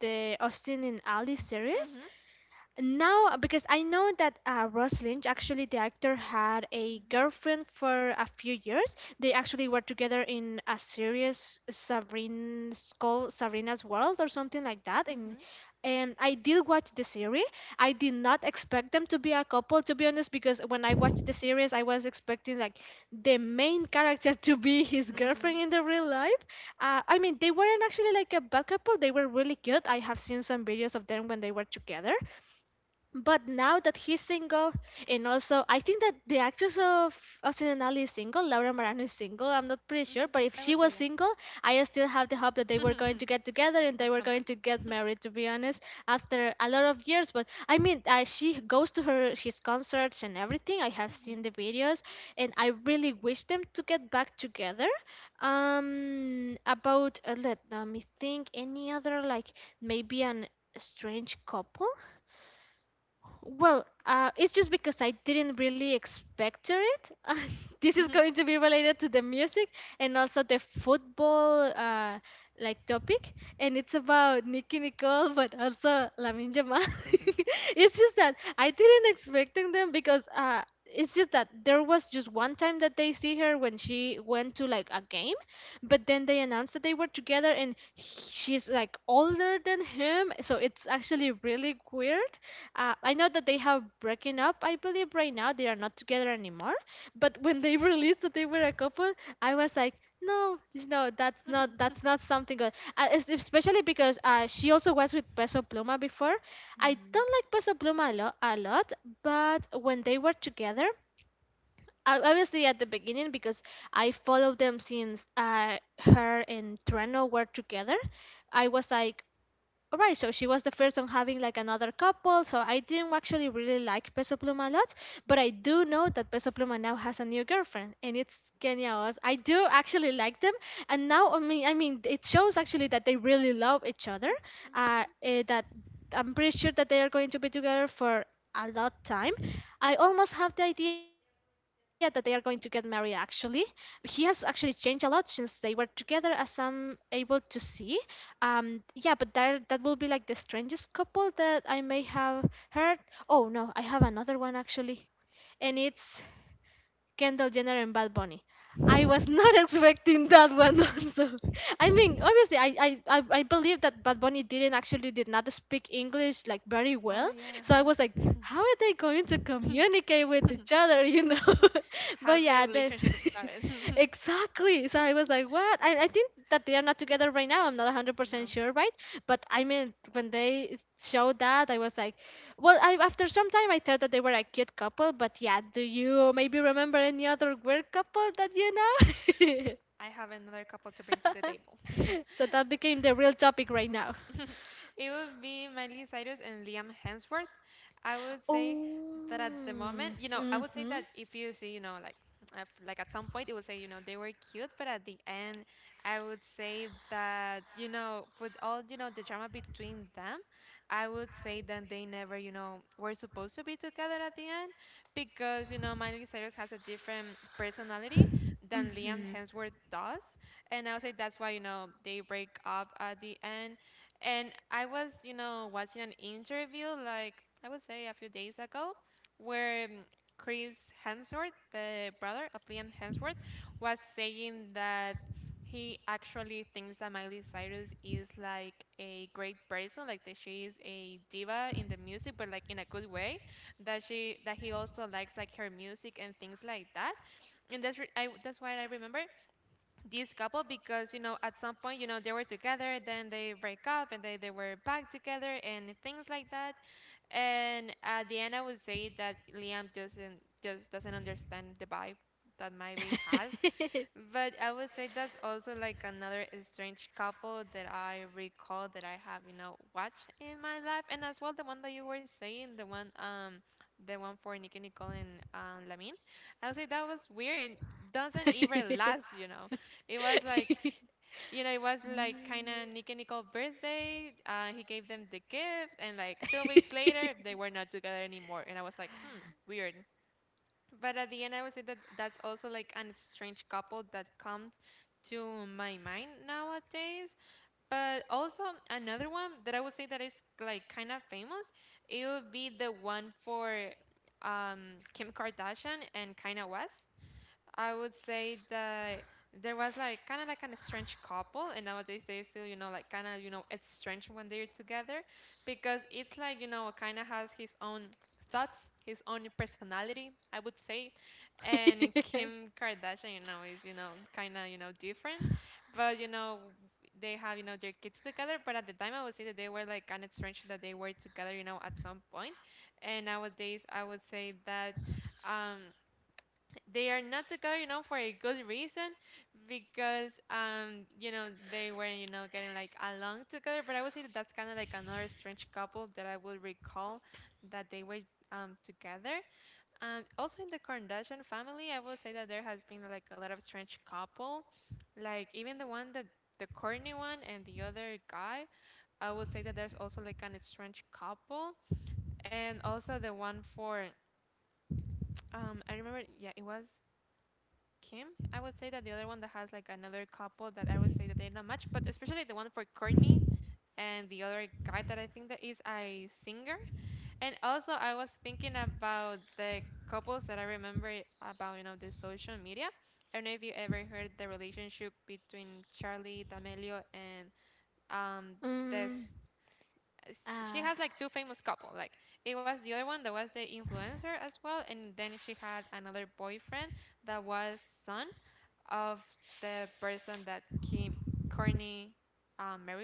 A: the Austin and Ali
B: Mm-hmm.
A: series. Now, because I know that Ross Lynch, actually the actor, had a
B: Mhm.
A: girlfriend for a few years. They actually were together in a series, Sabrina's called Sabrina's World or something like that.
B: Mm-hmm.
A: And I did watch the series. I did not expect them to be a couple, to be honest, because when I watched the series, I was expecting like the main character to be
B: Mhm.
A: his
B: Mhm.
A: girlfriend in the real life. I mean, they weren't actually like a bad couple. They were really cute. I have seen some videos of them when they were together, but now that he's single, and also I think that the actress of Sinanali is single. Laura Marano is single. I'm not
B: Mhm.
A: pretty sure,
B: I
A: but
B: would
A: if
B: say
A: she was single, I still have the
B: yeah.
A: hope that they were going to get
B: At
A: together
B: some
A: and they
B: point.
A: were going to get married, to be honest, after a lot of years. But I mean, she goes to her his concerts and everything. I
B: Mm-hmm.
A: have seen the videos and I really wish them to get back together. About Let me think, any other like maybe an strange couple. Well, it's just because I didn't really expect it.
B: Mhm.
A: this is going to be related to the music and also the football, like, topic, and it's about Nicki Nicole, but also Lamin Jamal. it's just that I didn't expect them because it's just that there was just one time that they see her when she went to like a game, but then they announced that they were together, and she's like older than him. So it's actually really weird. I know that they have broken up. I believe right now they are not together anymore, but when they released that they were a couple, I was like, no, no, that's not something good. Especially because she also was with Peso Pluma before.
B: Mm-hmm.
A: I don't like Peso Pluma a lot, but when they were together, obviously at the beginning, because I followed them since her and Treno were together, I was like, alright, so she was the first on having like another couple. So I didn't actually really like Peso Pluma a lot, but I do know that Peso Pluma now has a new girlfriend, and it's Kenia Oz. I do actually like them. And now, I mean, it shows actually that they really love each other.
B: Mm-hmm.
A: That I'm pretty sure that they are going to be together for a lot time. I almost have the idea that they are going to get married actually. He has actually changed a lot since they were together, as I'm able to see. Yeah, but that will be like the strangest couple that I may have heard. Oh no, I have another one actually, and it's Kendall Jenner and Bad Bunny. I was not expecting that one also. I mean, obviously, I believe that Bad Bunny didn't actually did not speak English like
B: Ah,
A: very
B: yeah.
A: well. So I
B: Huh.
A: was like, how are they going to communicate with each other, you know?
B: How did the
A: but yeah,
B: relationship start?
A: exactly. So I was like, what? I think that they are not together right now. I'm not
B: No,
A: 100% sure, right? But I mean, when they showed that, I was like, well, after some time, I thought that they were a cute couple. But yeah, do you maybe remember any other weird couple that you
B: I
A: know?
B: have another couple to bring to the table.
A: so that became the real topic right now.
B: It would be Miley Cyrus and Liam Hemsworth. I would say that at the
A: Oh.
B: moment, you know, I would say that
A: Mm-hmm.
B: if you see, you know, like, like at some point, it would say, you know, they were cute, but at the end, I would say that, you know, with all, you know, the drama between them, I would say that they never, you know, were supposed to be together at the end because, you know, Miley Cyrus has a different personality than Liam
A: Mm-hmm.
B: Hemsworth does, and I would say that's why you know they break up at the end. And I was you know watching an interview like I would say a few days ago, where Chris Hemsworth, the brother of Liam Hemsworth, was saying that he actually thinks that Miley Cyrus is like a great person, like that she is a diva in the music, but like in a good way. That she that he also likes like her music and things like that. And that's why I remember this couple because you know at some point you know they were together then they break up and they were back together and things like that, and at the end I would say that Liam doesn't just doesn't understand the vibe that Miley has, but I would say that's also like another strange couple that I recall that I have, you know, watched in my life, and as well the one that you were saying, the one for Nicki Nicole and Lamin. I would say that was weird. It doesn't even last, you know. It was like, you know, it was like kind of Nicki Nicole birthday. He gave them the gift, and like 2 weeks later, they were not together anymore. And I was like, hmm, weird. But at the end, I would say that that's also like an strange couple that comes to my mind nowadays. But also another one that I would say that is like kind of famous, it would be the one for Kim Kardashian and Kanye West. I would say that there was like kind of like an strange couple, and nowadays they still, you know, like kind of, you know, it's strange when they're together because it's like, you know, kind of has his own thoughts, his own personality, I would say. And Kim Kardashian, you know, is, you know, kind of, you know, different, but, you know, they have, you know, their kids together. But at the time, I would say that they were like kind of strange that they were together, you know, at some point. And nowadays, I would say that Um, they are not together, you know, for a good reason because, you know, they were, you know, getting like along together. But I would say that that's kind of like another strange couple that I would recall that they were together. Also in the Kardashian family, I would say that there has been like a lot of strange couple, like even the one that the Courtney one and the other guy. I would say that there's also like an strange couple, and also the one for I remember, yeah, it was Kim. I would say that the other one that has like another couple that I would say that they're not much, but especially the one for Courtney and the other guy that I think that is a singer. And also I was thinking about the couples that I remember about you know the social media. I don't know if you ever heard the relationship between Charlie D'Amelio and um this
A: mm.
B: s- she has like
A: Ah,
B: two famous couple like it was the other one that was the influencer as well, and then she had another boyfriend that was son of the person that Kim Courtney married with.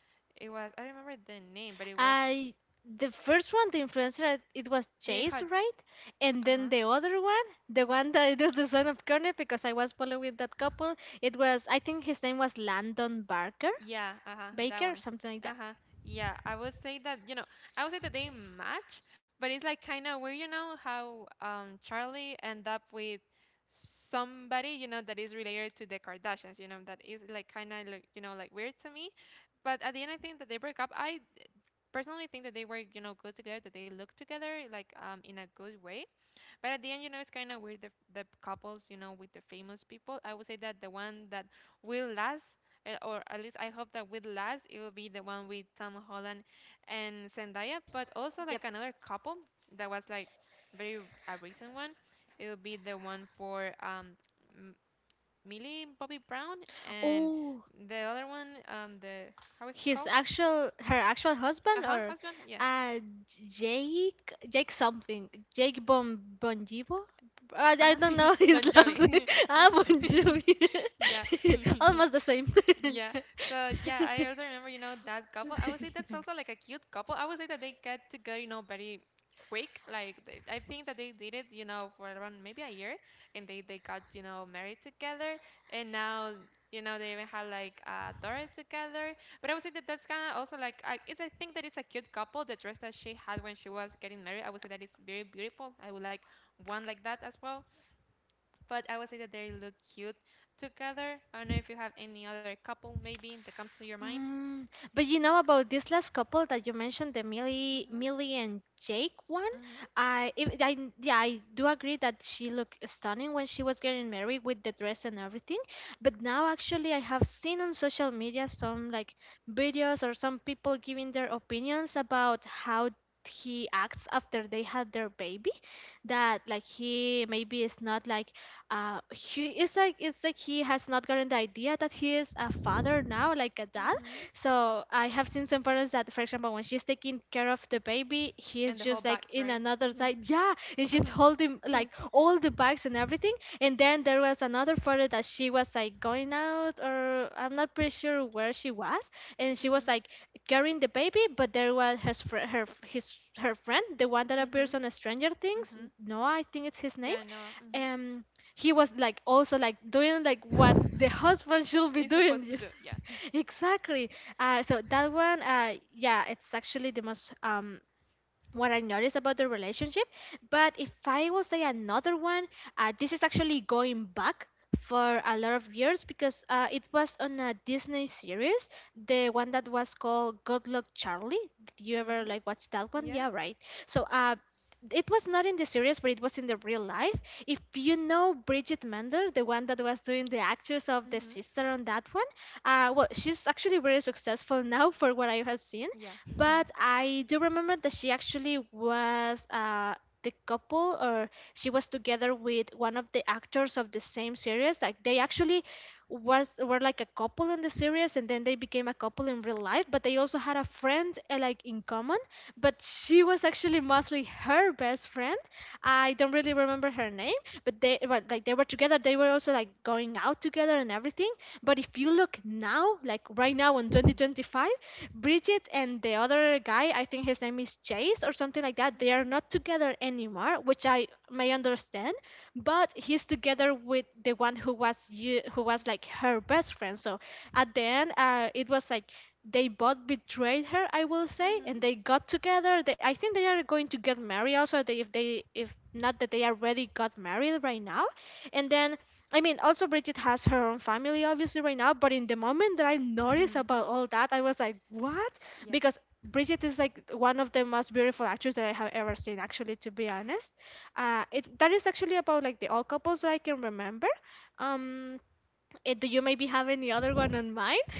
B: It was I remember the name, but it was
A: I the first one, the influencer, it
B: Lil
A: was
B: Hud.
A: Chase, right?
B: Uh huh.
A: And then the other one, the one that it was the son of Connor, because I was following that couple. It was, I think his name was Landon Barker,
B: Yeah. Uh huh. That one.
A: Baker,
B: Uh
A: something
B: huh.
A: like that.
B: Yeah. I would say that you know I would say that they match, but it's like kind of where you know how Charlie end up with somebody you know that is related to the Kardashians. You know that is like kind of like you know like weird to me. But at the end, I think that they break up. I personally think that they were you know good together, that they look together like in a good way. But at the end, you know, it's kind of weird the couples, you know, with the famous people. I would say that the one that will last, eh, or at least I hope that will last, it will be the one with Tom Holland and Zendaya. But also, like another
A: Yep.
B: couple that was like very a recent one, it will be the one for M- Millie Bobby Brown and
A: Oh,
B: the other one, the how is it called?
A: his actual her actual
B: Uh huh,
A: husband,
B: husband,
A: or
B: yeah,
A: uh Jake something Jake Bonjivo,
B: uh-huh.
A: I don't
B: Bon
A: know
B: Jovi.
A: his last name. Ah, Bon
B: Yeah.
A: Jovi, almost the same.
B: Yeah. So yeah, I also remember, you know, that couple. I would say that's also like a cute couple. I would say that they get together, you know, very quick. Like they, I think that they did it, you know, for around maybe a year, and they got, you know, married together, and now you know they even had like a daughter together. But I would say that that's kind of also like I, it's I think that it's a cute couple. The dress that she had when she was getting married, I would say that it's very beautiful. I would like one like that as well, but I would say that they look cute together. I don't know if you have any other couple maybe that comes to your mind.
A: Mm, but you know about this last couple that you mentioned, the
B: Mm-hmm.
A: Millie and Jake
B: Mm-hmm.
A: one. I, if, I, Yeah, I do agree that she looked stunning when she was getting married, with the dress and everything. But now actually I have seen on social media some like videos or some people giving their opinions about how he acts after they had their baby, that like he maybe is not like he it's like he has not gotten the idea that he is a father now, like a
B: Mm-hmm.
A: dad. So I have seen some parents that, for example, when she's taking care of the baby,
B: And the whole
A: he is
B: box,
A: just
B: right?
A: like in another side. Yeah, and she's holding like all the bags and everything. And then there was another photo that she was like going out, or I'm not pretty sure where she was,
B: Mm-hmm.
A: and she was like carrying the baby, but there was her friend, the one
B: Mm-hmm.
A: that appears on Stranger
B: Mm-hmm.
A: Things. No, I think
B: Yeah,
A: it's his
B: no.
A: name.
B: Mm-hmm.
A: um he was like also like doing like what the husband
B: It's
A: should be
B: supposed to do. Yeah.
A: doing. exactly. So that one. Yeah, it's actually the most, what I noticed about the relationship. But if I will say another one, this is actually going back for a lot of years, because it was on a Disney series, the one that was called Good Luck Charlie. Did
B: Mm-hmm.
A: you ever like watch
B: Yeah.
A: that one? Yeah, right. So it was not in the series, but it was in the real life. If you know Bridget Mender, the one that was doing the actress
B: Mm-hmm.
A: of the sister on that one, well, she's actually very successful now, for what I have
B: Yeah.
A: seen. But I do remember that she actually was, the couple, or she was together with one of the actors of the same series. Like they actually was were like a couple in the series, and then they became a couple in real life. But they also had a friend, like, in common. But she was actually mostly her best friend. I don't really remember her name, but like they were together. They were also like going out together and everything. But if you look now, like right now in 2025, Bridget and the other guy, I think his name is Chase or something like that, they
B: Mm-hmm.
A: are not together anymore, which I may understand, but he's together with the one who was like her best friend. So at the end, it was like they both betrayed her, I
B: Mm-hmm.
A: will
B: Mm-hmm.
A: say, and they got together. I think they are going to get married also. If not that they already got married right now. And then I mean, also Bridget has her own family obviously right now, but in the moment that I noticed about all that, I was like, what? Because Bridget is like one of the most beautiful actors that I have ever seen, actually, to be honest. It That is actually about like the old couples that I can remember. Um, do you maybe have any other one on mind?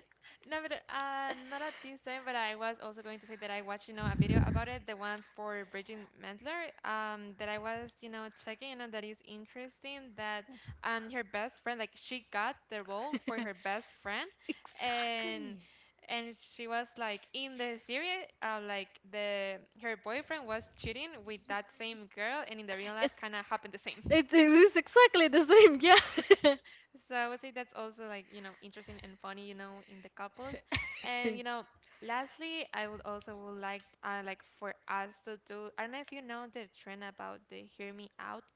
B: No, but not at this time. But I was also going to say that I watched, you know, a video about it, the one for Bridget Mendler, that I was, you know, checking, and that is interesting. That her best friend, like, she got the role for her best friend, and
A: Exactly.
B: she was like in the series, like the her boyfriend was cheating with that same girl, and in the real life, kind of
A: It's
B: happened the same.
A: it is exactly the same, yeah.
B: So I would say that's also like, you know, interesting and funny, you know, in the couples. And you know, lastly, I would also would like for us to do, I don't know if you know the trend about the hear me out cake.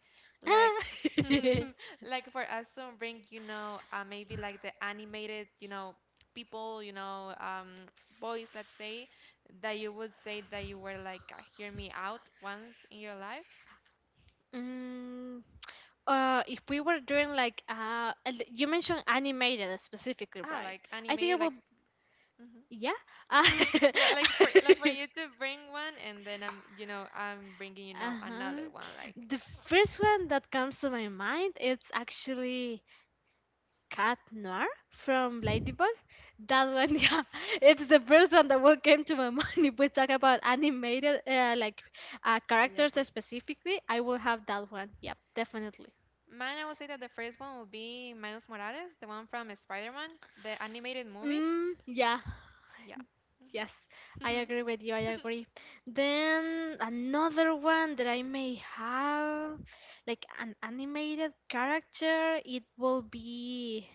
B: Like
A: Ah.
B: like for us to bring, maybe like the animated, people, boys, let's say, that you would say that you were like hear me out once in your life.
A: Mm, if we were doing like, and you mentioned animated
B: Ah,
A: specifically,
B: like
A: right?
B: animated like.
A: I think I will.
B: Mm-hmm.
A: Yeah. Uh,
B: Yeah, like for like for you to bring one, and then I'm bringing another one.
A: uh-huh.
B: Like,
A: The first one that comes to my mind, it's actually Cat Noir from Ladybug. That one, yeah, it's the first one that will came to my mind. If we talk about animated, like,
B: I agree.
A: characters specifically, I will have that one. Yep, definitely.
B: Mine, I would say that the first one would be Miles Morales, the one from Spider-Man, the animated movie.
A: Yeah,
B: Yeah.
A: yes,
B: Mhm.
A: I agree with you. I agree. Then another one that I may have, like an animated character, it will be,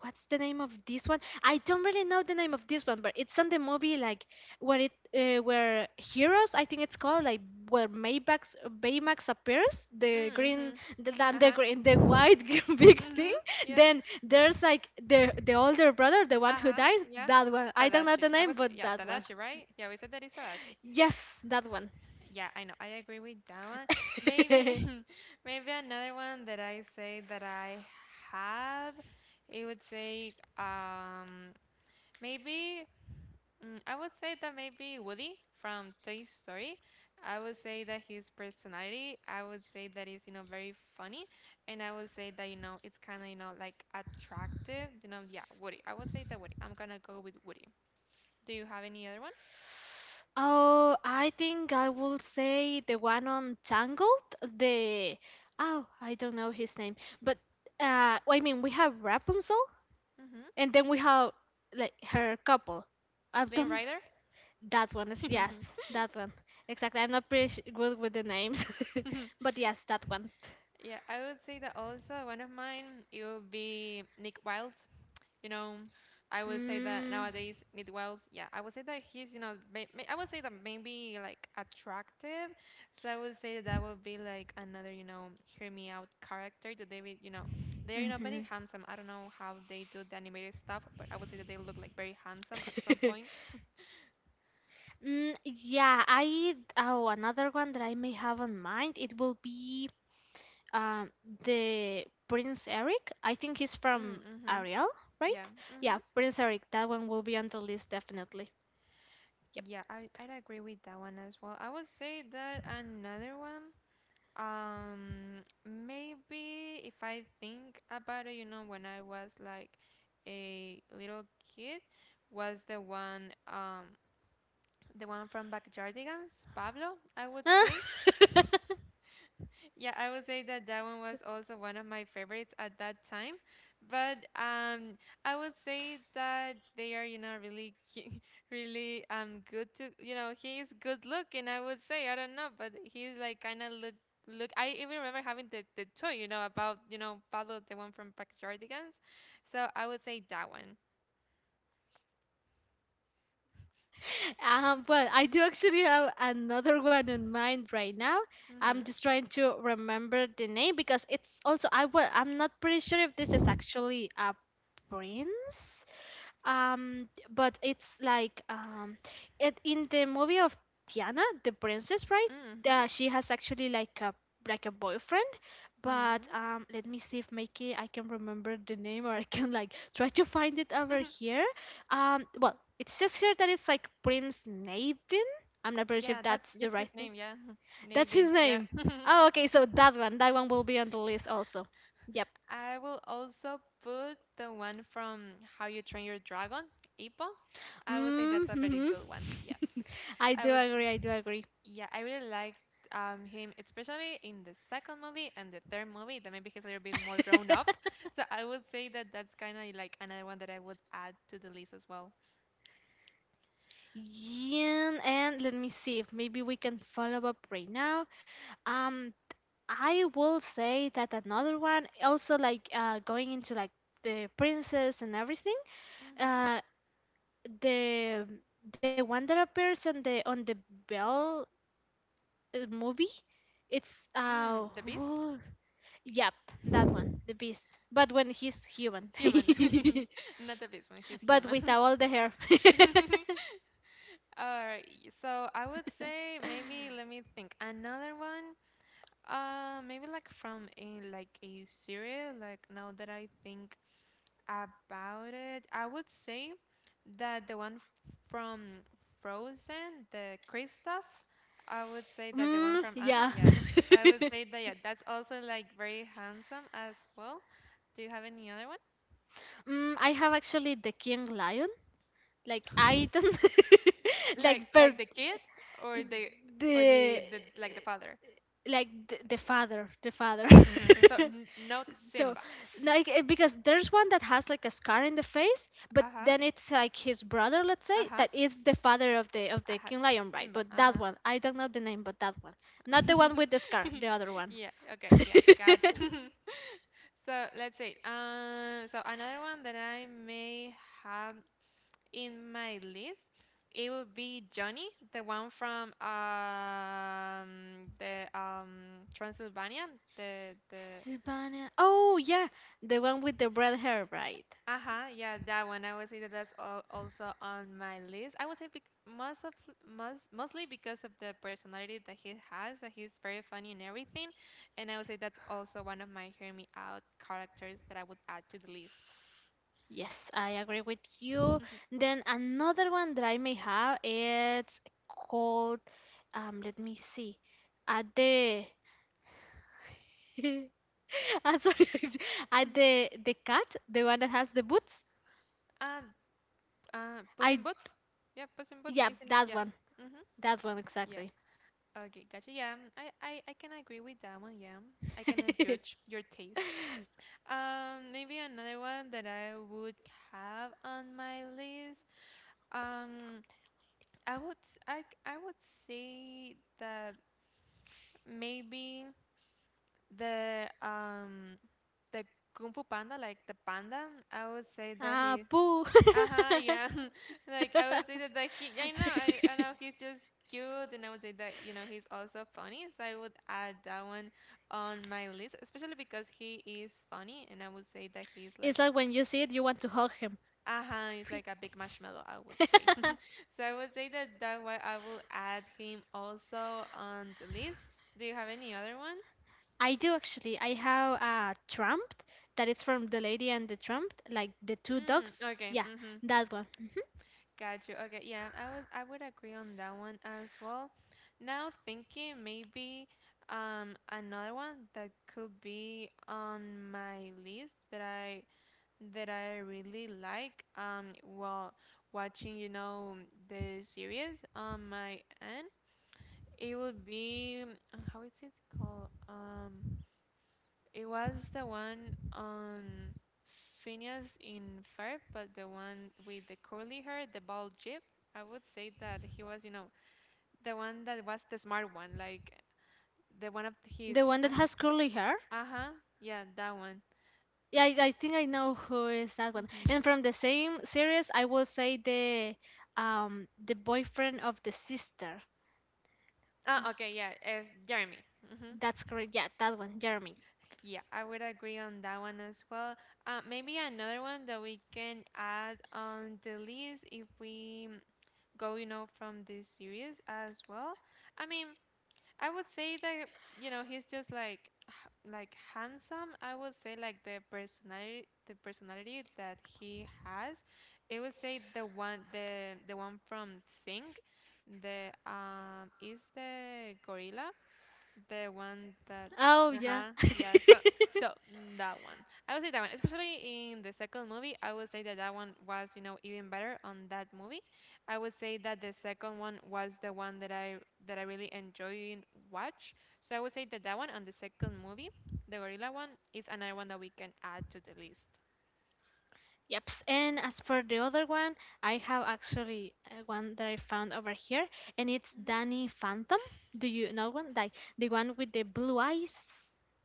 A: what's the name of this one? I don't really know the name of this one, but it's on the movie, like where heroes, I think it's called, like where Baymax appears, the
B: Mm-hmm.
A: green,
B: Uh-huh.
A: the green, the white
B: Mm-hmm.
A: big thing.
B: Yeah.
A: Then there's like the older brother,
B: Uh-huh.
A: the one who
B: Yeah.
A: dies. That one,
B: Tadashi.
A: I
B: I
A: don't
B: was
A: know the
B: Yeah,
A: name, but
B: Tadashi,
A: that one.
B: right? Yeah, we said that is Tadashi.
A: Yes, that one.
B: Yeah, I know. I agree with that one. Maybe, maybe another one that I say that I have, it would say, maybe, I would say that maybe Woody from Toy Story. I would say that his personality, I would say that is, very funny, and I would say that, it's kind of, like attractive. Yeah, Woody. I would say that Woody. I'm gonna go with Woody. Do you have any other one?
A: Oh, I think I will say the one on Tangled. The Oh, I don't know his name, but well, I mean, we have Rapunzel,
B: Mm-hmm.
A: and then we have like her couple.
B: Flynn
A: I've done that
B: Rider?
A: one. Is, yes, that one exactly. I'm not pretty good with the names, but yes, that one.
B: Yeah, I would say that also one of mine, it would be Nick Wilds. You know, I would say that nowadays
A: Mm,
B: Nick Wilds, yeah, I would say that he's, I would say that maybe like attractive. So I would say that that would be like another, hear me out character that they're, very handsome.
A: hmm.
B: I don't know how they do the animated stuff, but I would say that they look like very handsome at some point.
A: Yeah, I oh, another one that I may have on mind, it will be, um the Prince Eric. I think
B: Mm,
A: he's
B: mm-hmm.
A: from Ariel,
B: Yeah,
A: right?
B: mm-hmm.
A: Yeah, Prince Eric. That one will be on the list definitely.
B: Yeah, I,
A: Yep.
B: I'd agree with that one as well. I would say that another one. Maybe if I think about it, when I was like a little kid, was the one from Backyardigans, Pablo, I would say. Yeah, I would say that that one was also one of my favorites at that time. But I would say that they are, really, really good to, he is good looking. I would say, I don't know, but he's like kind of look. I even remember having the toy, about Pablo, the one from Backyardigans. So I would say that one.
A: Well, I do actually have another one in mind right now.
B: Mhm.
A: I'm just trying to remember the name because it's also, I well, I'm not pretty sure if this is actually a prince. But it's like, it in the movie of Tiana the princess, right?
B: Mhm.
A: She has actually like a boyfriend,
B: Mhm.
A: but let me see if Mikey I can remember the name, or I can like try to find it over here. Well, it's just here that it's like Prince Navin.
B: Yeah,
A: I'm not
B: that's
A: pretty sure if
B: that's his
A: that's
B: name.
A: the
B: Yeah,
A: right thing,
B: Navin. Yeah.
A: that's his name. Oh, okay. So that one will be on the list also. Yep.
B: I will also put the one from How You Train Your Dragon, Ippo. I would say that's a very good one.
A: Mm-hmm.
B: Yes. I was,
A: I do agree. I do
B: yeah,
A: agree.
B: I really liked him, especially in the second movie and the third movie. That, maybe he's a little bit more grown up. So I would say that that's kind of like another one that I would add to the list as well.
A: Yeah, and let me see if maybe we can follow up right now. Um, I will say that another one, also like, going into like the princess and everything.
B: Hmm.
A: Uh, the the one that appears on the, Belle movie, it's
B: The Beast?
A: who- Yep, that one, the beast. But when he's
B: Human.
A: human.
B: Not the Beast one, he's human.
A: but with all the hair.
B: All right, so I would say maybe let me think. Another one. Maybe like from a like a series, like now that I think about it, I would say that the one from Frozen, the Kristoff. I would say that the one from Anna, yeah,
A: Yeah.
B: I would say that yeah, that's also like very handsome as well. Do you have any other one?
A: I have actually the king lion. Like I don't
B: Like like the
A: like
B: kid
A: per
B: or the
A: the
B: like the father.
A: like the father the father.
B: So n not Simba.
A: so because there's one that has like a scar in the face,
B: Uh-huh.
A: but then it's like his brother,
B: Uh-huh.
A: let's say, that is the father of
B: Uh-huh.
A: the king
B: Simba.
A: lion, right?
B: Uh-huh.
A: But that one I don't know the name. But that one, not the one with the scar, the
B: Yeah,
A: other one.
B: okay, yeah, gotcha. So let's see. So another one that I may have in my list, it would be Johnny, the one from the Transylvania, the
A: Sibana. Oh yeah, the one with the red hair, right?
B: Uh-huh, yeah, that one. I would say that that's also on my list. I would say bec most of most mostly because of the personality that he has, that he's very funny and everything. And I would say that's also one of my hear me out characters that I would add to the list.
A: Yes, I agree with you. Then another one that I may have, it's called let me see. At the I'm sorry. At the cat, the one that has the boots.
B: And Puss in Boots?
A: I
B: Yeah, Puss in Boots, isn't it?
A: yeah,
B: Yeah.
A: that one.
B: Mm-hmm.
A: That
B: Yeah.
A: one exactly.
B: Okay, gotcha. Yeah, I can agree with that one. Yeah, I cannot judge your taste. Maybe another one that I would have on my list. Um, I would s- I c- I would say that maybe the um the Kung Fu Panda, like the panda, I would say that he,
A: Ah, poo.
B: uh-huh, yeah. Like, I would say that, he I know he's just cute, and I would say that, he's also funny, so I would add that one on my list, especially because he is funny, and I would say that he's like,
A: It's like when you see it, you want to hug him.
B: uh-huh, he's like a big
A: Whee.
B: marshmallow, I would say. So I would say that that why I will add him also on the list. Do you have any other one?
A: I do actually. I have a Trump that is from the Lady and the Trump, like the
B: Mm,
A: two
B: okay.
A: dogs.
B: Mm-hmm.
A: Yeah, that one.
B: Got you. Okay. Yeah, I would agree on that one as well. Now thinking maybe another one that could be on my list that I really like, while watching, the series on my end, it would be, how is it called? It was the one on Phineas in Ferb, but the one with the curly hair, the bald jib. I would say that he was, the one that was the smart one, like the one of his friend.
A: The one that has curly
B: Uh
A: hair.
B: huh. Yeah, that one.
A: Yeah, I think I know who is
B: Mm-hmm.
A: that one. And from the same series, I will say the boyfriend of the sister.
B: Ah, okay. Yeah, it's Jeremy. Mm-hmm.
A: That's correct. Yeah, that one, Jeremy.
B: Yeah, I would agree on that one as well. Maybe another one that we can add on the list if we go, from this series as well. I mean, I would say that, he's just like like handsome. I would say like the personality that he has. I would say the one from Sing, the is the gorilla. The one that, uh-huh,
A: Oh yeah.
B: yeah. So that one, I would say that one, especially in the second movie. I would say that that one was, even better on that movie. I would say that the second one was the one that I really enjoy and watch. So I would say that that one on the second movie, the gorilla one, is another one that we can add to the list.
A: Yeps. And as for the other one, I have actually one that I found over here,
B: Mhm.
A: and it's Danny Phantom. Do you know one? Like the one with the blue eyes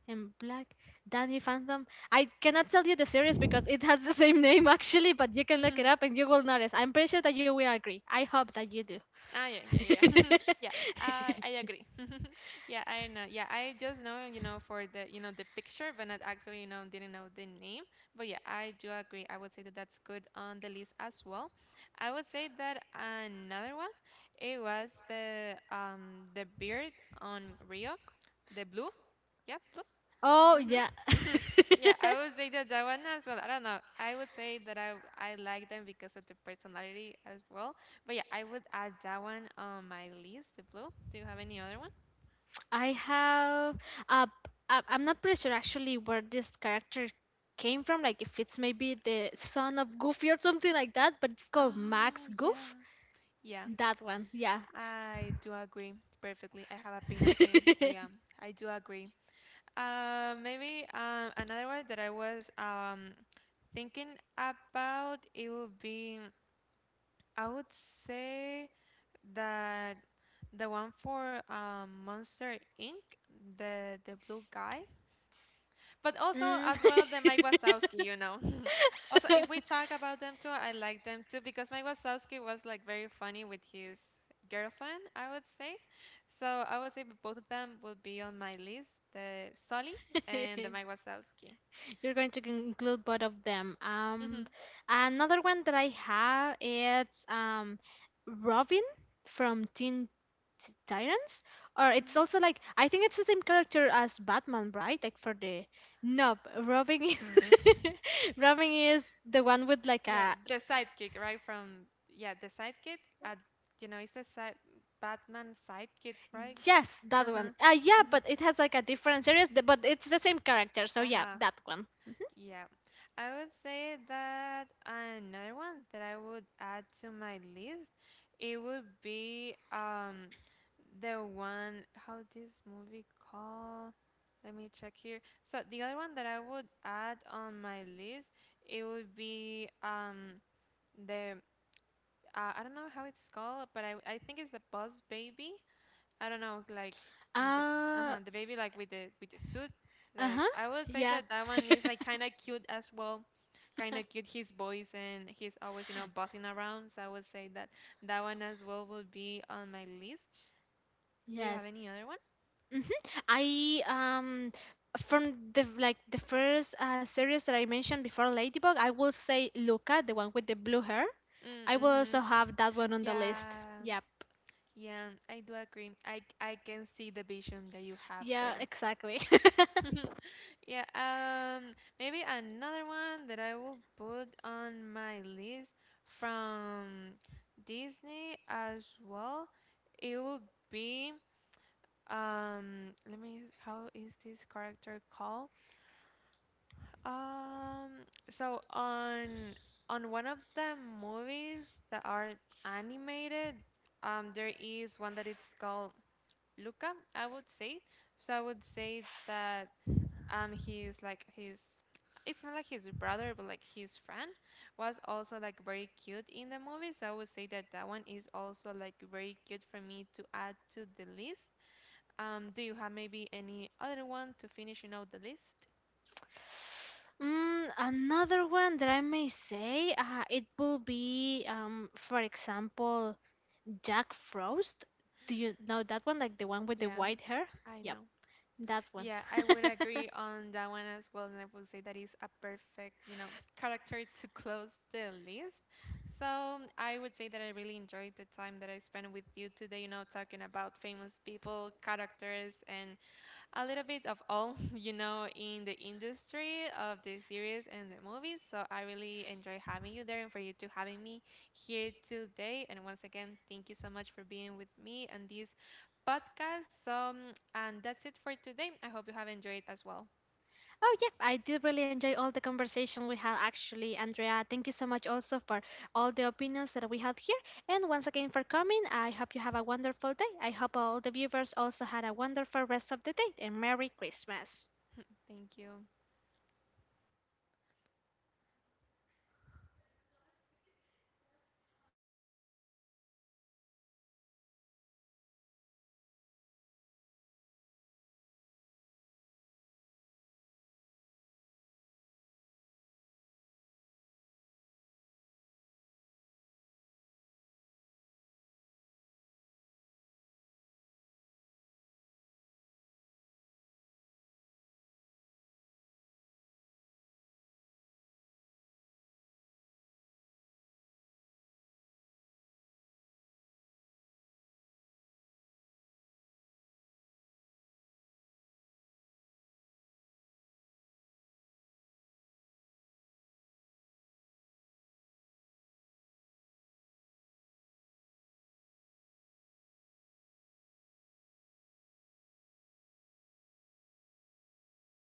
A: and black. Danny Phantom. I cannot tell you the series because it has the same name actually, but you can look it up and you will notice. I'm pretty sure that you will agree. I hope that you
B: Ah,
A: do.
B: yeah, yeah, yeah, yeah. I agree. Yeah, I know. Yeah, I just know, for the, the picture, but not actually, didn't know the name. But yeah, I do agree. I would say that that's good on the list as well. I would say that another one, it was the beard on Rio, the blue. Yeah.
A: Oh
B: Mm-hmm.
A: yeah.
B: Yeah, I would say that that one as well. I don't know. I would say that I like them because of the personality as well. But yeah, I would add that one on my list, the blue. Do you have any other one?
A: I have uh, I'm not pretty sure actually where this character came from. Like if it's maybe the son of Goofy or something like that, but it's
B: Oh,
A: called Max
B: yeah.
A: Goof.
B: Yeah.
A: That one, yeah.
B: I do agree perfectly. I have a pin of him, so yeah, I do agree. Maybe another one that I was thinking about, it would be, I would say, The the one for Monster Inc. The blue guy, but also as well the
A: Mm.
B: Mike Wazowski. You know, also if we talk about them too, I like them too, because Mike Wazowski was like very funny with his girlfriend. I would say, so I would say both of them will be on my list: the Sully and the Mike Wazowski.
A: You're going to include both of them.
B: Hmm.
A: Another one that I have is Robin from Teen Titans,
B: Hmm,
A: or it's also like I think it's the same character as Batman, right? Like for the nope, Robin is Mm-hmm. Robin is the one
B: yeah,
A: with
B: the
A: like a
B: sidekick, right? From, yeah, the sidekick. Uh, you know, it's the side Batman sidekick, right? Uh-huh.
A: yes, that one.
B: Uh-huh.
A: Yeah, but it has like a different series, but it's the same
B: Uh-huh.
A: character. So yeah, that one.
B: Yeah. I would say that another one that I would add to my list, it would be the one, how this movie called? Let me check here. So the other one that I would add on my list, it would be the I don't know how it's called, but I think it's the Boss Baby. I don't know, like the the baby,
A: Uh,
B: like with the suit. Like, I would
A: uh-huh.
B: say that that one
A: Yeah.
B: is like kind of cute as well, kind of cute his voice, and he's always, buzzing around. So I would say that that one as well would be on my list. Do you have any other one?
A: Yes. Mm-hmm. I from the like the first series that I mentioned before, Ladybug, I will say Luca, the one with the blue hair.
B: Mm-hmm.
A: I will also have that one on the
B: Yeah,
A: list. Yep.
B: yeah, I do agree. I can see the vision that you have there.
A: Yeah, exactly.
B: Yeah, maybe another one that I will put on my list from Disney as well. It would be let me, how is this character called? Um so on one of the movies that are animated, there is one that it's called Luca, I would say. So I would say that he's like his it's not like his brother, but like his friend was also like very cute in the movie. So I would say that that one is also like very cute for me to add to the list. Do you have maybe any other one to finish, the list?
A: Another one that I may say, it will be, for example, Jack Frost. Do you know that one? Like the
B: Yeah,
A: one with the white
B: I
A: hair?
B: know.
A: Yep,
B: Yeah,
A: that
B: I would
A: one.
B: agree on that one as well, and I would say that is a perfect, character to close the list. So I would say that I really enjoyed the time that I spent with you today, talking about famous people, characters, and a little bit of all, in the industry of the series and the movies. So I really enjoy having you there, and for you to having me here today. And once again, thank you so much for being with me and this podcast. So, and that's it for today. I hope you have enjoyed as well.
A: Oh, yeah, I did really enjoy all the conversation we had actually, Andrea. Thank you so much also for all the opinions that we had here. And once again for coming. I hope you have a wonderful day. I hope all the viewers also had a wonderful rest of the day and Merry Christmas.
B: Thank you.